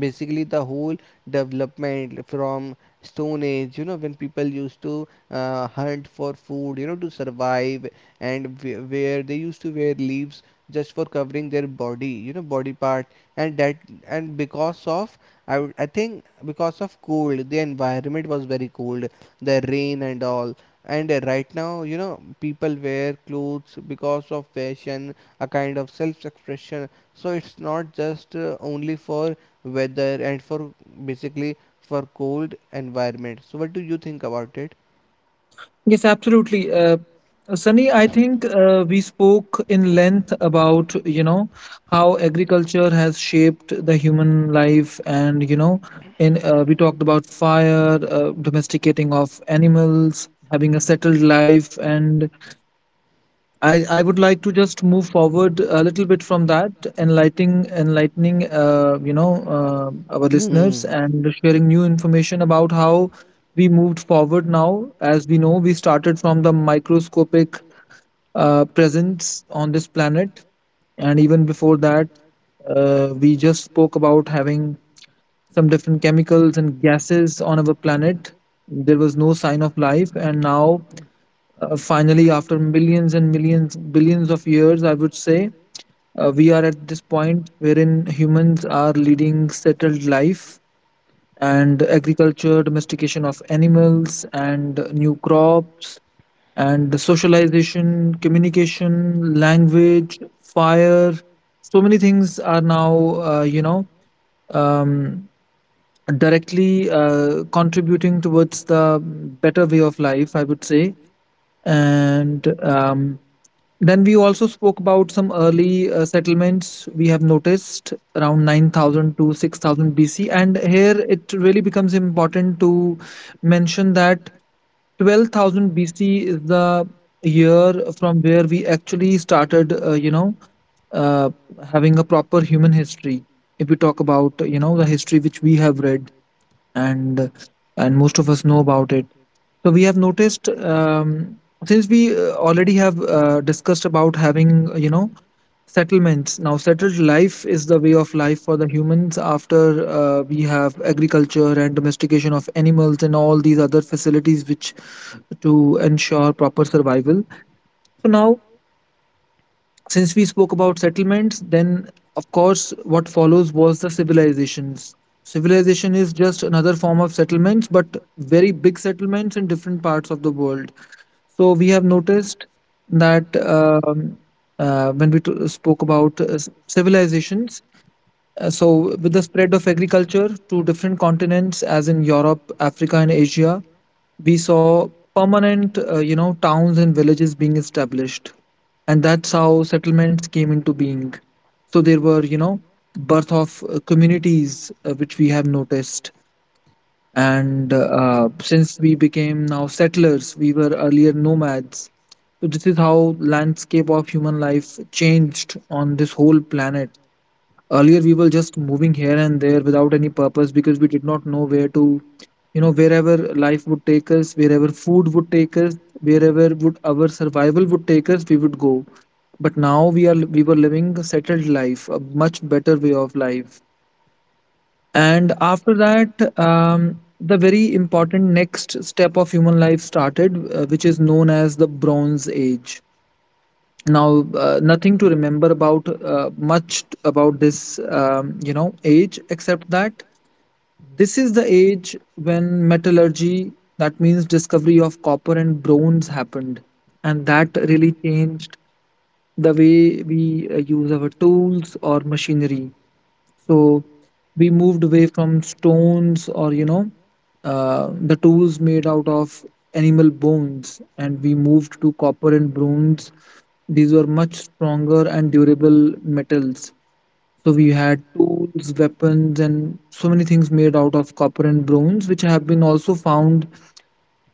B: basically the whole development from stone age, you know, when people used to hunt for food, you know, to survive, and where they used to wear leaves just for covering their body, you know, body part, and that, and because of, I think because of cold, the environment was very cold, the rain and all, and right now, you know, people wear clothes because of fashion, a kind of self expression. So it's not just only for weather and for basically for cold environment. So what do you think about it?
A: Yes, absolutely. Sunny, I think we spoke in length about, you know, how agriculture has shaped the human life, and, you know, in we talked about fire, domesticating of animals, having a settled life. And I would like to just move forward a little bit from that, enlightening you know, our listeners and sharing new information about how we moved forward now. As we know, we started from the microscopic presence on this planet, and even before that, we just spoke about having some different chemicals and gases on our planet. There was no sign of life, and now finally after millions and millions, billions of years, I would say, we are at this point wherein humans are leading settled life, and agriculture, domestication of animals and new crops, and socialization, communication, language, fire, so many things are now, you know, um, directly contributing towards the better way of life, I would say. And um, Then we also spoke about some early settlements we have noticed around 9000 to 6000 BC. And here it really becomes important to mention that 12,000 BC is the year from where we actually started, you know, uh, having a proper human history. If we talk about, you know, the history which we have read, and most of us know about it. So we have noticed, since we already have discussed about having, you know, settlements. Now settled life is the way of life for the humans after we have agriculture and domestication of animals and all these other facilities which to ensure proper survival. So now, since we spoke about settlements, then of course what follows was the civilizations. Civilization is just another form of settlements, but very big settlements in different parts of the world. So we have noticed that, when we spoke about civilizations, so with the spread of agriculture to different continents, as in Europe, Africa, and Asia, we saw permanent, you know, towns and villages being established, and that's how settlements came into being. So there were, you know, birth of communities which we have noticed. And since we became now settlers, we were earlier nomads, so this is how landscape of human life changed on this whole planet. Earlier we were just moving here and there without any purpose because we did not know where to, you know, wherever life would take us, wherever food would take us, wherever would our survival would take us, we would go. But now we were living a settled life, a much better way of life. And after that, the very important next step of human life started, which is known as the Bronze Age. Now, nothing to remember about about this, age except that this is the age when metallurgy, that means discovery of copper and bronze, happened, and that really changed the way we use our tools or machinery. So we moved away from stones, or the tools made out of animal bones, and we moved to copper and bronze. These were much stronger and durable metals, so we had tools, weapons, and so many things made out of copper and bronze, which have been also found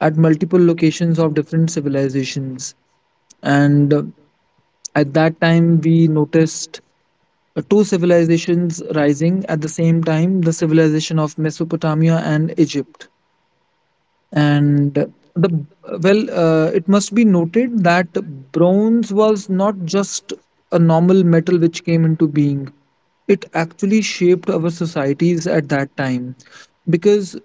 A: at multiple locations of different civilizations. And At that time we noticed Two civilizations rising at the same time, the civilization of Mesopotamia and Egypt. And the well, it must be noted that bronze was not just a normal metal which came into being, it actually shaped our societies at that time, because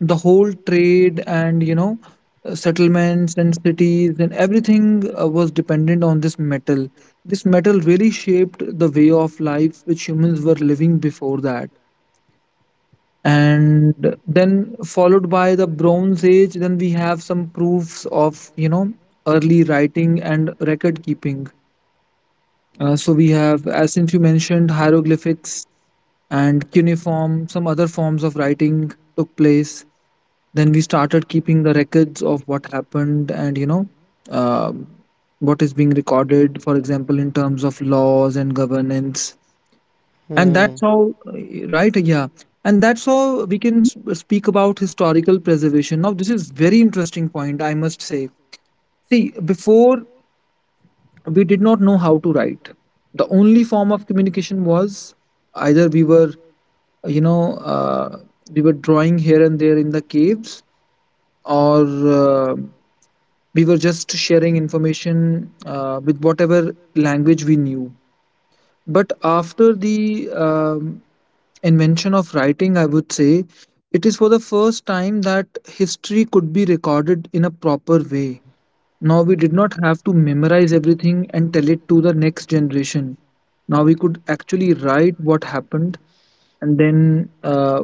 A: the whole trade, and settlements and cities and everything was dependent on this metal. This metal really shaped the way of life which humans were living before that. And then, followed by the bronze age, then we have some proofs of, early writing and record keeping. Uh, so we have, as since you mentioned, hieroglyphics and cuneiform, some other forms of writing took place. Then we started keeping the records of what happened, and, um what is being recorded, for example, in terms of laws and governance. And
B: And
A: that's
B: hmm.
A: how, right? Yeah. And that's how we can speak about historical preservation. Now, this is very interesting point, I must say. See, before, we did not know how to write. The only form of communication was, either we were, you know, uh, we were drawing here and there in the caves, or, uh, we were just sharing information with whatever language we knew. But after the invention of writing, I would say it is for the first time that history could be recorded in a proper way. Now we did not have to memorize everything and tell it to the next generation. Now we could actually write what happened, and then uh,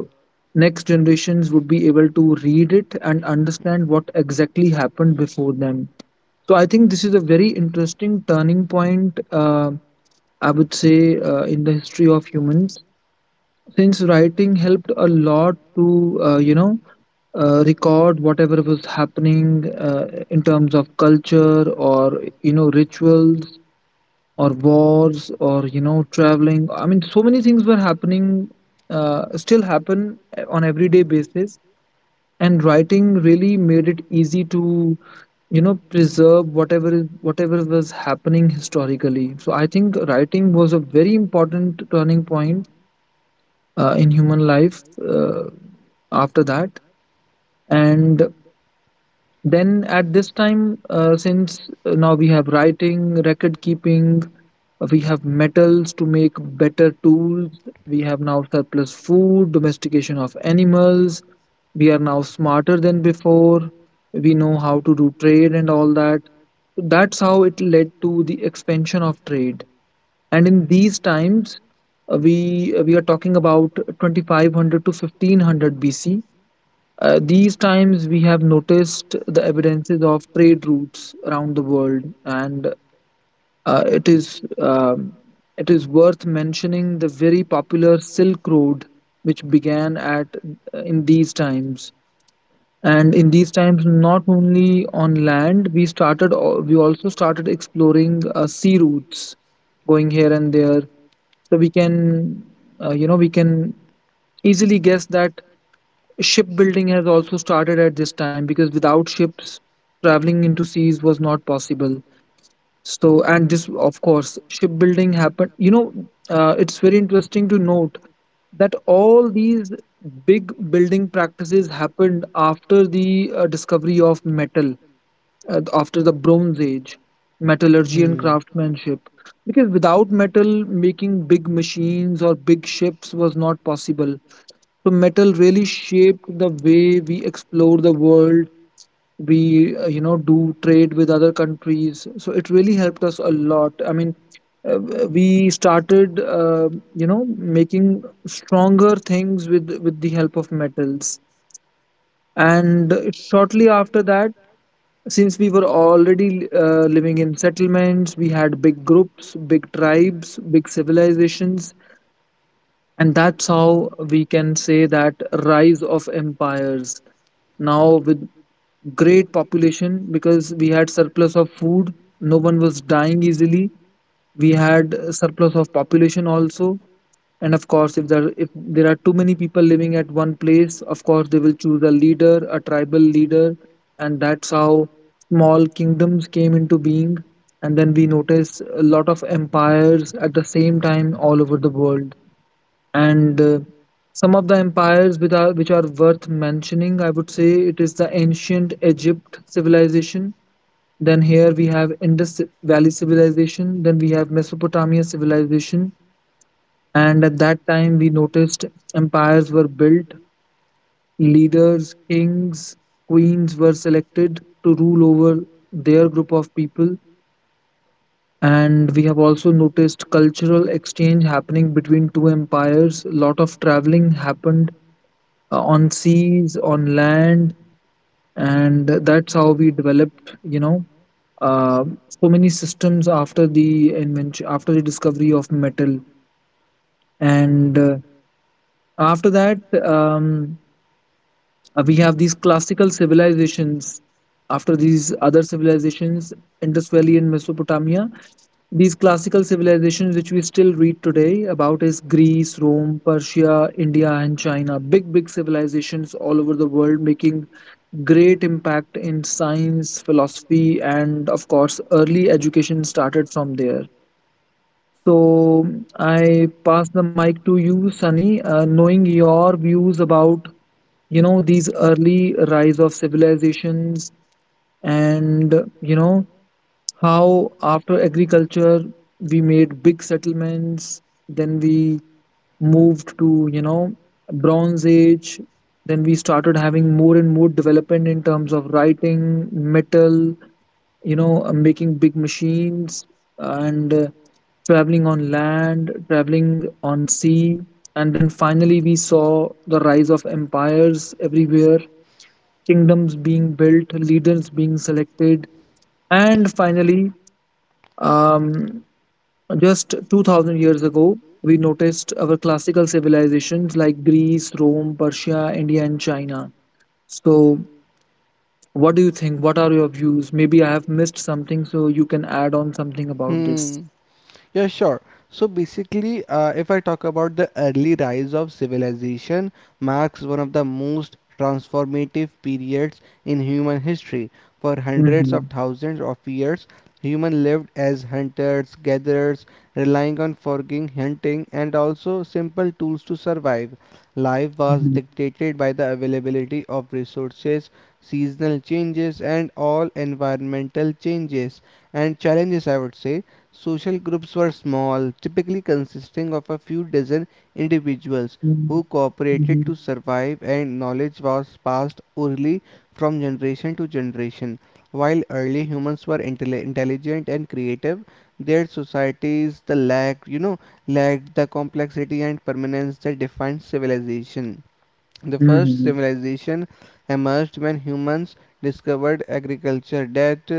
A: next generations would be able to read it and understand what exactly happened before them. So I think this is a very interesting turning point, I would say, in the history of humans, since writing helped a lot to, record whatever was happening in terms of culture, or, rituals, or wars, or, traveling. I mean, so many things were happening, still happen on everyday basis. And writing really made it easy to, preserve whatever whatever was happening historically. So I think writing was a very important turning point in human life, after that. And then, at this time, since now we have writing, record keeping, we have metals to make better tools, we have now surplus food, domestication of animals, we are now smarter than before, we know how to do trade and all that. So that's how it led to the expansion of trade. And in these times, we are talking about 2500 to 1500 BC. Uh, these times, we have noticed the evidences of trade routes around the world, and uh, it is um, it is worth mentioning the very popular Silk Road, which began at, in these times. And in these times, not only on land, we started we also started exploring sea routes, going here and there. So we can, we can easily guess that shipbuilding has also started at this time, because without ships, traveling into seas was not possible. So, and this, of course, shipbuilding happened. You know, it's very interesting to note that all these big building practices happened after the discovery of metal, after the Bronze Age, metallurgy and
B: Hmm.
A: craftsmanship. Because without metal, making big machines or big ships was not possible. So metal really shaped the way we explore the world. We, do trade with other countries. So it really helped us a lot. I mean, uh, we started, making stronger things with the help of metals. And shortly after that, since we were already living in settlements, we had big groups, big tribes, big civilizations, and that's how we can say that rise of empires, now with great population, because we had surplus of food, no one was dying easily, we had surplus of population also. And of course, if there are too many people living at one place, of course they will choose a leader, a tribal leader. And that's how small kingdoms came into being. And then we notice a lot of empires at the same time all over the world. And Some of the empires with are, which are worth mentioning, I would say it is the ancient Egypt civilization. Then here we have Indus Valley civilization. Then we have Mesopotamia civilization. And at that time, we noticed empires were built, leaders, kings, queens were selected to rule over their group of people. And we have also noticed cultural exchange happening between two empires. A lot of traveling happened on seas, on land, and that's how we developed, so many systems after the invention, after the discovery of metal. And after that, we have these classical civilizations. After these other civilizations, Indus Valley and Mesopotamia, these classical civilizations which we still read today about is Greece, Rome, Persia, India and China. Big big civilizations all over the world making great impact in science, philosophy, and of course early education started from there. So I pass the mic to you, Sunny, knowing your views about, these early rise of civilizations, and, you know how after agriculture we made big settlements, then we moved to, bronze age, then we started having more and more development in terms of writing, metal, making big machines, and traveling on land, traveling on sea, and then finally we saw the rise of empires everywhere, kingdoms being built, leaders being selected, and finally, um, just 2000 years ago, we noticed our classical civilizations like Greece, Rome, Persia, India, and China. So, what do you think? What are your views? Maybe I have missed something, so you can add on something about this.
B: Hmm. Yeah, sure. So basically, if I talk about the early rise of civilization, marks one of the most transformative periods in human history. For hundreds of
A: Mm-hmm.
B: thousands of years, human lived as hunters, gatherers, relying on foraging, hunting, and also simple tools to survive. Life was
A: Mm-hmm.
B: dictated by the availability of resources, seasonal changes, and all environmental changes and challenges, I would say. Social groups were small, typically consisting of a few dozen individuals who cooperated to
A: Mm-hmm.
B: survive, and knowledge was passed orally from generation to generation. While early humans were intelligent and creative, their societies the lack, you know, lacked the complexity and permanence that defined civilization. The first
A: Mm-hmm.
B: civilization emerged when humans discovered agriculture, that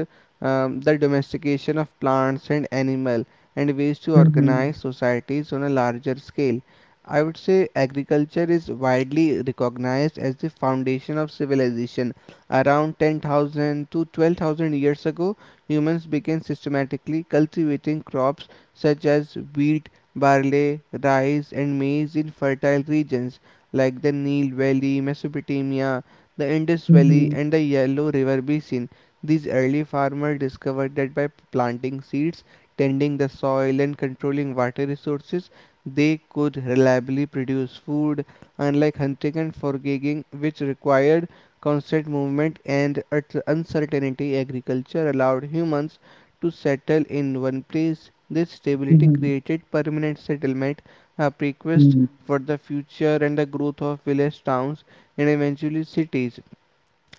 B: the domestication of plants and animal, and ways to organize societies on a larger scale. I would say agriculture is widely recognized as the foundation of civilization. Around 10,000 to 12,000 years ago, humans began systematically cultivating crops such as wheat, barley, rice, and maize in fertile regions like the Nile Valley, Mesopotamia, the Indus Valley,
A: Mm-hmm.
B: and the Yellow River Basin. These early farmers discovered that by planting seeds, tending the soil, and controlling water resources, they could reliably produce food, unlike hunting and foraging, which required constant movement and uncertainty. Agriculture allowed humans to settle in one place. This
A: Mm-hmm.
B: stability
A: Mm-hmm.
B: created permanent settlement, a prequest
A: Mm-hmm.
B: for the future and the growth of village towns and eventually cities.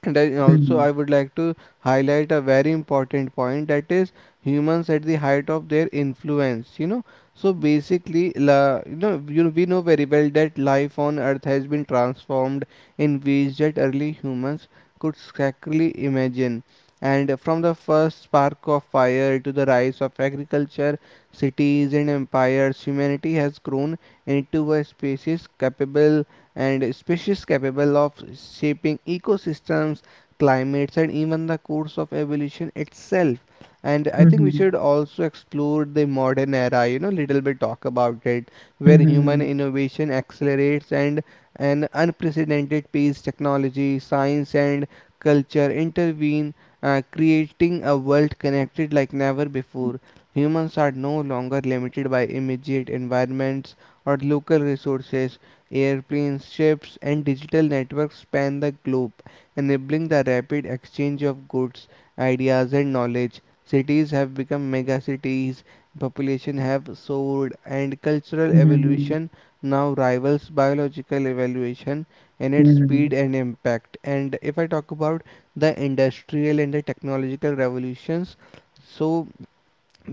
B: And I also I would like to highlight a very important point, that is humans at the height of their influence. You know, so basically, la, you know, you, we know very well that life on Earth has been transformed in ways that early humans could scarcely imagine. And from the first spark of fire to the rise of agriculture, cities and empires, humanity has grown into a species capable of shaping ecosystems, climates, and even the course of evolution itself. And I think we
A: Mm-hmm.
B: should also explore the modern era, you know, little bit talk about it, where human
A: Mm-hmm.
B: innovation accelerates and an unprecedented pace, technology, science, and culture intervene, creating a world connected like never before. Humans are no longer limited by immediate environments or local resources. Airplanes, ships, and digital networks span the globe, enabling the rapid exchange of goods, ideas, and knowledge. Cities have become megacities, population have soared, and cultural
A: Mm-hmm.
B: evolution now rivals biological evolution in its speed
A: Mm-hmm.
B: and impact. And if I talk about the industrial and the technological revolutions, so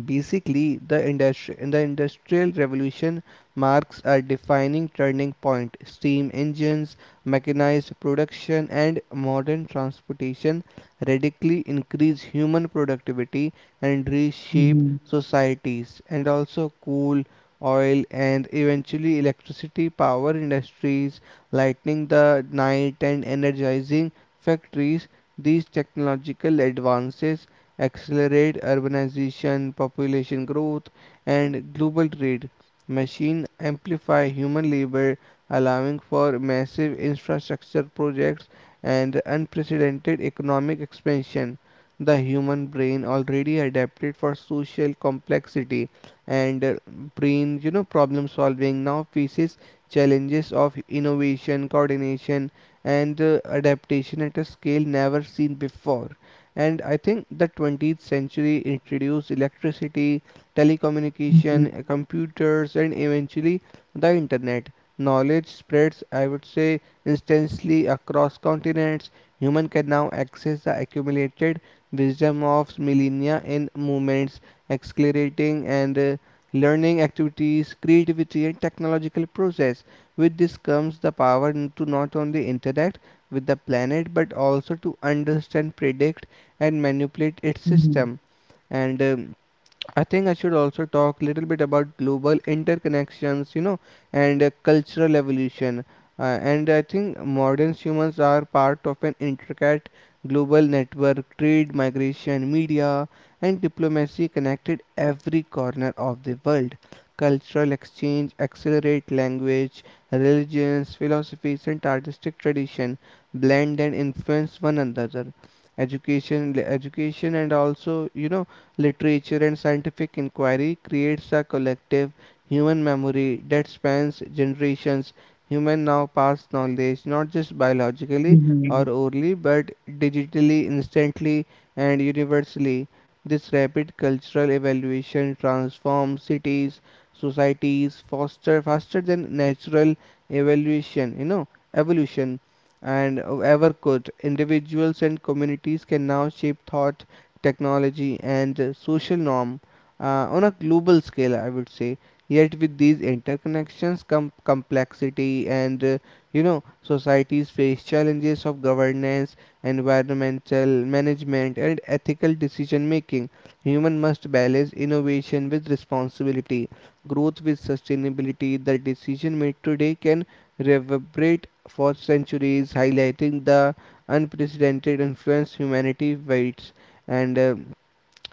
B: basically, the industri- in the industrial revolution marks a defining turning point. Steam engines, mechanized production, and modern transportation radically increase human productivity and reshape
A: Mm-hmm.
B: societies. And also, coal, oil, and eventually electricity power industries, lighting the night and energizing factories. These technological advances accelerate urbanization, population growth, and global trade. Machine amplify human labor, allowing for massive infrastructure projects and unprecedented economic expansion. The human brain already adapted for social complexity and problem solving now faces challenges of innovation, coordination, and adaptation at a scale never seen before. And I think the 20th century introduced electricity,
A: Mm-hmm.
B: telecommunication, computers, and eventually the internet. Knowledge spreads, I would say, instantly across continents. Human can now access the accumulated wisdom of millennia in movements, accelerating and learning activities, creativity, and technological process. With this comes the power to not only interact with the planet but also to understand, predict, and manipulate its
A: Mm-hmm.
B: system. And I think I should also talk a little bit about global interconnections, you know, and cultural evolution. And I think modern humans are part of an intricate global network, trade, migration, media, and diplomacy connected every corner of the world. Cultural exchange accelerate language, religions, philosophies, and artistic tradition blend and influence one another. Education, and also you know literature, and scientific inquiry creates a collective human memory that spans generations. Human now pass knowledge not just biologically
A: Mm-hmm.
B: or orally but digitally, instantly, and universally. This rapid cultural evaluation transforms cities, societies foster faster than natural evaluation, you know, evolution and ever could. Individuals and communities can now shape thought, technology, and social norm on a global scale, I would say. Yet, with these interconnections come complexity, and you know, societies face challenges of governance, environmental management, and ethical decision making. Human must balance innovation with responsibility, growth with sustainability. The decision made today can reverberate for centuries, highlighting the unprecedented influence humanity wields. And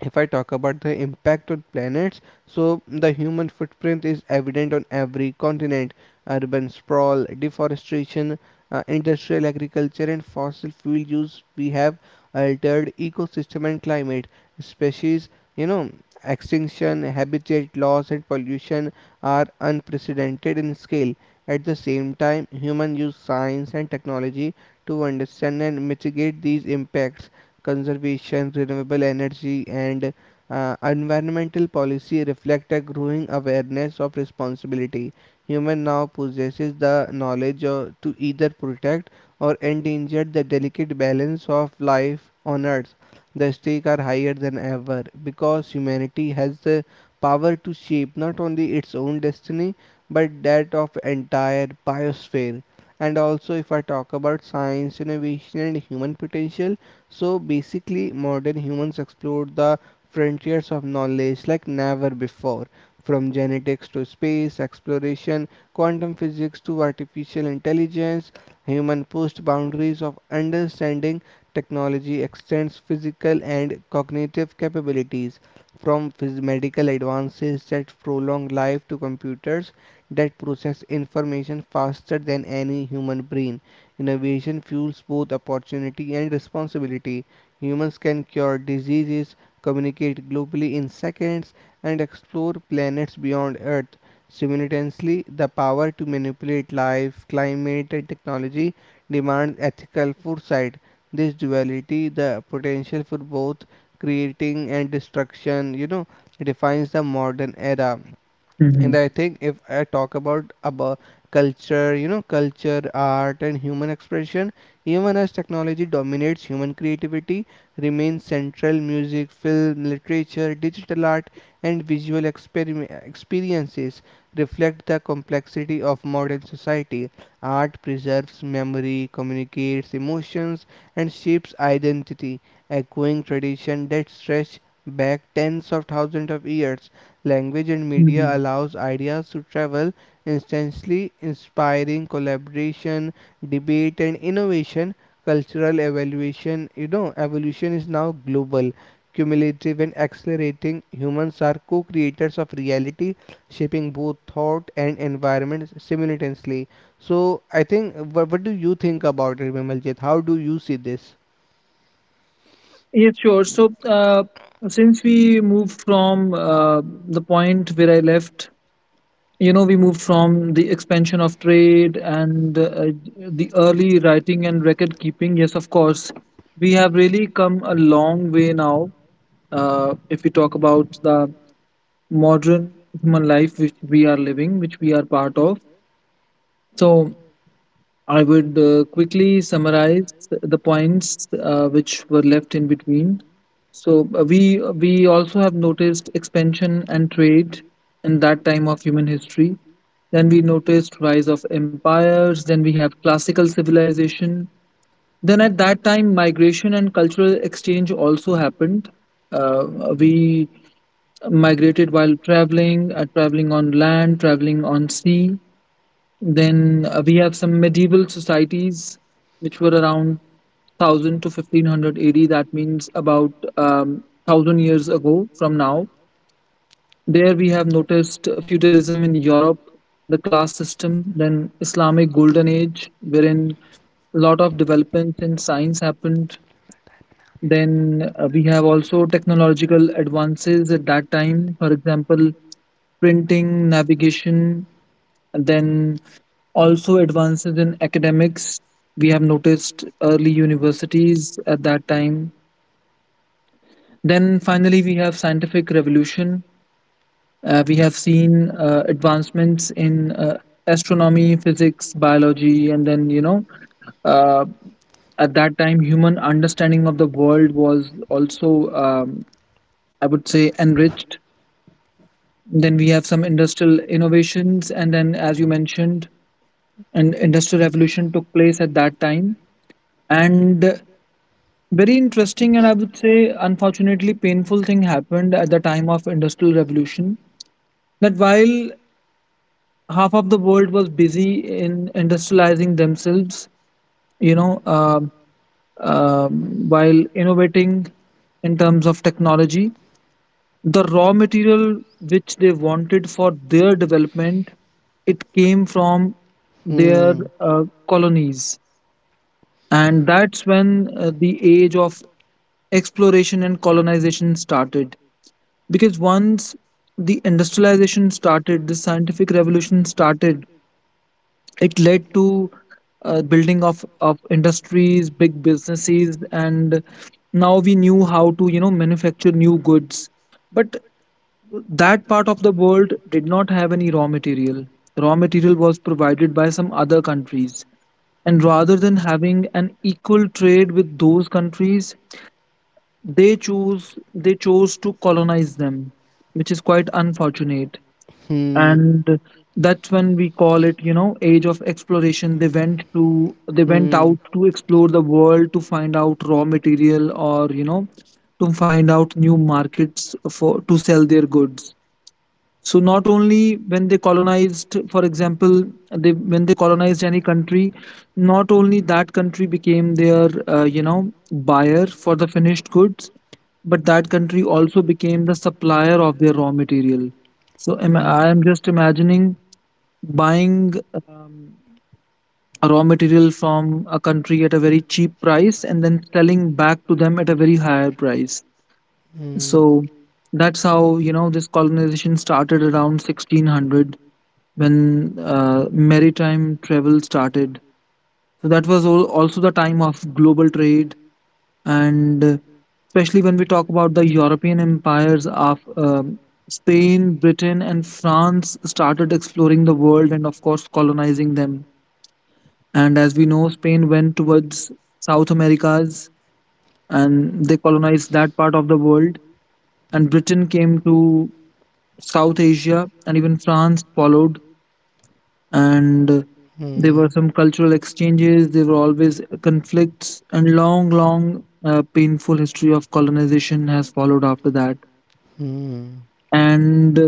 B: if I talk about the impact on planets, so the human footprint is evident on every continent, urban sprawl, deforestation, industrial agriculture and fossil fuel use, we have altered ecosystem and climate, species, you know, extinction, habitat loss, and pollution are unprecedented in scale. At the same time human use science and technology to understand and mitigate these impacts, conservation, renewable energy, and environmental policy reflect a growing awareness of responsibility. Human now possesses the knowledge of, to either protect or endanger the delicate balance of life on earth. The stakes are higher than ever because humanity has the power to shape not only its own destiny but that of entire biosphere. And also, if I talk about science, innovation, and human potential, so basically, modern humans explored the frontiers of knowledge like never before. From genetics to space exploration, quantum physics to artificial intelligence, human pushed boundaries of understanding. Technology extends physical and cognitive capabilities, from medical advances that prolong life to computers that process information faster than any human brain. Innovation fuels both opportunity and responsibility. Humans can cure diseases, communicate globally in seconds, and explore planets beyond Earth. Simultaneously, the power to manipulate life, climate, and technology demands ethical foresight. This duality, the potential for both creating and destruction defines the modern era, and
A: Mm-hmm.
B: I think if I talk about culture you know culture art, and human expression. Even as technology dominates, human creativity remains central. Music, film, literature, digital art, and visual experiences reflect the complexity of modern society. Art preserves memory, communicates emotions, and shapes identity, echoing tradition that stretch back tens of thousands of years. Language and media
A: Mm-hmm.
B: allows ideas to travel instantly, inspiring collaboration, debate, and innovation. Cultural evaluation you know evolution is now global, cumulative, and accelerating. Humans are co-creators of reality, shaping both thought and environment simultaneously. So I think, what do you think about it, Vimaljit? How do you see this?
A: Yes, sure. So, since we moved from the point where I left, you know, we moved from the expansion of trade and, the early writing and record keeping. Yes, of course, we have really come a long way now. If we talk about the modern human life which we are living, which we are part of. So, I would quickly summarize the points which were left in between. So, we also have noticed expansion and trade in that time of human history. Then we noticed rise of empires. Then we have classical civilization. Then at that time, migration and cultural exchange also happened. Uh, we migrated while traveling, traveling on land, traveling on sea. Then we have some medieval societies which were around 1000 to 1500 AD. That means about 1000 years ago from now. There we have noticed feudalism in Europe, the class system, then Islamic Golden Age, wherein a lot of developments in science happened. Then we have also technological advances at that time, for example, printing, navigation, and then also advances in academics. We have noticed early universities at that time. Then finally we have scientific revolution. Uh, we have seen advancements in, astronomy, physics, biology, and then, uh, at that time human understanding of the world was also, I would say, enriched. Then we have some industrial innovations, and then, as you mentioned, an industrial revolution took place at that time. And very interesting, and I would say, unfortunately, painful thing happened at the time of industrial revolution. That while half of the world was busy in industrializing themselves, you know, um while innovating in terms of technology, the raw material which they wanted for their development, it came from their
B: Hmm.
A: colonies, and that's when, the age of exploration and colonization started. Because once the industrialization started, the scientific revolution started, it led to building of industries, big businesses, and now we knew how to, manufacture new goods. But that part of the world did not have any raw material. Raw material was provided by some other countries. And rather than having an equal trade with those countries, they chose to colonize them, which is quite unfortunate.
B: Hmm.
A: And that's when we call it, you know, age of exploration. They went
B: Hmm. Hmm.
A: out to explore the world to find out raw material, or, you know, to find out new markets for to sell their goods. So not only when they colonized, for example, they when they colonized any country, not only that country became their buyer for the finished goods, but that country also became the supplier of their raw material. So
B: Hmm.
A: I am just imagining buying, um, a raw material from a country at a very cheap price and then selling back to them at a very higher price.
B: Hmm.
A: So that's how this colonization started around 1600 when maritime travel started. So that was also the time of global trade. And Especially when we talk about the European empires of Spain, Britain, and France started exploring the world and, of course, colonizing them. And as we know, Spain went towards South Americas and they colonized that part of the world. And Britain came to South Asia, and even France followed, and there were some cultural exchanges. There were always conflicts and long painful history of colonization has followed after that. And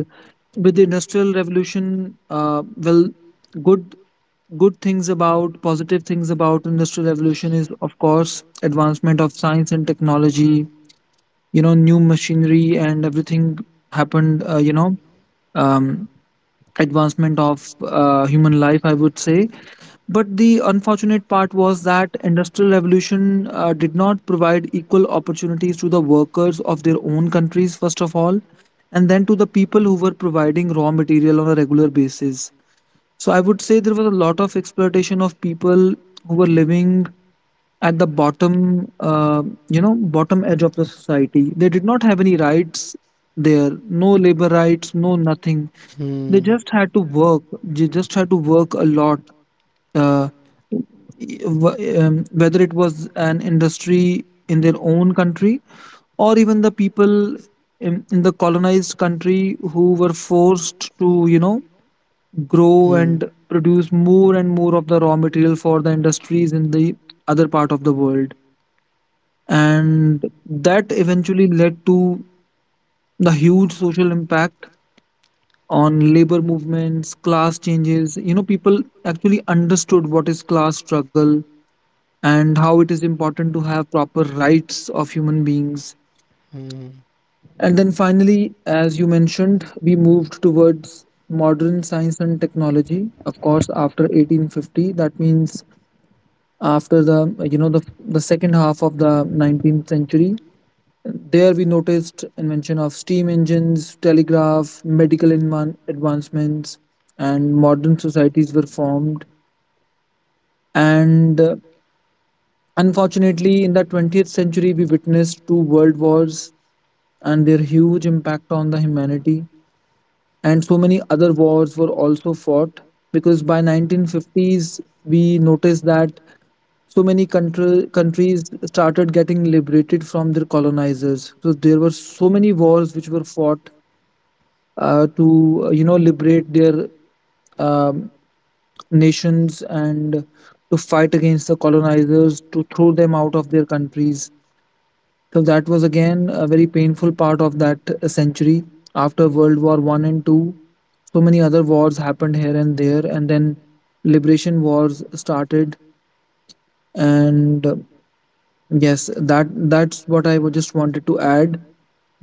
A: with the industrial revolution, well, good good things about, positive things about industrial revolution is of course advancement of science and technology, new machinery and everything happened. Um, Advancement of human life, I would say. But the unfortunate part was that industrial revolution did not provide equal opportunities to the workers of their own countries first of all, and then to the people who were providing raw material on a regular basis. So I would say there was a lot of exploitation of people who were living at the bottom, bottom edge of the society. They did not have any rights, there no labor rights, no nothing. They
B: Hmm.
A: just had to work, they just had to work a lot, uh, whether it was an industry in their own country or even the people in the colonized country who were forced to grow
B: Hmm. Hmm.
A: and produce more and more of the raw material for the industries in the other part of the world. And that eventually led to the huge social impact on labor movements, class changes. People actually understood what is class struggle and how it is important to have proper rights of human beings.
B: Hmm.
A: And then finally, as you mentioned, we moved towards modern science and technology. Of course, after 1850, that means after the second half of the 19th century. There we noticed invention of steam engines, telegraph, medical advancements, and modern societies were formed. And Unfortunately, in the 20th century, we witnessed two world wars and their huge impact on the humanity, and so many other wars were also fought, because by 1950s we noticed that countries started getting liberated from their colonizers. So there were so many wars which were fought to liberate their um, nations and to fight against the colonizers, to throw them out of their countries. So that was again a very painful part of that century. After World War One and Two, so many other wars happened here and there, and then liberation wars started. And Yes, that that's what I just wanted to add.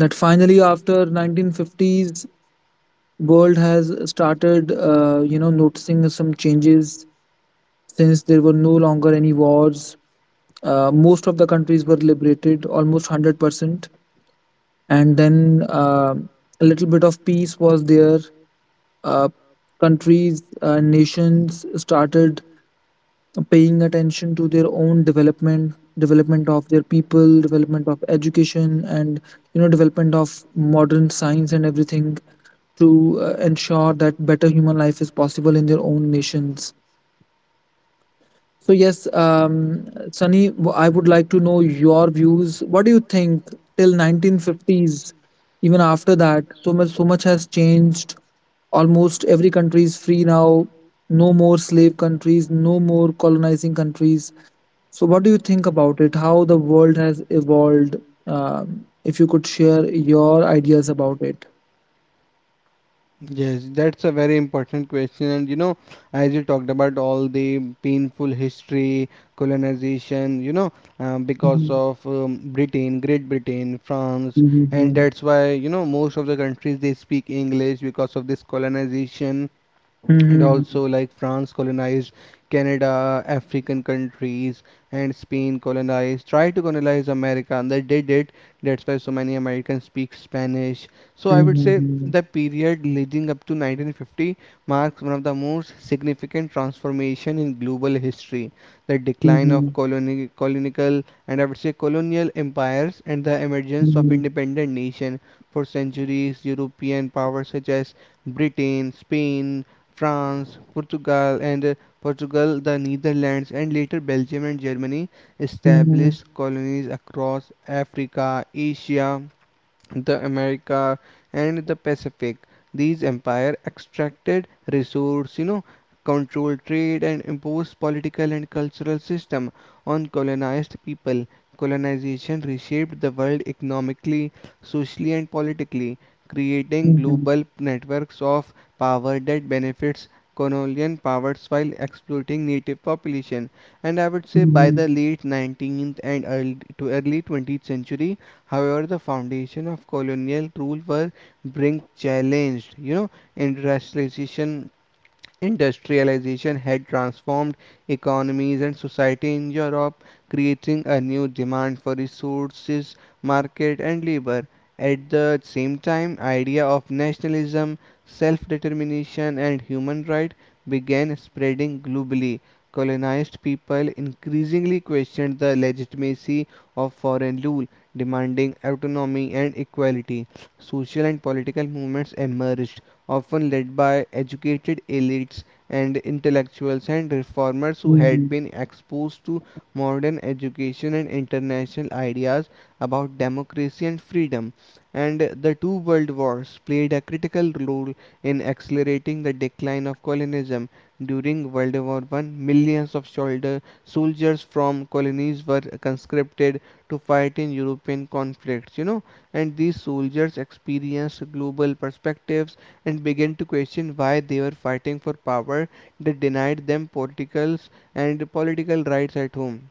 A: That finally, after 1950s, world has started noticing some changes since there were no longer any wars. Most of the countries were liberated, almost 100%, and then a little bit of peace was there. Uh, Countries and nations started paying attention to their own development, development of their people, development of education, and development of modern science and everything, to ensure that better human life is possible in their own nations. So yes, Sunny, I would like to know your views. What do you think? Till 1950s, even after that, so much has changed. Almost every country is free now. No more slave countries, no more colonizing countries. So what do you think about it? How the world has evolved? If you could share your ideas about it.
B: Yes, that's a very important question. As you talked about all the painful history, colonization, because
A: Mhm,
B: of Britain, Great Britain, France, and
A: mhm,
B: that's why, most of the countries they speak English because of this colonization. And
A: mhm,
B: also, like, France colonized Canada, African countries, and Spain colonized, tried to colonize America, and they did it. That's why so many Americans speak Spanish. So I would say
A: mhm,
B: the period leading up to 1950 marks one of the most significant transformation in global history: the decline of
A: mhm,
B: colonial, and I would say colonial empires, and the emergence of
A: mhm,
B: independent nation. For centuries, European powers such as Britain, Spain, France, Portugal, the Netherlands, and later Belgium and Germany
A: mhm,
B: established colonies across Africa, Asia, the America, and the Pacific. These empire extracted resource, controlled trade, and imposed political and cultural system on colonized people. Colonization reshaped the world economically, socially, and politically, creating
A: mhm, mhm,
B: global networks of power that benefits colonial powers while exploiting native population. And I would say by the
A: mhm,
B: late 19th and early 20th century, however, the foundation of colonial rule were being challenged. industrialization Industrialization had transformed economies and society in Europe, creating a new demand for resources, market, and labor. At the same time, idea of nationalism, self-determination, and human rights began spreading globally. Colonized people increasingly questioned the legitimacy of foreign rule, demanding autonomy and equality. Social and political movements emerged, often led by educated elites and intellectuals and reformers who had
A: mhm,
B: been exposed to modern education and international ideas about democracy and freedom. And the two world wars played a critical role in accelerating the decline of colonialism. During World War I, millions of soldiers from colonies were conscripted to fight in European conflicts, and these soldiers experienced global perspectives and began to question why they were fighting for power that denied them political rights at home.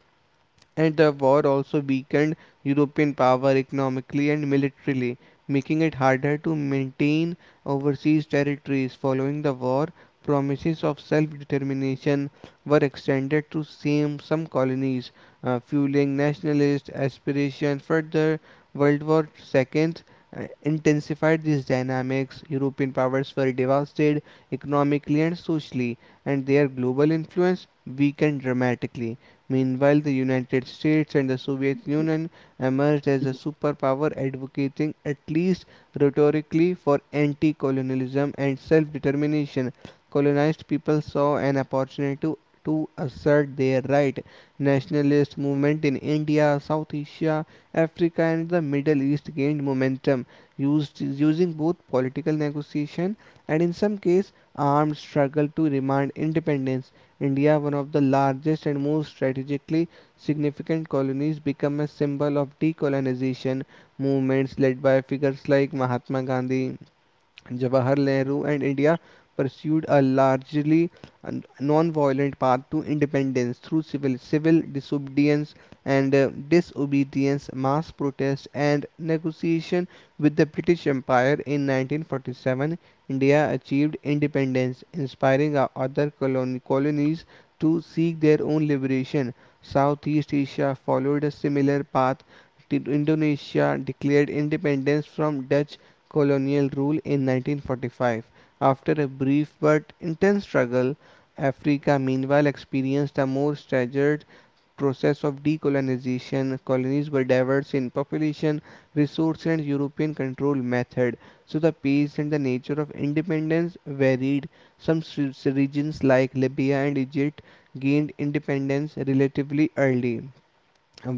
B: And the war also weakened European power economically and militarily, making it harder to maintain overseas territories. Following the war, promises of self-determination were extended to same some colonies, fueling nationalist aspirations. Further, World War II intensified these dynamics. European powers were devastated economically and socially, and their global influence weakened dramatically. Meanwhile, the United States and the Soviet Union emerged as a superpower advocating, at least rhetorically, for anti colonialism and self determination. Colonized people saw an opportunity to assert their right. Nationalist movement in India, South Asia, Africa, and the Middle East gained momentum, used using both political negotiation and, in some case, armed struggle to demand independence. India, one of the largest and most strategically significant colonies, became a symbol of decolonization movements led by figures like Mahatma Gandhi, Jawaharlal Nehru, and India pursued a largely non-violent path to independence through civil disobedience and, mass protest, and negotiation with the British Empire. In 1947, India achieved independence, inspiring other colonies to seek their own liberation. Southeast Asia followed a similar path. Indonesia declared independence from Dutch colonial rule in 1945. After a brief but intense struggle, Africa meanwhile experienced a more staggered process of decolonization. Colonies were diverse in population, resource, and European control method, so the pace and the nature of independence varied. Some regions like Libya and Egypt gained independence relatively early,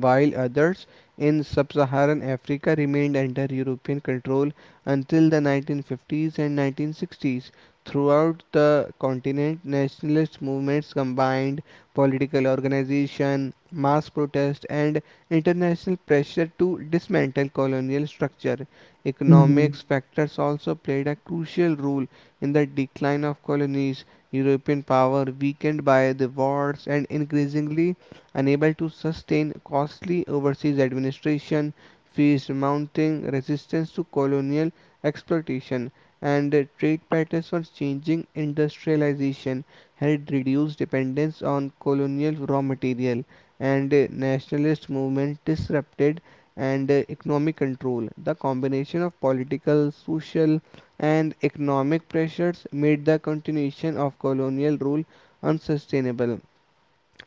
B: while others in sub-Saharan Africa remained under European control until the 1950s and 1960s. Throughout the continent, nationalist movements combined political organization, mass protest, and international pressure to dismantle colonial structure. Economic
A: mhm.
B: factors also played a crucial role in the decline of colonies. European power, weakened by the wars and increasingly unable to sustain costly overseas administration, faced mounting resistance to colonial exploitation, and trade patterns were changing. Industrialization had reduced dependence on colonial raw material, and nationalist movement disrupted and economic control. The combination of political, social, and economic pressures made the continuation of colonial rule unsustainable,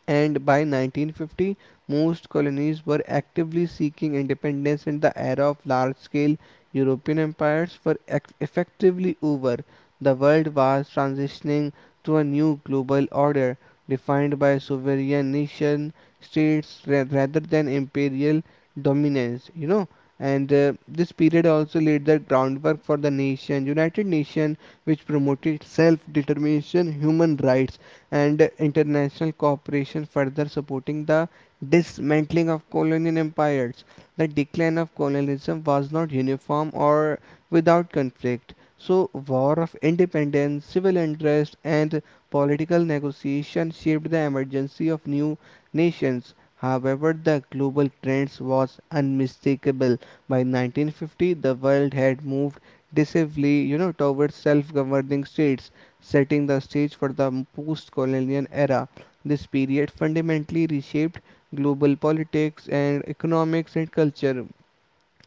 B: and by 1950 most colonies were actively seeking independence in the era of large-scale European empires were effectively over. The world was transitioning to a new global order defined by sovereign nation states rather than imperial dominance. And this period also laid the groundwork for the nation, United Nations, which promoted self-determination, human rights, and international cooperation, further supporting the dismantling of colonial empires. The decline of colonialism was not uniform or without conflict. So, war of independence, civil unrest, and political negotiation shaped the emergence of new nations. However, the global trends was unmistakable. By 1950, the world had moved decisively, towards self-governing states, setting the stage for the post colonial era. This period fundamentally reshaped global politics and economics and culture,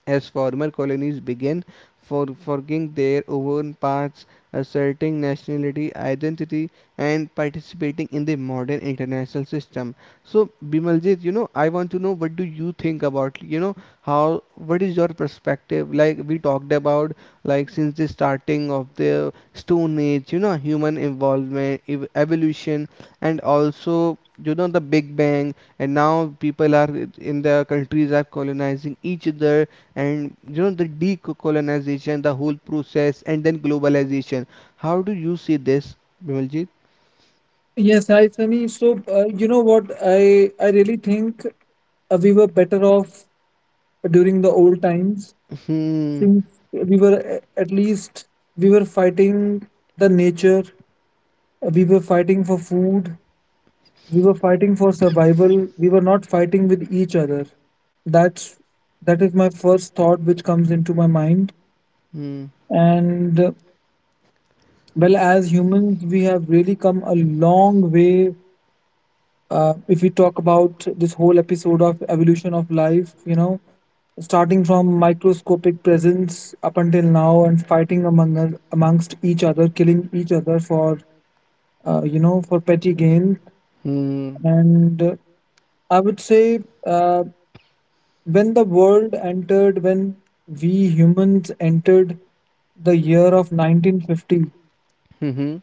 B: as former colonies began forging their own paths, asserting nationality, identity, and participating in the modern international system. So, Bimaljit, I want to know what do you think about, how, what is your perspective? Like we talked about, like, since the starting of the Stone Age, human involvement, evolution, and also the big bang, and now people are in the countries are colonizing each other, and the decolonization, the whole process, and then globalization. How do you see this, Bimaljit?
A: Yes, hi Sunny. So, you know what? I really think we were better off during the old times,
B: Hmm.
A: since we were at least we were fighting the nature, we were fighting for food, we were fighting for survival. We were not fighting with each other. That's that is my first thought which comes into my mind.
B: Hmm.
A: And uh, as humans, we have really come a long way, if we talk about this whole episode of evolution of life. Starting from microscopic presence up until now, and fighting among us, amongst each other, killing each other for for petty gain.
B: Hmm.
A: And I would say, uh, when the world entered when we humans entered the year of 1950,
B: Hmm.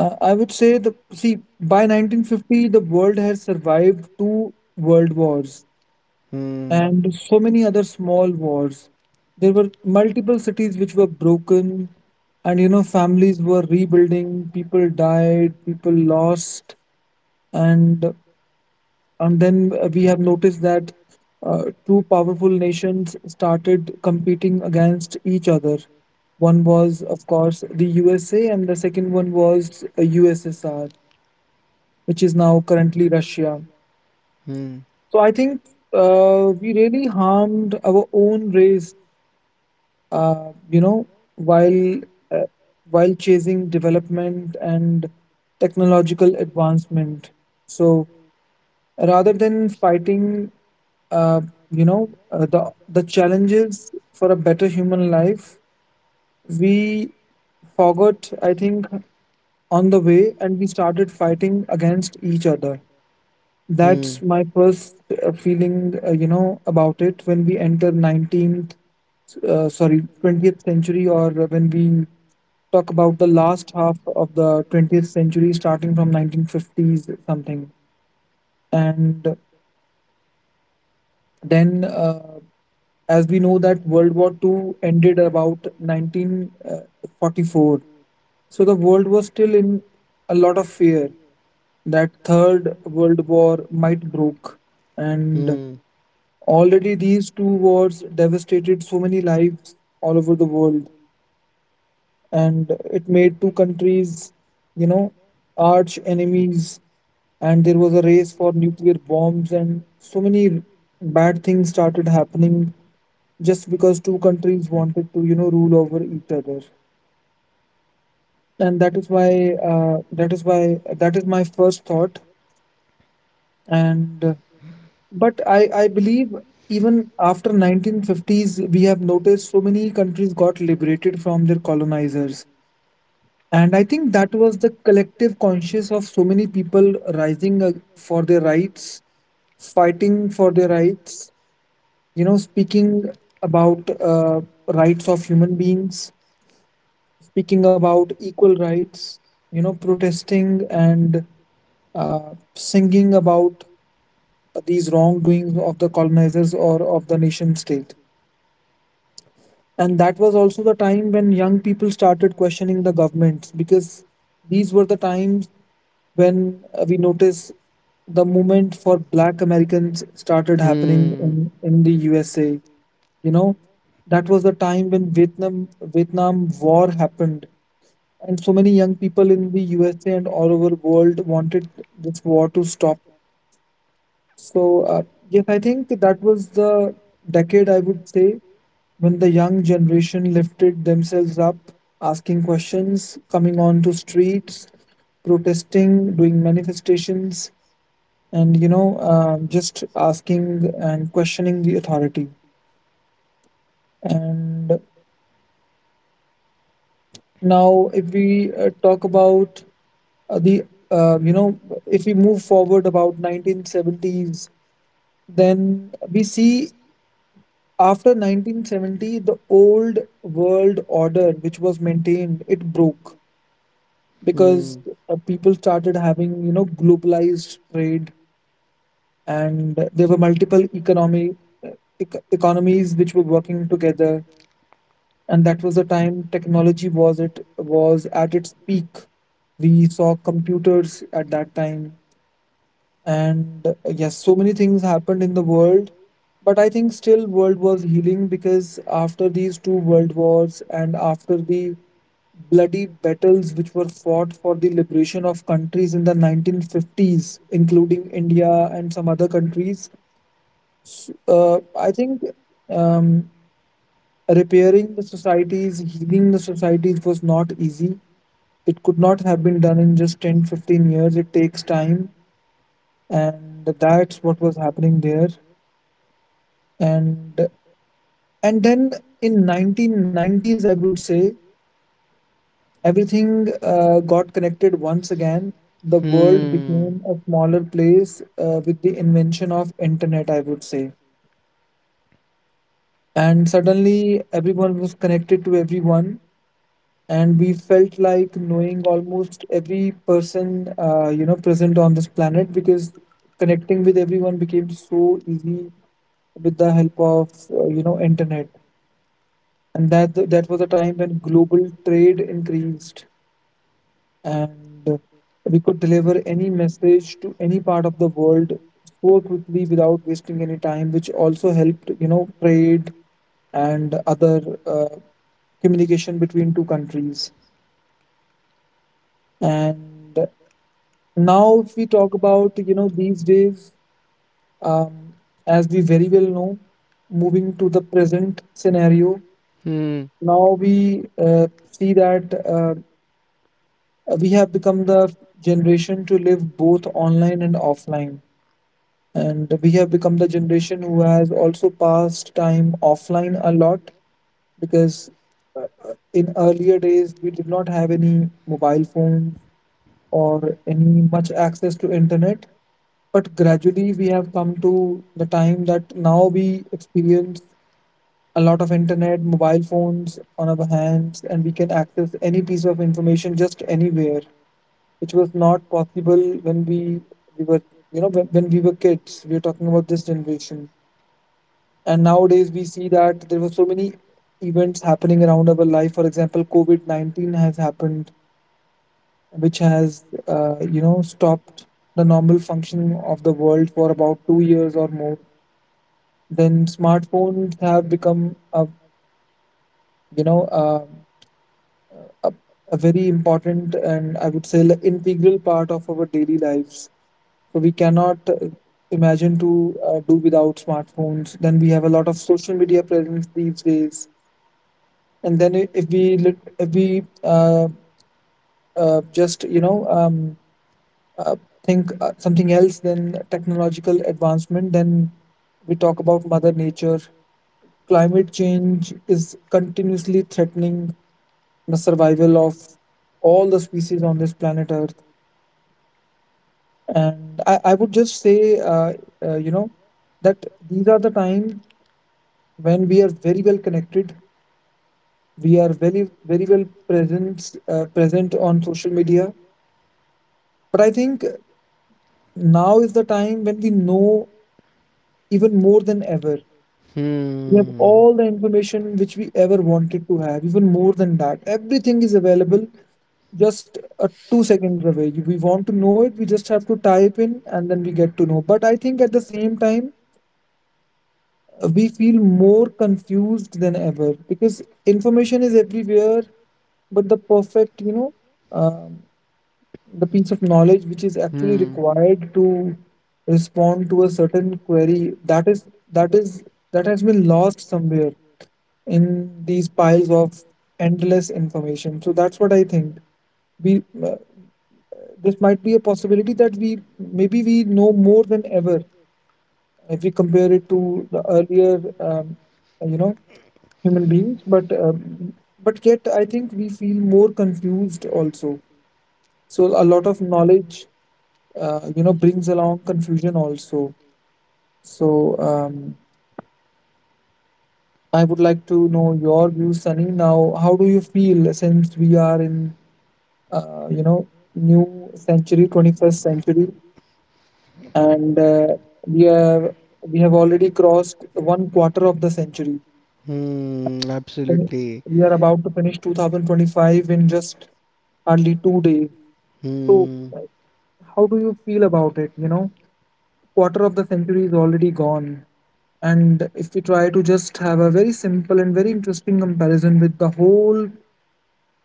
A: I would say, the see by 1950 the world has survived two world wars
B: Hmm. Hmm.
A: and so many other small wars. There were multiple cities which were broken, and you know, families were rebuilding, people died, people lost, and then we have noticed that two powerful nations started competing against each other. One was, of course, the USA, and the second one was USSR, which is now currently Russia.
B: Hmm. Hmm.
A: So I think we really harmed our own race, uh, you know while uh, while chasing development and technological advancement. So rather than fighting, uh, the challenges for a better human life, we forgot, I think, on the way, and we started fighting against each other. That's my first feeling about it, when we enter 19th uh, sorry 20th century, or when we talk about the last half of the 20th century starting from 1950s something. And then As we know that world war Two ended about 1944, so the world was still in a lot of fear that third world war might broke, and already these two wars devastated so many lives all over the world, and it made two countries, you know, arch enemies. And there was a race for nuclear bombs, and so many bad things started happening just because two countries wanted to, you know, rule over each other. And that is why, That is why, that is my first thought. And but I believe even after 1950s, we have noticed so many countries got liberated from their colonizers. And I think that was the collective conscience of so many people rising for their rights, fighting for their rights, you know, speaking about rights of human beings, speaking about equal rights, you know, protesting and singing about these wrongdoings of the colonizers or of the nation state. And that was also the time when young people started questioning the governments, because these were the times when we noticed the movement for black Americans started happening in the USA.
B: Hmm.
A: You know, that was the time when Vietnam War happened, and so many young people in the USA and all over the world wanted this war to stop. So, yes, I think that was the decade, I would say, when the young generation lifted themselves up, asking questions, coming onto streets, protesting, doing manifestations, and you know, just asking and questioning the authority. And now, if we talk about uh, the, uh, you know, if we move forward about 1970s, then we see, after 1970, the old world order, which was maintained, it broke because
B: Hmm.
A: people started having, you know, globalized trade, and there were economies which were working together, and that was the time technology was it was at its peak. We saw computers at that time. And Yes, so many things happened in the world, but I think still world was healing, because after these two world wars and after the bloody battles which were fought for the liberation of countries in the 1950s including india and some other countries, I think um, repairing the societies, healing the societies was not easy. It could not have been done in just 10, 15 years. It takes time, and that's what was happening there. And then in 1990s, I would say, everything got connected once again. The
B: Hmm.
A: world
B: Hmm.
A: became a smaller place with the invention of
B: Hmm.
A: internet, I would say. And suddenly everyone was connected to everyone, and we felt like knowing almost every person present on this planet, because connecting with everyone became so easy with the help of internet. And that was a time when global trade increased, and we could deliver any message to any part of the world so quickly without wasting any time, which also helped, you know, trade and other uh, communication between two countries. And now if we talk about you know these days, um, as we very well know, moving to the present scenario, now we see that we have become the generation to live both online and offline. And we have become the generation who has also passed time offline a lot because in earlier days we did not have any mobile phones or any much access to internet. But gradually we have come to the time that now we experience a lot of internet mobile phones on our hands, and we can access any piece of information just anywhere, which was not possible when we were you know when we were kids. We are talking about this generation. And nowadays we see that there were so many events happening around our life, for example COVID-19 has happened, which has stopped the normal functioning of the world for about 2 years or more. Then smartphones have become a you know a, a, a very important and I would say like integral part of our daily lives. So we cannot imagine to do without smartphones. Then we have a lot of social media presence these days. And then if we just uh, think something else than technological advancement, then we talk about mother nature. Climate change is continuously threatening the survival of all the species on this planet earth. And I would just say uh, you know that these are the times when we are very well connected, we are very, very well present on social media. But I think now is the time when we know even more than ever. We have all the information which we ever wanted to have, even more than that. Everything is available just a 2 seconds away. We want to know it, we just have to type in and then we get to know. But I think at the same time we feel more confused than ever, because information is everywhere. But um, the piece of knowledge which is actually
B: Hmm.
A: required to respond to a certain query, that has been lost somewhere in these piles of endless information. So that's what I think, we this might be a possibility that we maybe we know more than ever if we compare it to the earlier, you know, human beings. But yet, I think we feel more confused also. So a lot of knowledge, brings along confusion also. So, I would like to know your views, Sunny. Now, how do you feel since we are in, uh, you know, new century, 21st century, and we have we have already crossed one quarter of the century.
B: Hmm.
A: fin-
B: Absolutely.
A: We are about to finish 2025 in just hardly 2 days. So,
B: Hmm.
A: uh, how do you feel about it? Quarter of the century is already gone. And if we try to just have a very simple and very interesting comparison with the whole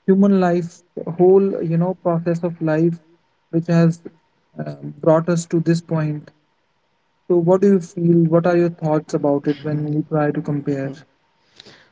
A: human life, the whole process of life, which has uh, brought us to this point. So, what do you feel? What are your thoughts about it when we try to compare?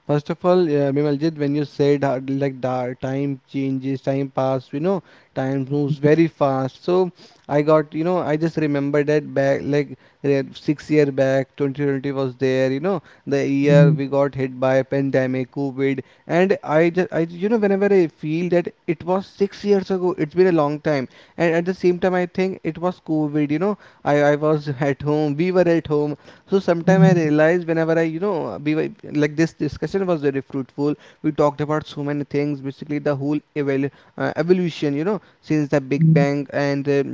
B: First of all, Bimaljit, when you said like the time changes, time pass, time moves very fast. So I got, I just remember that back like 6 year back, 2020 was there, the year we got hit by pandemic, COVID, and I just, I, whenever I feel that it was 6 years ago, it's been a long time, and at the same time I think it was COVID, I was at home, we were at home, so sometime I realized whenever I we were, like, this discussion was very fruitful. We talked about so many things, basically the whole evolution since the big bang, and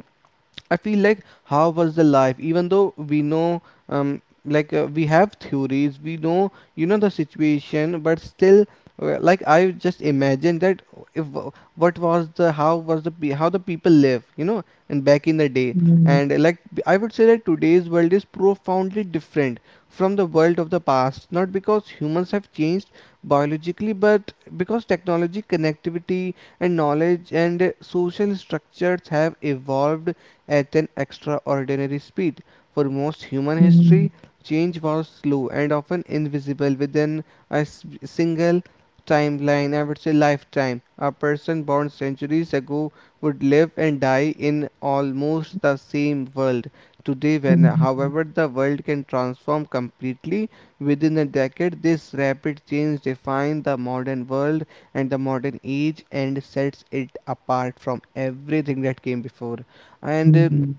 B: I feel like, how was the life, even though we know, um, like, we have theories, we know, the situation, but still, like, I just imagine that, if w- what was the how the people live, and back in the day, and like I would say that today's world is profoundly different from the world of the past, not because humans have changed biologically, but because technology, connectivity, and knowledge and social structures have evolved at an extraordinary speed. For most human history, change was slow and often invisible within a single timeline, I would say lifetime. A person born centuries ago would live and die in almost the same world. Today, when
A: Mhm,
B: however the world can transform completely within a decade, this rapid change defines the modern world and the modern age and sets it apart from everything that came before, and
A: mhm,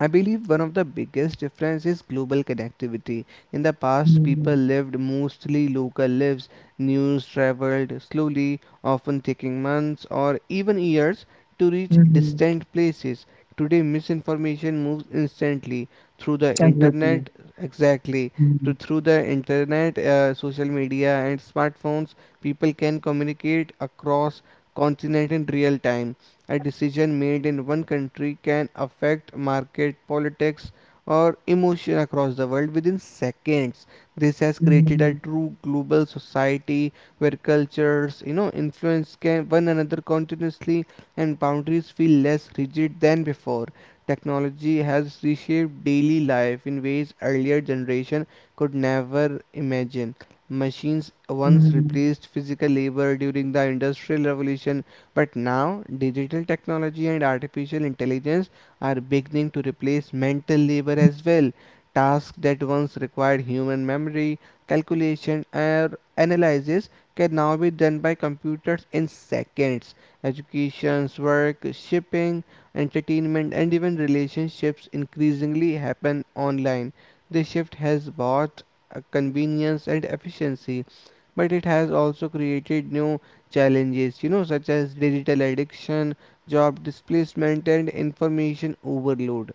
B: I believe one of the biggest difference is global connectivity. In the past people
A: mhm,
B: lived mostly local lives. News traveled slowly, often taking months or even years, to reach
A: mhm.
B: distant places. Today, misinformation moves instantly through the
A: Exactly.
B: internet. Exactly.
A: Mhm,
B: To through the internet, social media, and smartphones, people can communicate across continent in real time. A decision made in one country can affect market politics or emotion across the world within seconds. This has created a
A: mhm,
B: true global society where cultures influence can one another continuously, and boundaries feel less rigid than before. Technology has reshaped daily life in ways earlier generation could never imagine. Machines once
A: mhm,
B: replaced physical labor during the industrial revolution, but now, digital technology and artificial intelligence are beginning to replace mental labor as well. Tasks that once required human memory, calculation, or analysis can now be done by computers in seconds. Educations, work, shipping, entertainment, and even relationships increasingly happen online. This shift has brought convenience and efficiency, but it has also created new challenges, such as digital addiction, job displacement, and information overload.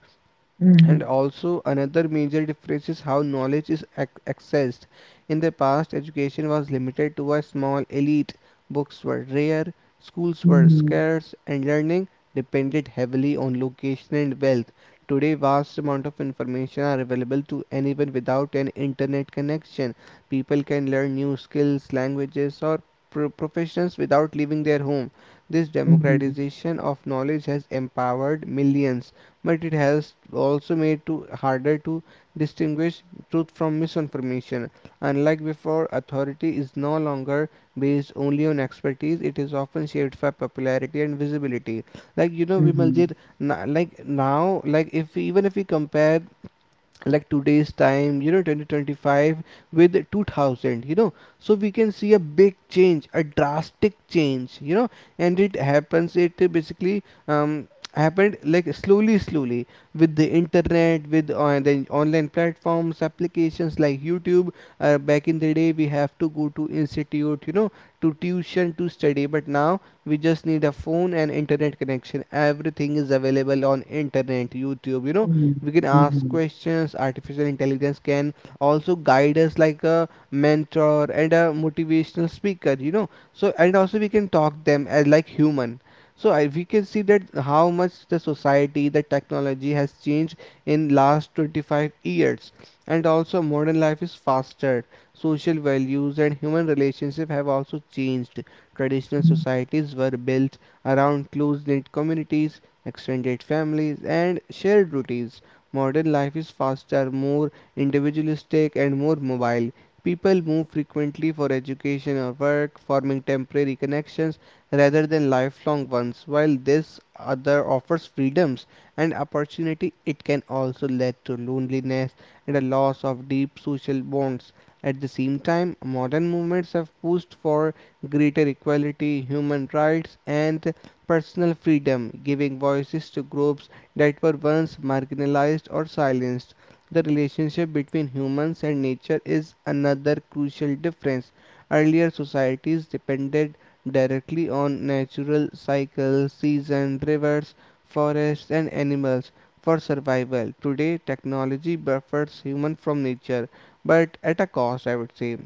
B: And
A: mhm,
B: also, another major difference is how knowledge is accessed. In the past, education was limited to a small elite, books were rare, schools
A: mhm,
B: were
A: mhm,
B: scarce, and learning depended heavily on location and wealth. Today, vast amount of information are available to anyone without an internet connection. People can learn new skills, languages, or professions without leaving their home. This
A: mhm,
B: democratization of knowledge has empowered millions, but it has also made it harder to distinguish truth from misinformation. Unlike before, authority is no longer based only on expertise, it is often shaped by popularity and visibility.
A: mhm,
B: Vimaljit, like now, like if even if we compare like today's time, 2025, with 2000, so we can see a big change, a drastic change. And it happens it basically um happened like slowly slowly, with the internet, with on the online platforms, applications like YouTube. Back in the day we have to go to institute, to tuition to study, but now we just need a phone and internet connection. Everything is available on internet, YouTube. We can ask
A: mhm,
B: questions. Artificial intelligence can also guide us like a mentor and a motivational speaker. So and also we can talk them as like human. We can see that how much the society, the technology has changed in last 25 years. And also modern life is faster, social values and human relationships have also changed. Traditional societies were built around close-knit communities, extended families and shared routines. Modern life is faster, more individualistic, and more mobile. People move frequently for education or work, forming temporary connections rather than lifelong ones. While this other offers freedoms and opportunity, it can also lead to loneliness and a loss of deep social bonds. At the same time, modern movements have pushed for greater equality, human rights, and personal freedom, giving voices to groups that were once marginalized or silenced. The relationship between humans and nature is another crucial difference. Earlier societies depended directly on natural cycles, seasons, rivers, forests, and animals for survival. Today, technology buffers human from nature, but at a cost, I would say.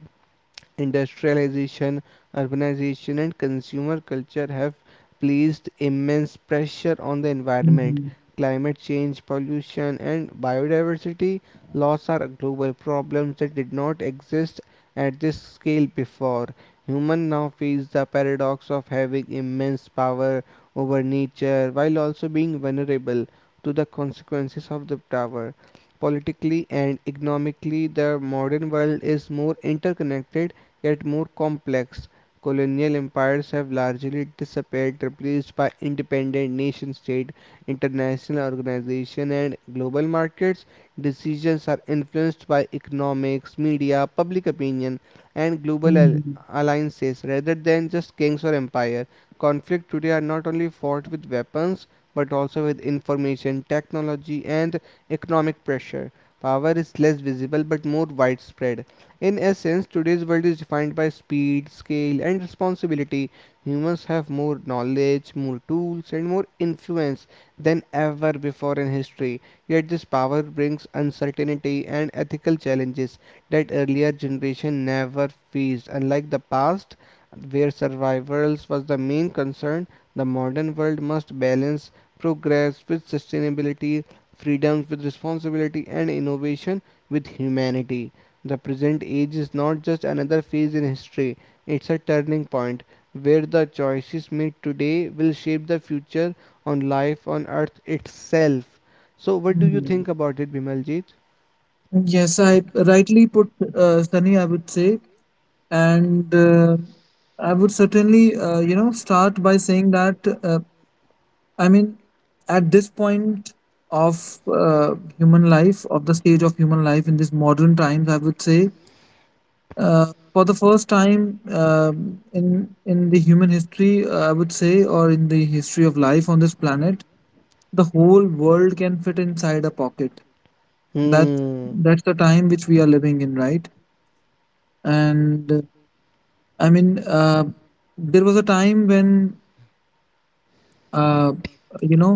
B: Industrialization, urbanization, and consumer culture have placed immense pressure on the environment.
A: mhm,
B: Climate change, pollution, and biodiversity loss are global problems that did not exist at this scale before. Humans now face the paradox of having immense power over nature while also being vulnerable to the consequences of the power. Politically and economically, the modern world is more interconnected yet more complex. Colonial empires have largely disappeared, replaced by independent nation state, international organization, and global markets. Decisions are influenced by economics, media, public opinion, and
A: mhm,
B: alliances rather than just kings or empire. Conflict today are not only fought with weapons but also with information, technology, and economic pressure. Power is less visible but more widespread. In essence, today's world is defined by speed, scale, and responsibility. Humans have more knowledge, more tools, and more influence than ever before in history. Yet, this power brings uncertainty and ethical challenges that earlier generations never faced. Unlike the past, where survival was the main concern, the modern world must balance progress with sustainability, freedom with responsibility, and innovation with humanity. The present age is not just another phase in history, it's a turning point where the choices made today will shape the future on life on earth itself. So, what do you
A: mhm.
B: think about it, Bimaljit?
A: Yes, I rightly put, Sunny, I would say. And I would certainly, start by saying that, I mean, at this point of human life, of the stage of human life in these modern times, I would say, for the first time in the human history, I would say, or in the history of life on this planet, the whole world can fit inside a pocket. That
B: Hmm.
A: that's the time which we are living in, right? And I mean, there was a time when uh, you know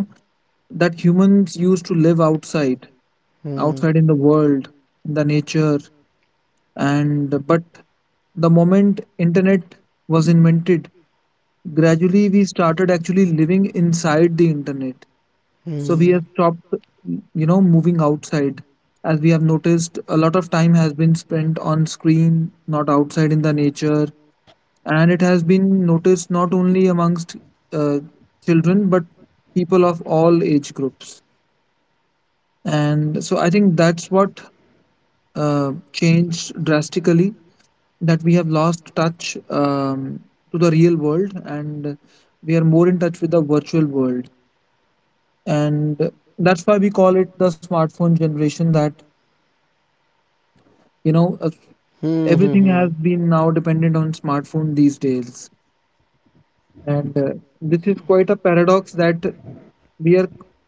A: that humans used to live outside,
B: Hmm. Hmm.
A: outside in the world, in the nature. And but the moment internet was invented, gradually we started actually living inside the internet. So we have stopped moving outside, as we have noticed a lot of time has been spent on screen, not outside in the nature. And it has been noticed not only amongst uh, children but people of all age groups. And so I think that's what changed drastically, that we have lost touch to the real world and we are more in touch with the virtual world. And that's why we call it the smartphone generation, that you know uh,
B: Hmm.
A: everything has
B: Hmm.
A: been now dependent on smartphone these days. And this is quite a paradox that we are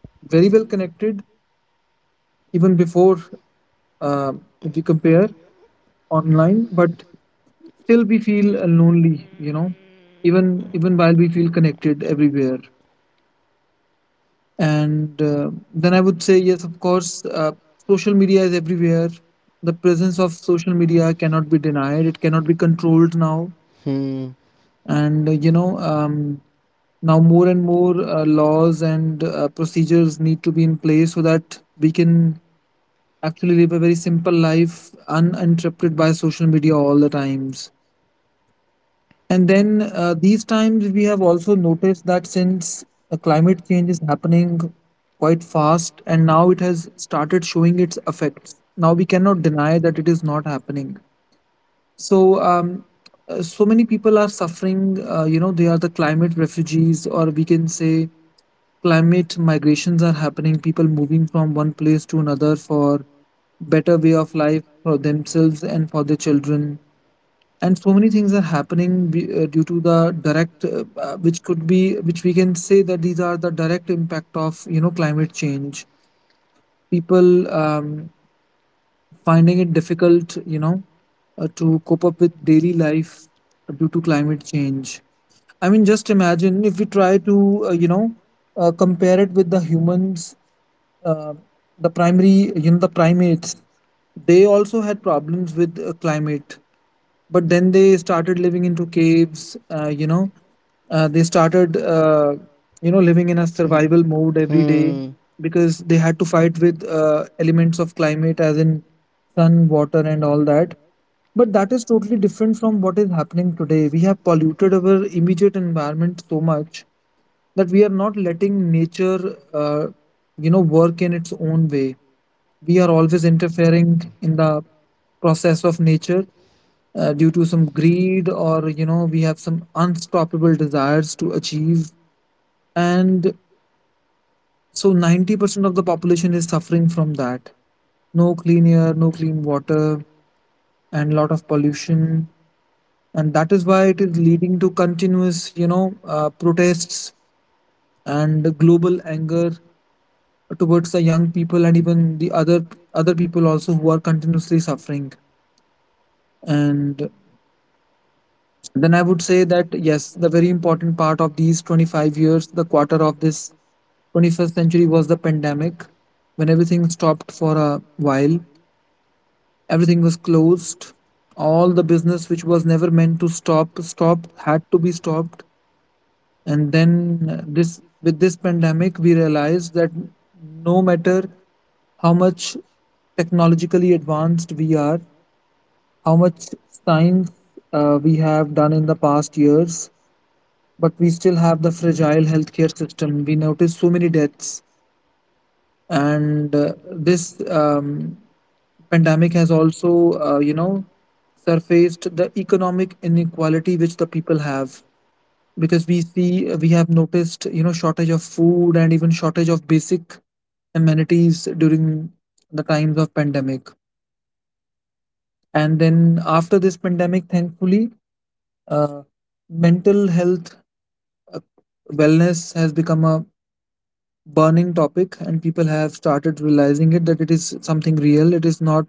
A: very well connected, even before, uh, if you compare, online, but still we feel lonely, you know, even while we feel connected everywhere. And then I would say yes of course, social media is everywhere. The presence of social media cannot be denied, it cannot be controlled now.
B: Hmm.
A: And now more and more laws and procedures need to be in place so that we can actually live a very simple life uninterrupted by social media all the times. And then, these times we have also noticed that, since climate change is happening quite fast and now it has started showing its effects. Now we cannot deny that it is not happening. So, so many people are suffering, they are the climate refugees, or we can say climate migrations are happening, people moving from one place to another for better way of life for themselves and for their children, and so many things are happening due to the direct which could be which we can say that these are the direct impact of climate change. People finding it difficult, to cope up with daily life due to climate change. I mean just imagine if we try to compare it with the humans. Uh, the primary you know the primates, they also had problems with climate. But then they started living into caves, they started living in a
B: Hmm. Hmm.
A: survival mode every day,
B: Hmm.
A: because they had to fight with elements of climate, as in sun, water, and all that. But that is totally different from what is happening today. We have polluted our immediate environment so much that we are not letting nature uh, work in its own way. We are always interfering in the process of nature, due to some greed, or you know we have some unstoppable desires to achieve. And so 90% of the population is suffering from that, no clean air, no clean water, and lot of pollution. And that is why it is leading to continuous, protests and global anger towards the young people, and even the other people also who are continuously suffering. And then I would say that yes, the very important part of these 25 years, the quarter of this 21st century was the pandemic. When everything stopped for a while, everything was closed. All the business which was never meant to stop, stopped, had to be stopped. And then, this with this pandemic, we realized that no matter how much technologically advanced we are, how much science we have done in the past years, but we still have the fragile healthcare system. We notice so many deaths, and this pandemic has also, uh, you know, surfaced the economic inequality which the people have, because we have noticed, shortage of food and even shortage of basic amenities during the times of pandemic. And then after this pandemic, thankfully, uh, mental health uh, wellness has become a burning topic, and people have started realizing it, that it is something real, it is not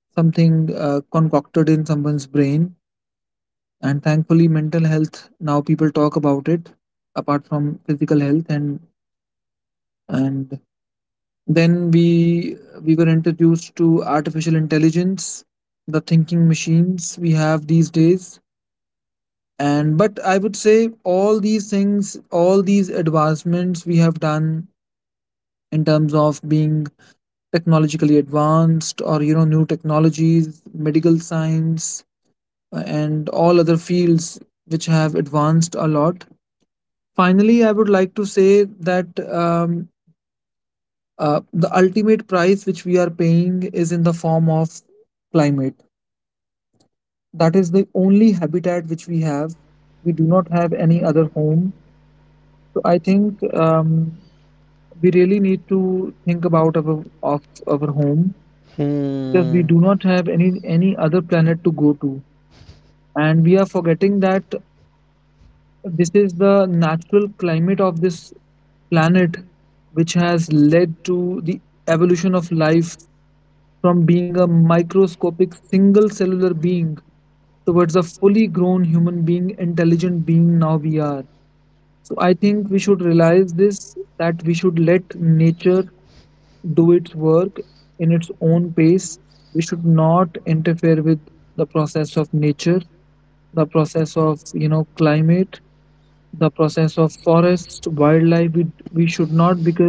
A: something concocted in someone's brain. And thankfully mental health now people talk about it, apart from physical health. And then we were introduced to artificial intelligence, the thinking machines we have these days. And but I would say all these things, all these advancements we have done in terms of being technologically advanced, or you know new technologies, medical science, and all other fields which have advanced a lot, finally I would like to say that the ultimate price which we are paying is in the form of climate. That is the only habitat which we have, we do not have any other home. So I think, we really need to think about of our home, because we
B: Hmm.
A: do not have any other planet to go to, and we are forgetting that this is the natural climate of this planet, which has led to the evolution of life, from being a microscopic single cellular being towards a fully grown human being, intelligent being now we are. So I think we should realize this, that we should let nature do its work in its own pace. We should not interfere with the process of nature, the process of climate, the process of forest, wildlife. We should not, because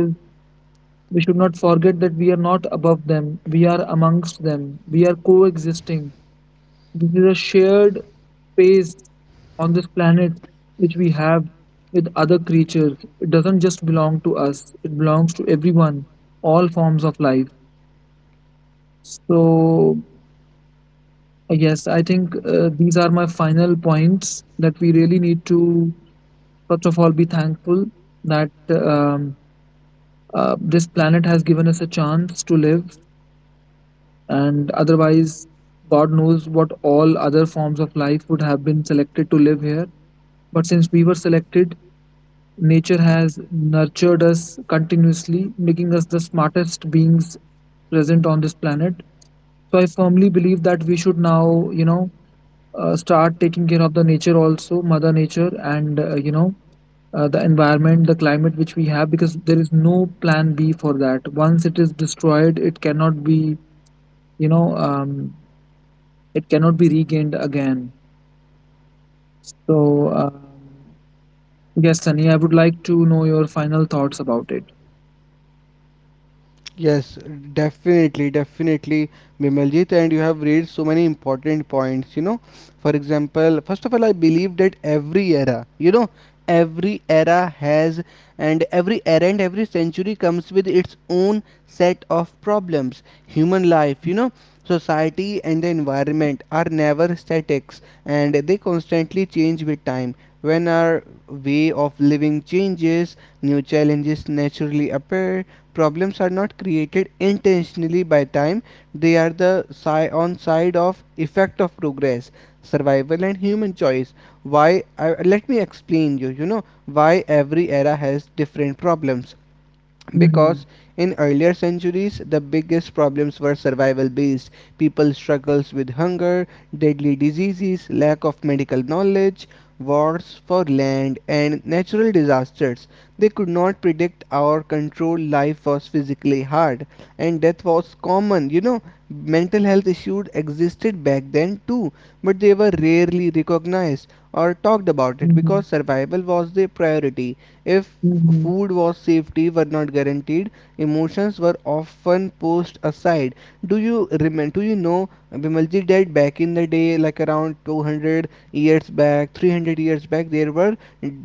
A: we should not forget that we are not above them. We are amongst them. We are coexisting. This is a shared space on this planet which we have with other creatures. It doesn't just belong to us. It belongs to everyone, all forms of life. So, yes, I think these are my final points, that we really need to, first of all, be thankful that, this planet has given us a chance to live, and otherwise, God knows what all other forms of life would have been selected to live here. But since we were selected, nature has nurtured us continuously, making us the smartest beings present on this planet. So I firmly believe that we should now, start taking care of the nature, also mother nature, and the environment, the climate which we have, because there is no plan B for that. Once it is destroyed it cannot be, you know um, it cannot be regained again. So, yes Sunny, I would like to know your final thoughts about it.
B: Yes, definitely, definitely, Bimaljit, and you have raised so many important points. You know, for example, first of all, I believe that every era, you know, every era has, and every era and every century comes with its own set of problems. Human life, you know, society and the environment are never statics, and they constantly change with time. When our way of living changes, new challenges naturally appear. Problems are not created intentionally by time, they are the on side of effect of progress, survival and human choice. Let me explain you, you know, why every era has different problems,
A: Mm-hmm.
B: because in earlier centuries the biggest problems were survival based. People struggles with hunger, deadly diseases, lack of medical knowledge, wars for land and natural disasters they could not predict or control. Life was physically hard and death was common, you know. Mental health issues existed back then too, but they were rarely recognized or talked about it
A: Mm-hmm.
B: because survival was the priority. If
A: Mm-hmm.
B: food was, safety were not guaranteed, emotions were often pushed aside. Do you know, Bimalji, that back in the day, like around 200 years back, 300 years back, there were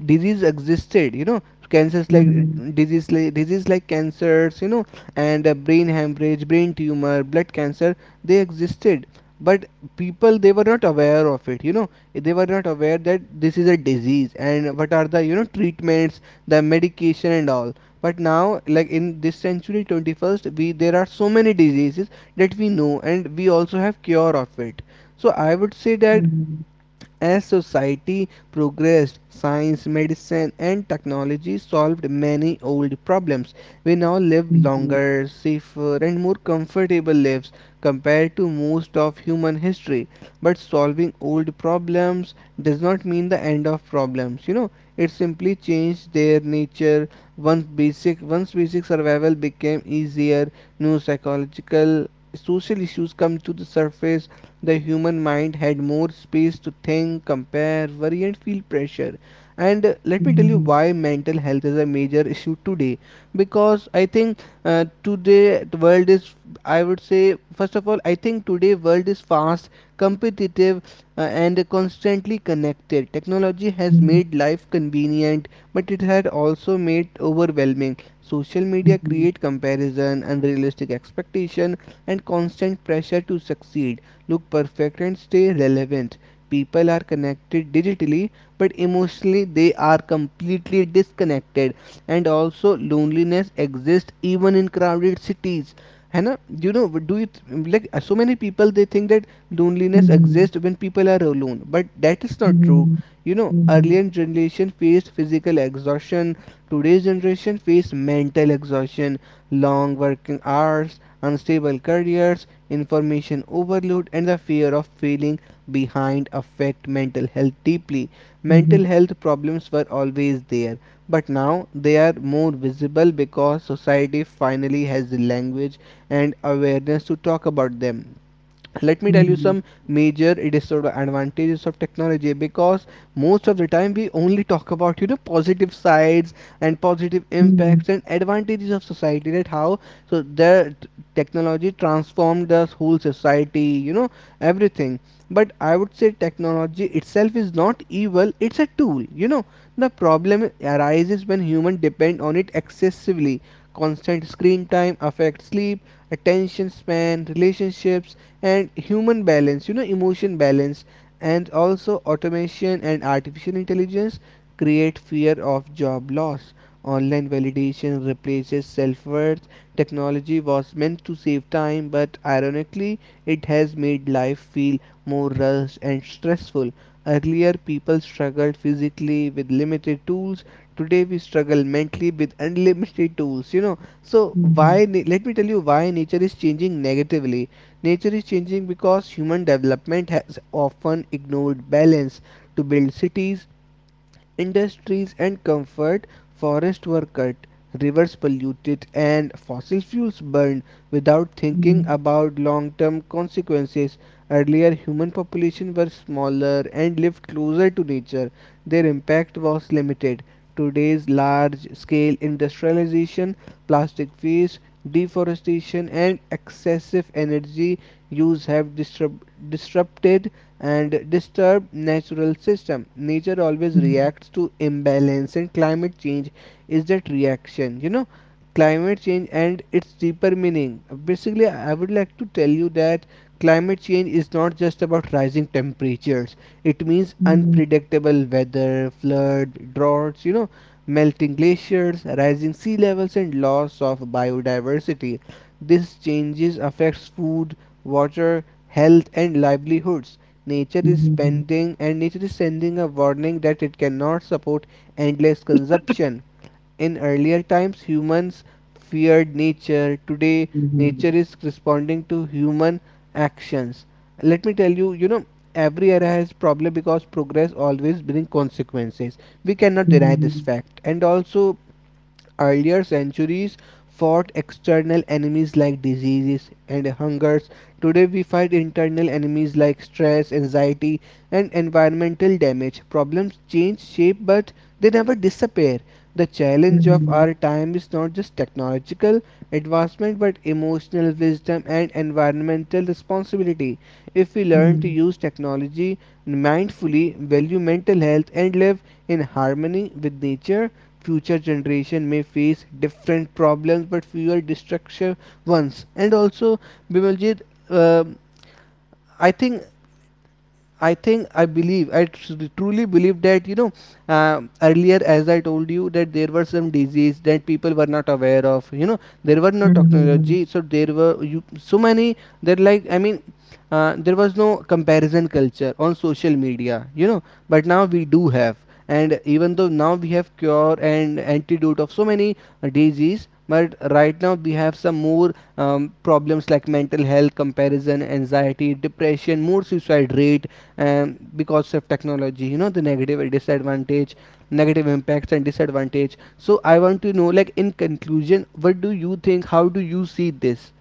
B: disease existed, you know, cancers like
A: Mm-hmm.
B: disease like cancers, and brain hemorrhage, brain tumor, blood cancer, they existed. But people, they were not aware of it, you know. They were not aware that this is a disease and what are the, you know, treatments, the medication and all. But now, like in this century 21st, we there are so many diseases that we know and we also have cure of it. So I would say that
A: Mm-hmm.
B: as society progressed, science, medicine, and technology solved many old problems. We now live
A: Mm-hmm.
B: longer, safer, and more comfortable lives compared to most of human history. But solving old problems does not mean the end of problems. You know, it simply changed their nature. Once basic survival became easier, new psychological social issues come to the surface. The human mind had more space to think, compare, worry, and feel pressure. And let me tell you
A: Mm-hmm.
B: why mental health is a major issue today. Because I think today the world is, I would say, first of all, I think today world is fast, competitive, and constantly connected. Technology has
A: Mm-hmm.
B: made life convenient, but it had also made overwhelming. Social media
A: Mhm,
B: create comparison, unrealistic expectation, and constant pressure to succeed, look perfect and stay relevant. People are connected digitally, but emotionally they are completely disconnected. And also, loneliness exists even in crowded cities. Hannah, you know, do you th- like so many people they think that loneliness
A: mhm,
B: exists when people are alone, but that is not
A: mhm,
B: true. You know,
A: mhm,
B: earlier generation faced physical exhaustion, today's generation face mental exhaustion, long working hours, unstable careers, information overload, and the fear of feeling behind affect mental health deeply.
A: mhm,
B: Mental health problems were always there, but now they are more visible because society finally has the language and awareness to talk about them.
A: mhm,
B: Let me tell
A: mhm,
B: you some major disadvantages of technology, because most of the time we only talk about, you know, positive sides and positive
A: mhm,
B: impacts and advantages of society, that how, so the technology transformed the whole society, you know, everything. But I would say technology itself is not evil, it's a tool, you know. The problem arises when human depend on it excessively. Constant screen time affects sleep, attention span, relationships, and human balance, you know, emotion balance. And also, automation and artificial intelligence create fear of job loss. Online validation replaces self worth. Technology was meant to save time, but ironically, it has made life feel more rushed and stressful. Earlier, people struggled physically with limited tools, today we struggle mentally with unlimited tools, you know. So
A: mhm,
B: let me tell you why nature is changing negatively. Nature is changing because human development has often ignored balance. To build cities, industries and comfort, forests were cut, rivers polluted, and fossil fuels burned without
A: mhm, mhm,
B: thinking about long term consequences. Earlier, human population were smaller and lived closer to nature. Their impact was limited. Today's large scale industrialization, plastic waste, deforestation, and excessive energy use have disrupted and disturb natural system. Nature always reacts to imbalance and climate change is that reaction, you know. Climate change and its deeper meaning. Basically, I would like to tell you that climate change is not just about rising temperatures. It means
A: mhm,
B: unpredictable weather, flood, droughts, you know, melting glaciers, rising sea levels and loss of biodiversity. This changes affects food, water, health and livelihoods. Nature is
A: mhm,
B: spending and nature is sending a warning that it cannot support endless consumption. In earlier times humans feared nature. Today
A: mhm,
B: nature is responding to human actions. Let me tell you, you know, every era has problem because progress always brings consequences. We cannot deny this fact. And also earlier centuries fought external enemies like diseases and hungers. Today we fight internal enemies like stress, anxiety, and environmental damage. Problems change shape but they never disappear. The challenge
A: mhm,
B: of our time is not just technological advancement but emotional wisdom and environmental responsibility. If
A: mhm,
B: we
A: mhm.
B: learn to use technology mindfully, value mental health, and live in harmony with nature, future generation may face different problems but fewer destructive ones. And also, Bimaljit, um i think I think, I believe, truly believe that, you know, earlier, as I told you, that there were some disease that people were not aware of, you know, there were no technology, so there were you so many that like I mean, there was no comparison culture on social media, you know, but now we do have. And even though now we have cure and antidote of so many disease, but right now we have some more problems like mental health, comparison, anxiety, depression, more suicide rate, because of technology, you know, the negative disadvantage, negative impacts and disadvantage. So I want to know, like in conclusion, what do you think, how do you see this?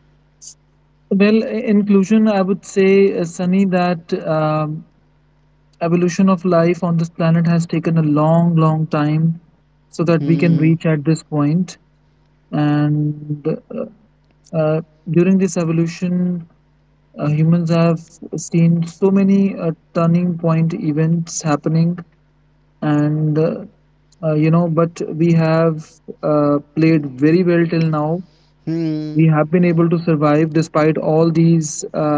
A: Well, inclusion, I would say, Sunny, that, evolution of life on this planet has taken a long, long time so that we can reach
B: Hmm.
A: at this point. And uh, during this evolution, humans have seen so many turning point events happening, and uh, but we have played very well till now. We
B: Hmm.
A: have been able to survive despite all these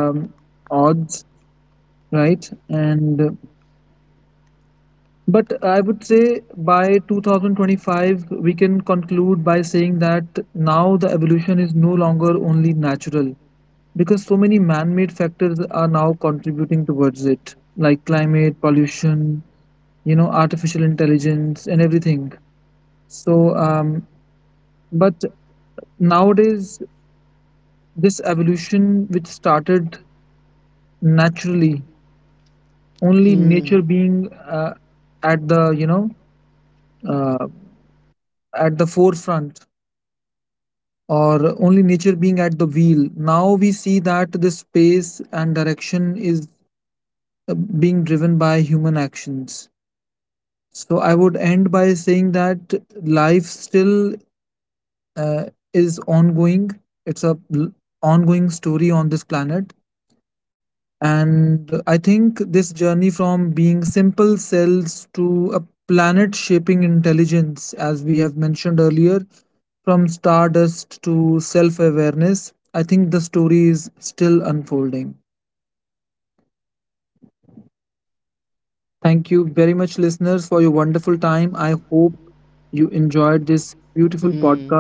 A: odds, right? And but I would say by 2025, we can conclude by saying that now the evolution is no longer only natural, because so many man-made factors are now contributing towards it, like climate pollution, artificial intelligence and everything. So um, but nowadays, this evolution which started naturally, only nature
B: Hmm.
A: being uh, at the you know uh, at the forefront, or only nature being at the wheel, now we see that the space and direction is uh, being driven by human actions. So I would end by saying that life still uh, is ongoing. It's a ongoing story on this planet. And I think this journey, from being simple cells to a planet shaping intelligence, as we have mentioned earlier, from stardust to self awareness, I think the story is still unfolding. Thank you very much, listeners, for your wonderful time. I hope you enjoyed this beautiful
B: Hmm.
A: podcast.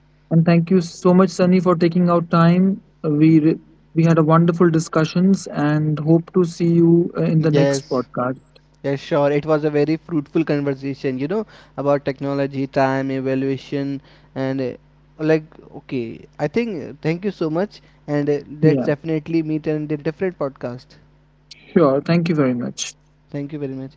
A: And thank you so much, Sunny, for taking out time. We had a wonderful discussions and hope to see you in the next
B: Yes.
A: podcast.
B: Yes, sure. It was a very fruitful conversation, you know, about technology, time, evaluation, and like, okay. I think thank you so much, and
A: Yeah,
B: let's definitely meet in the different podcast.
A: sure. Thank you very much.
B: Thank you very much.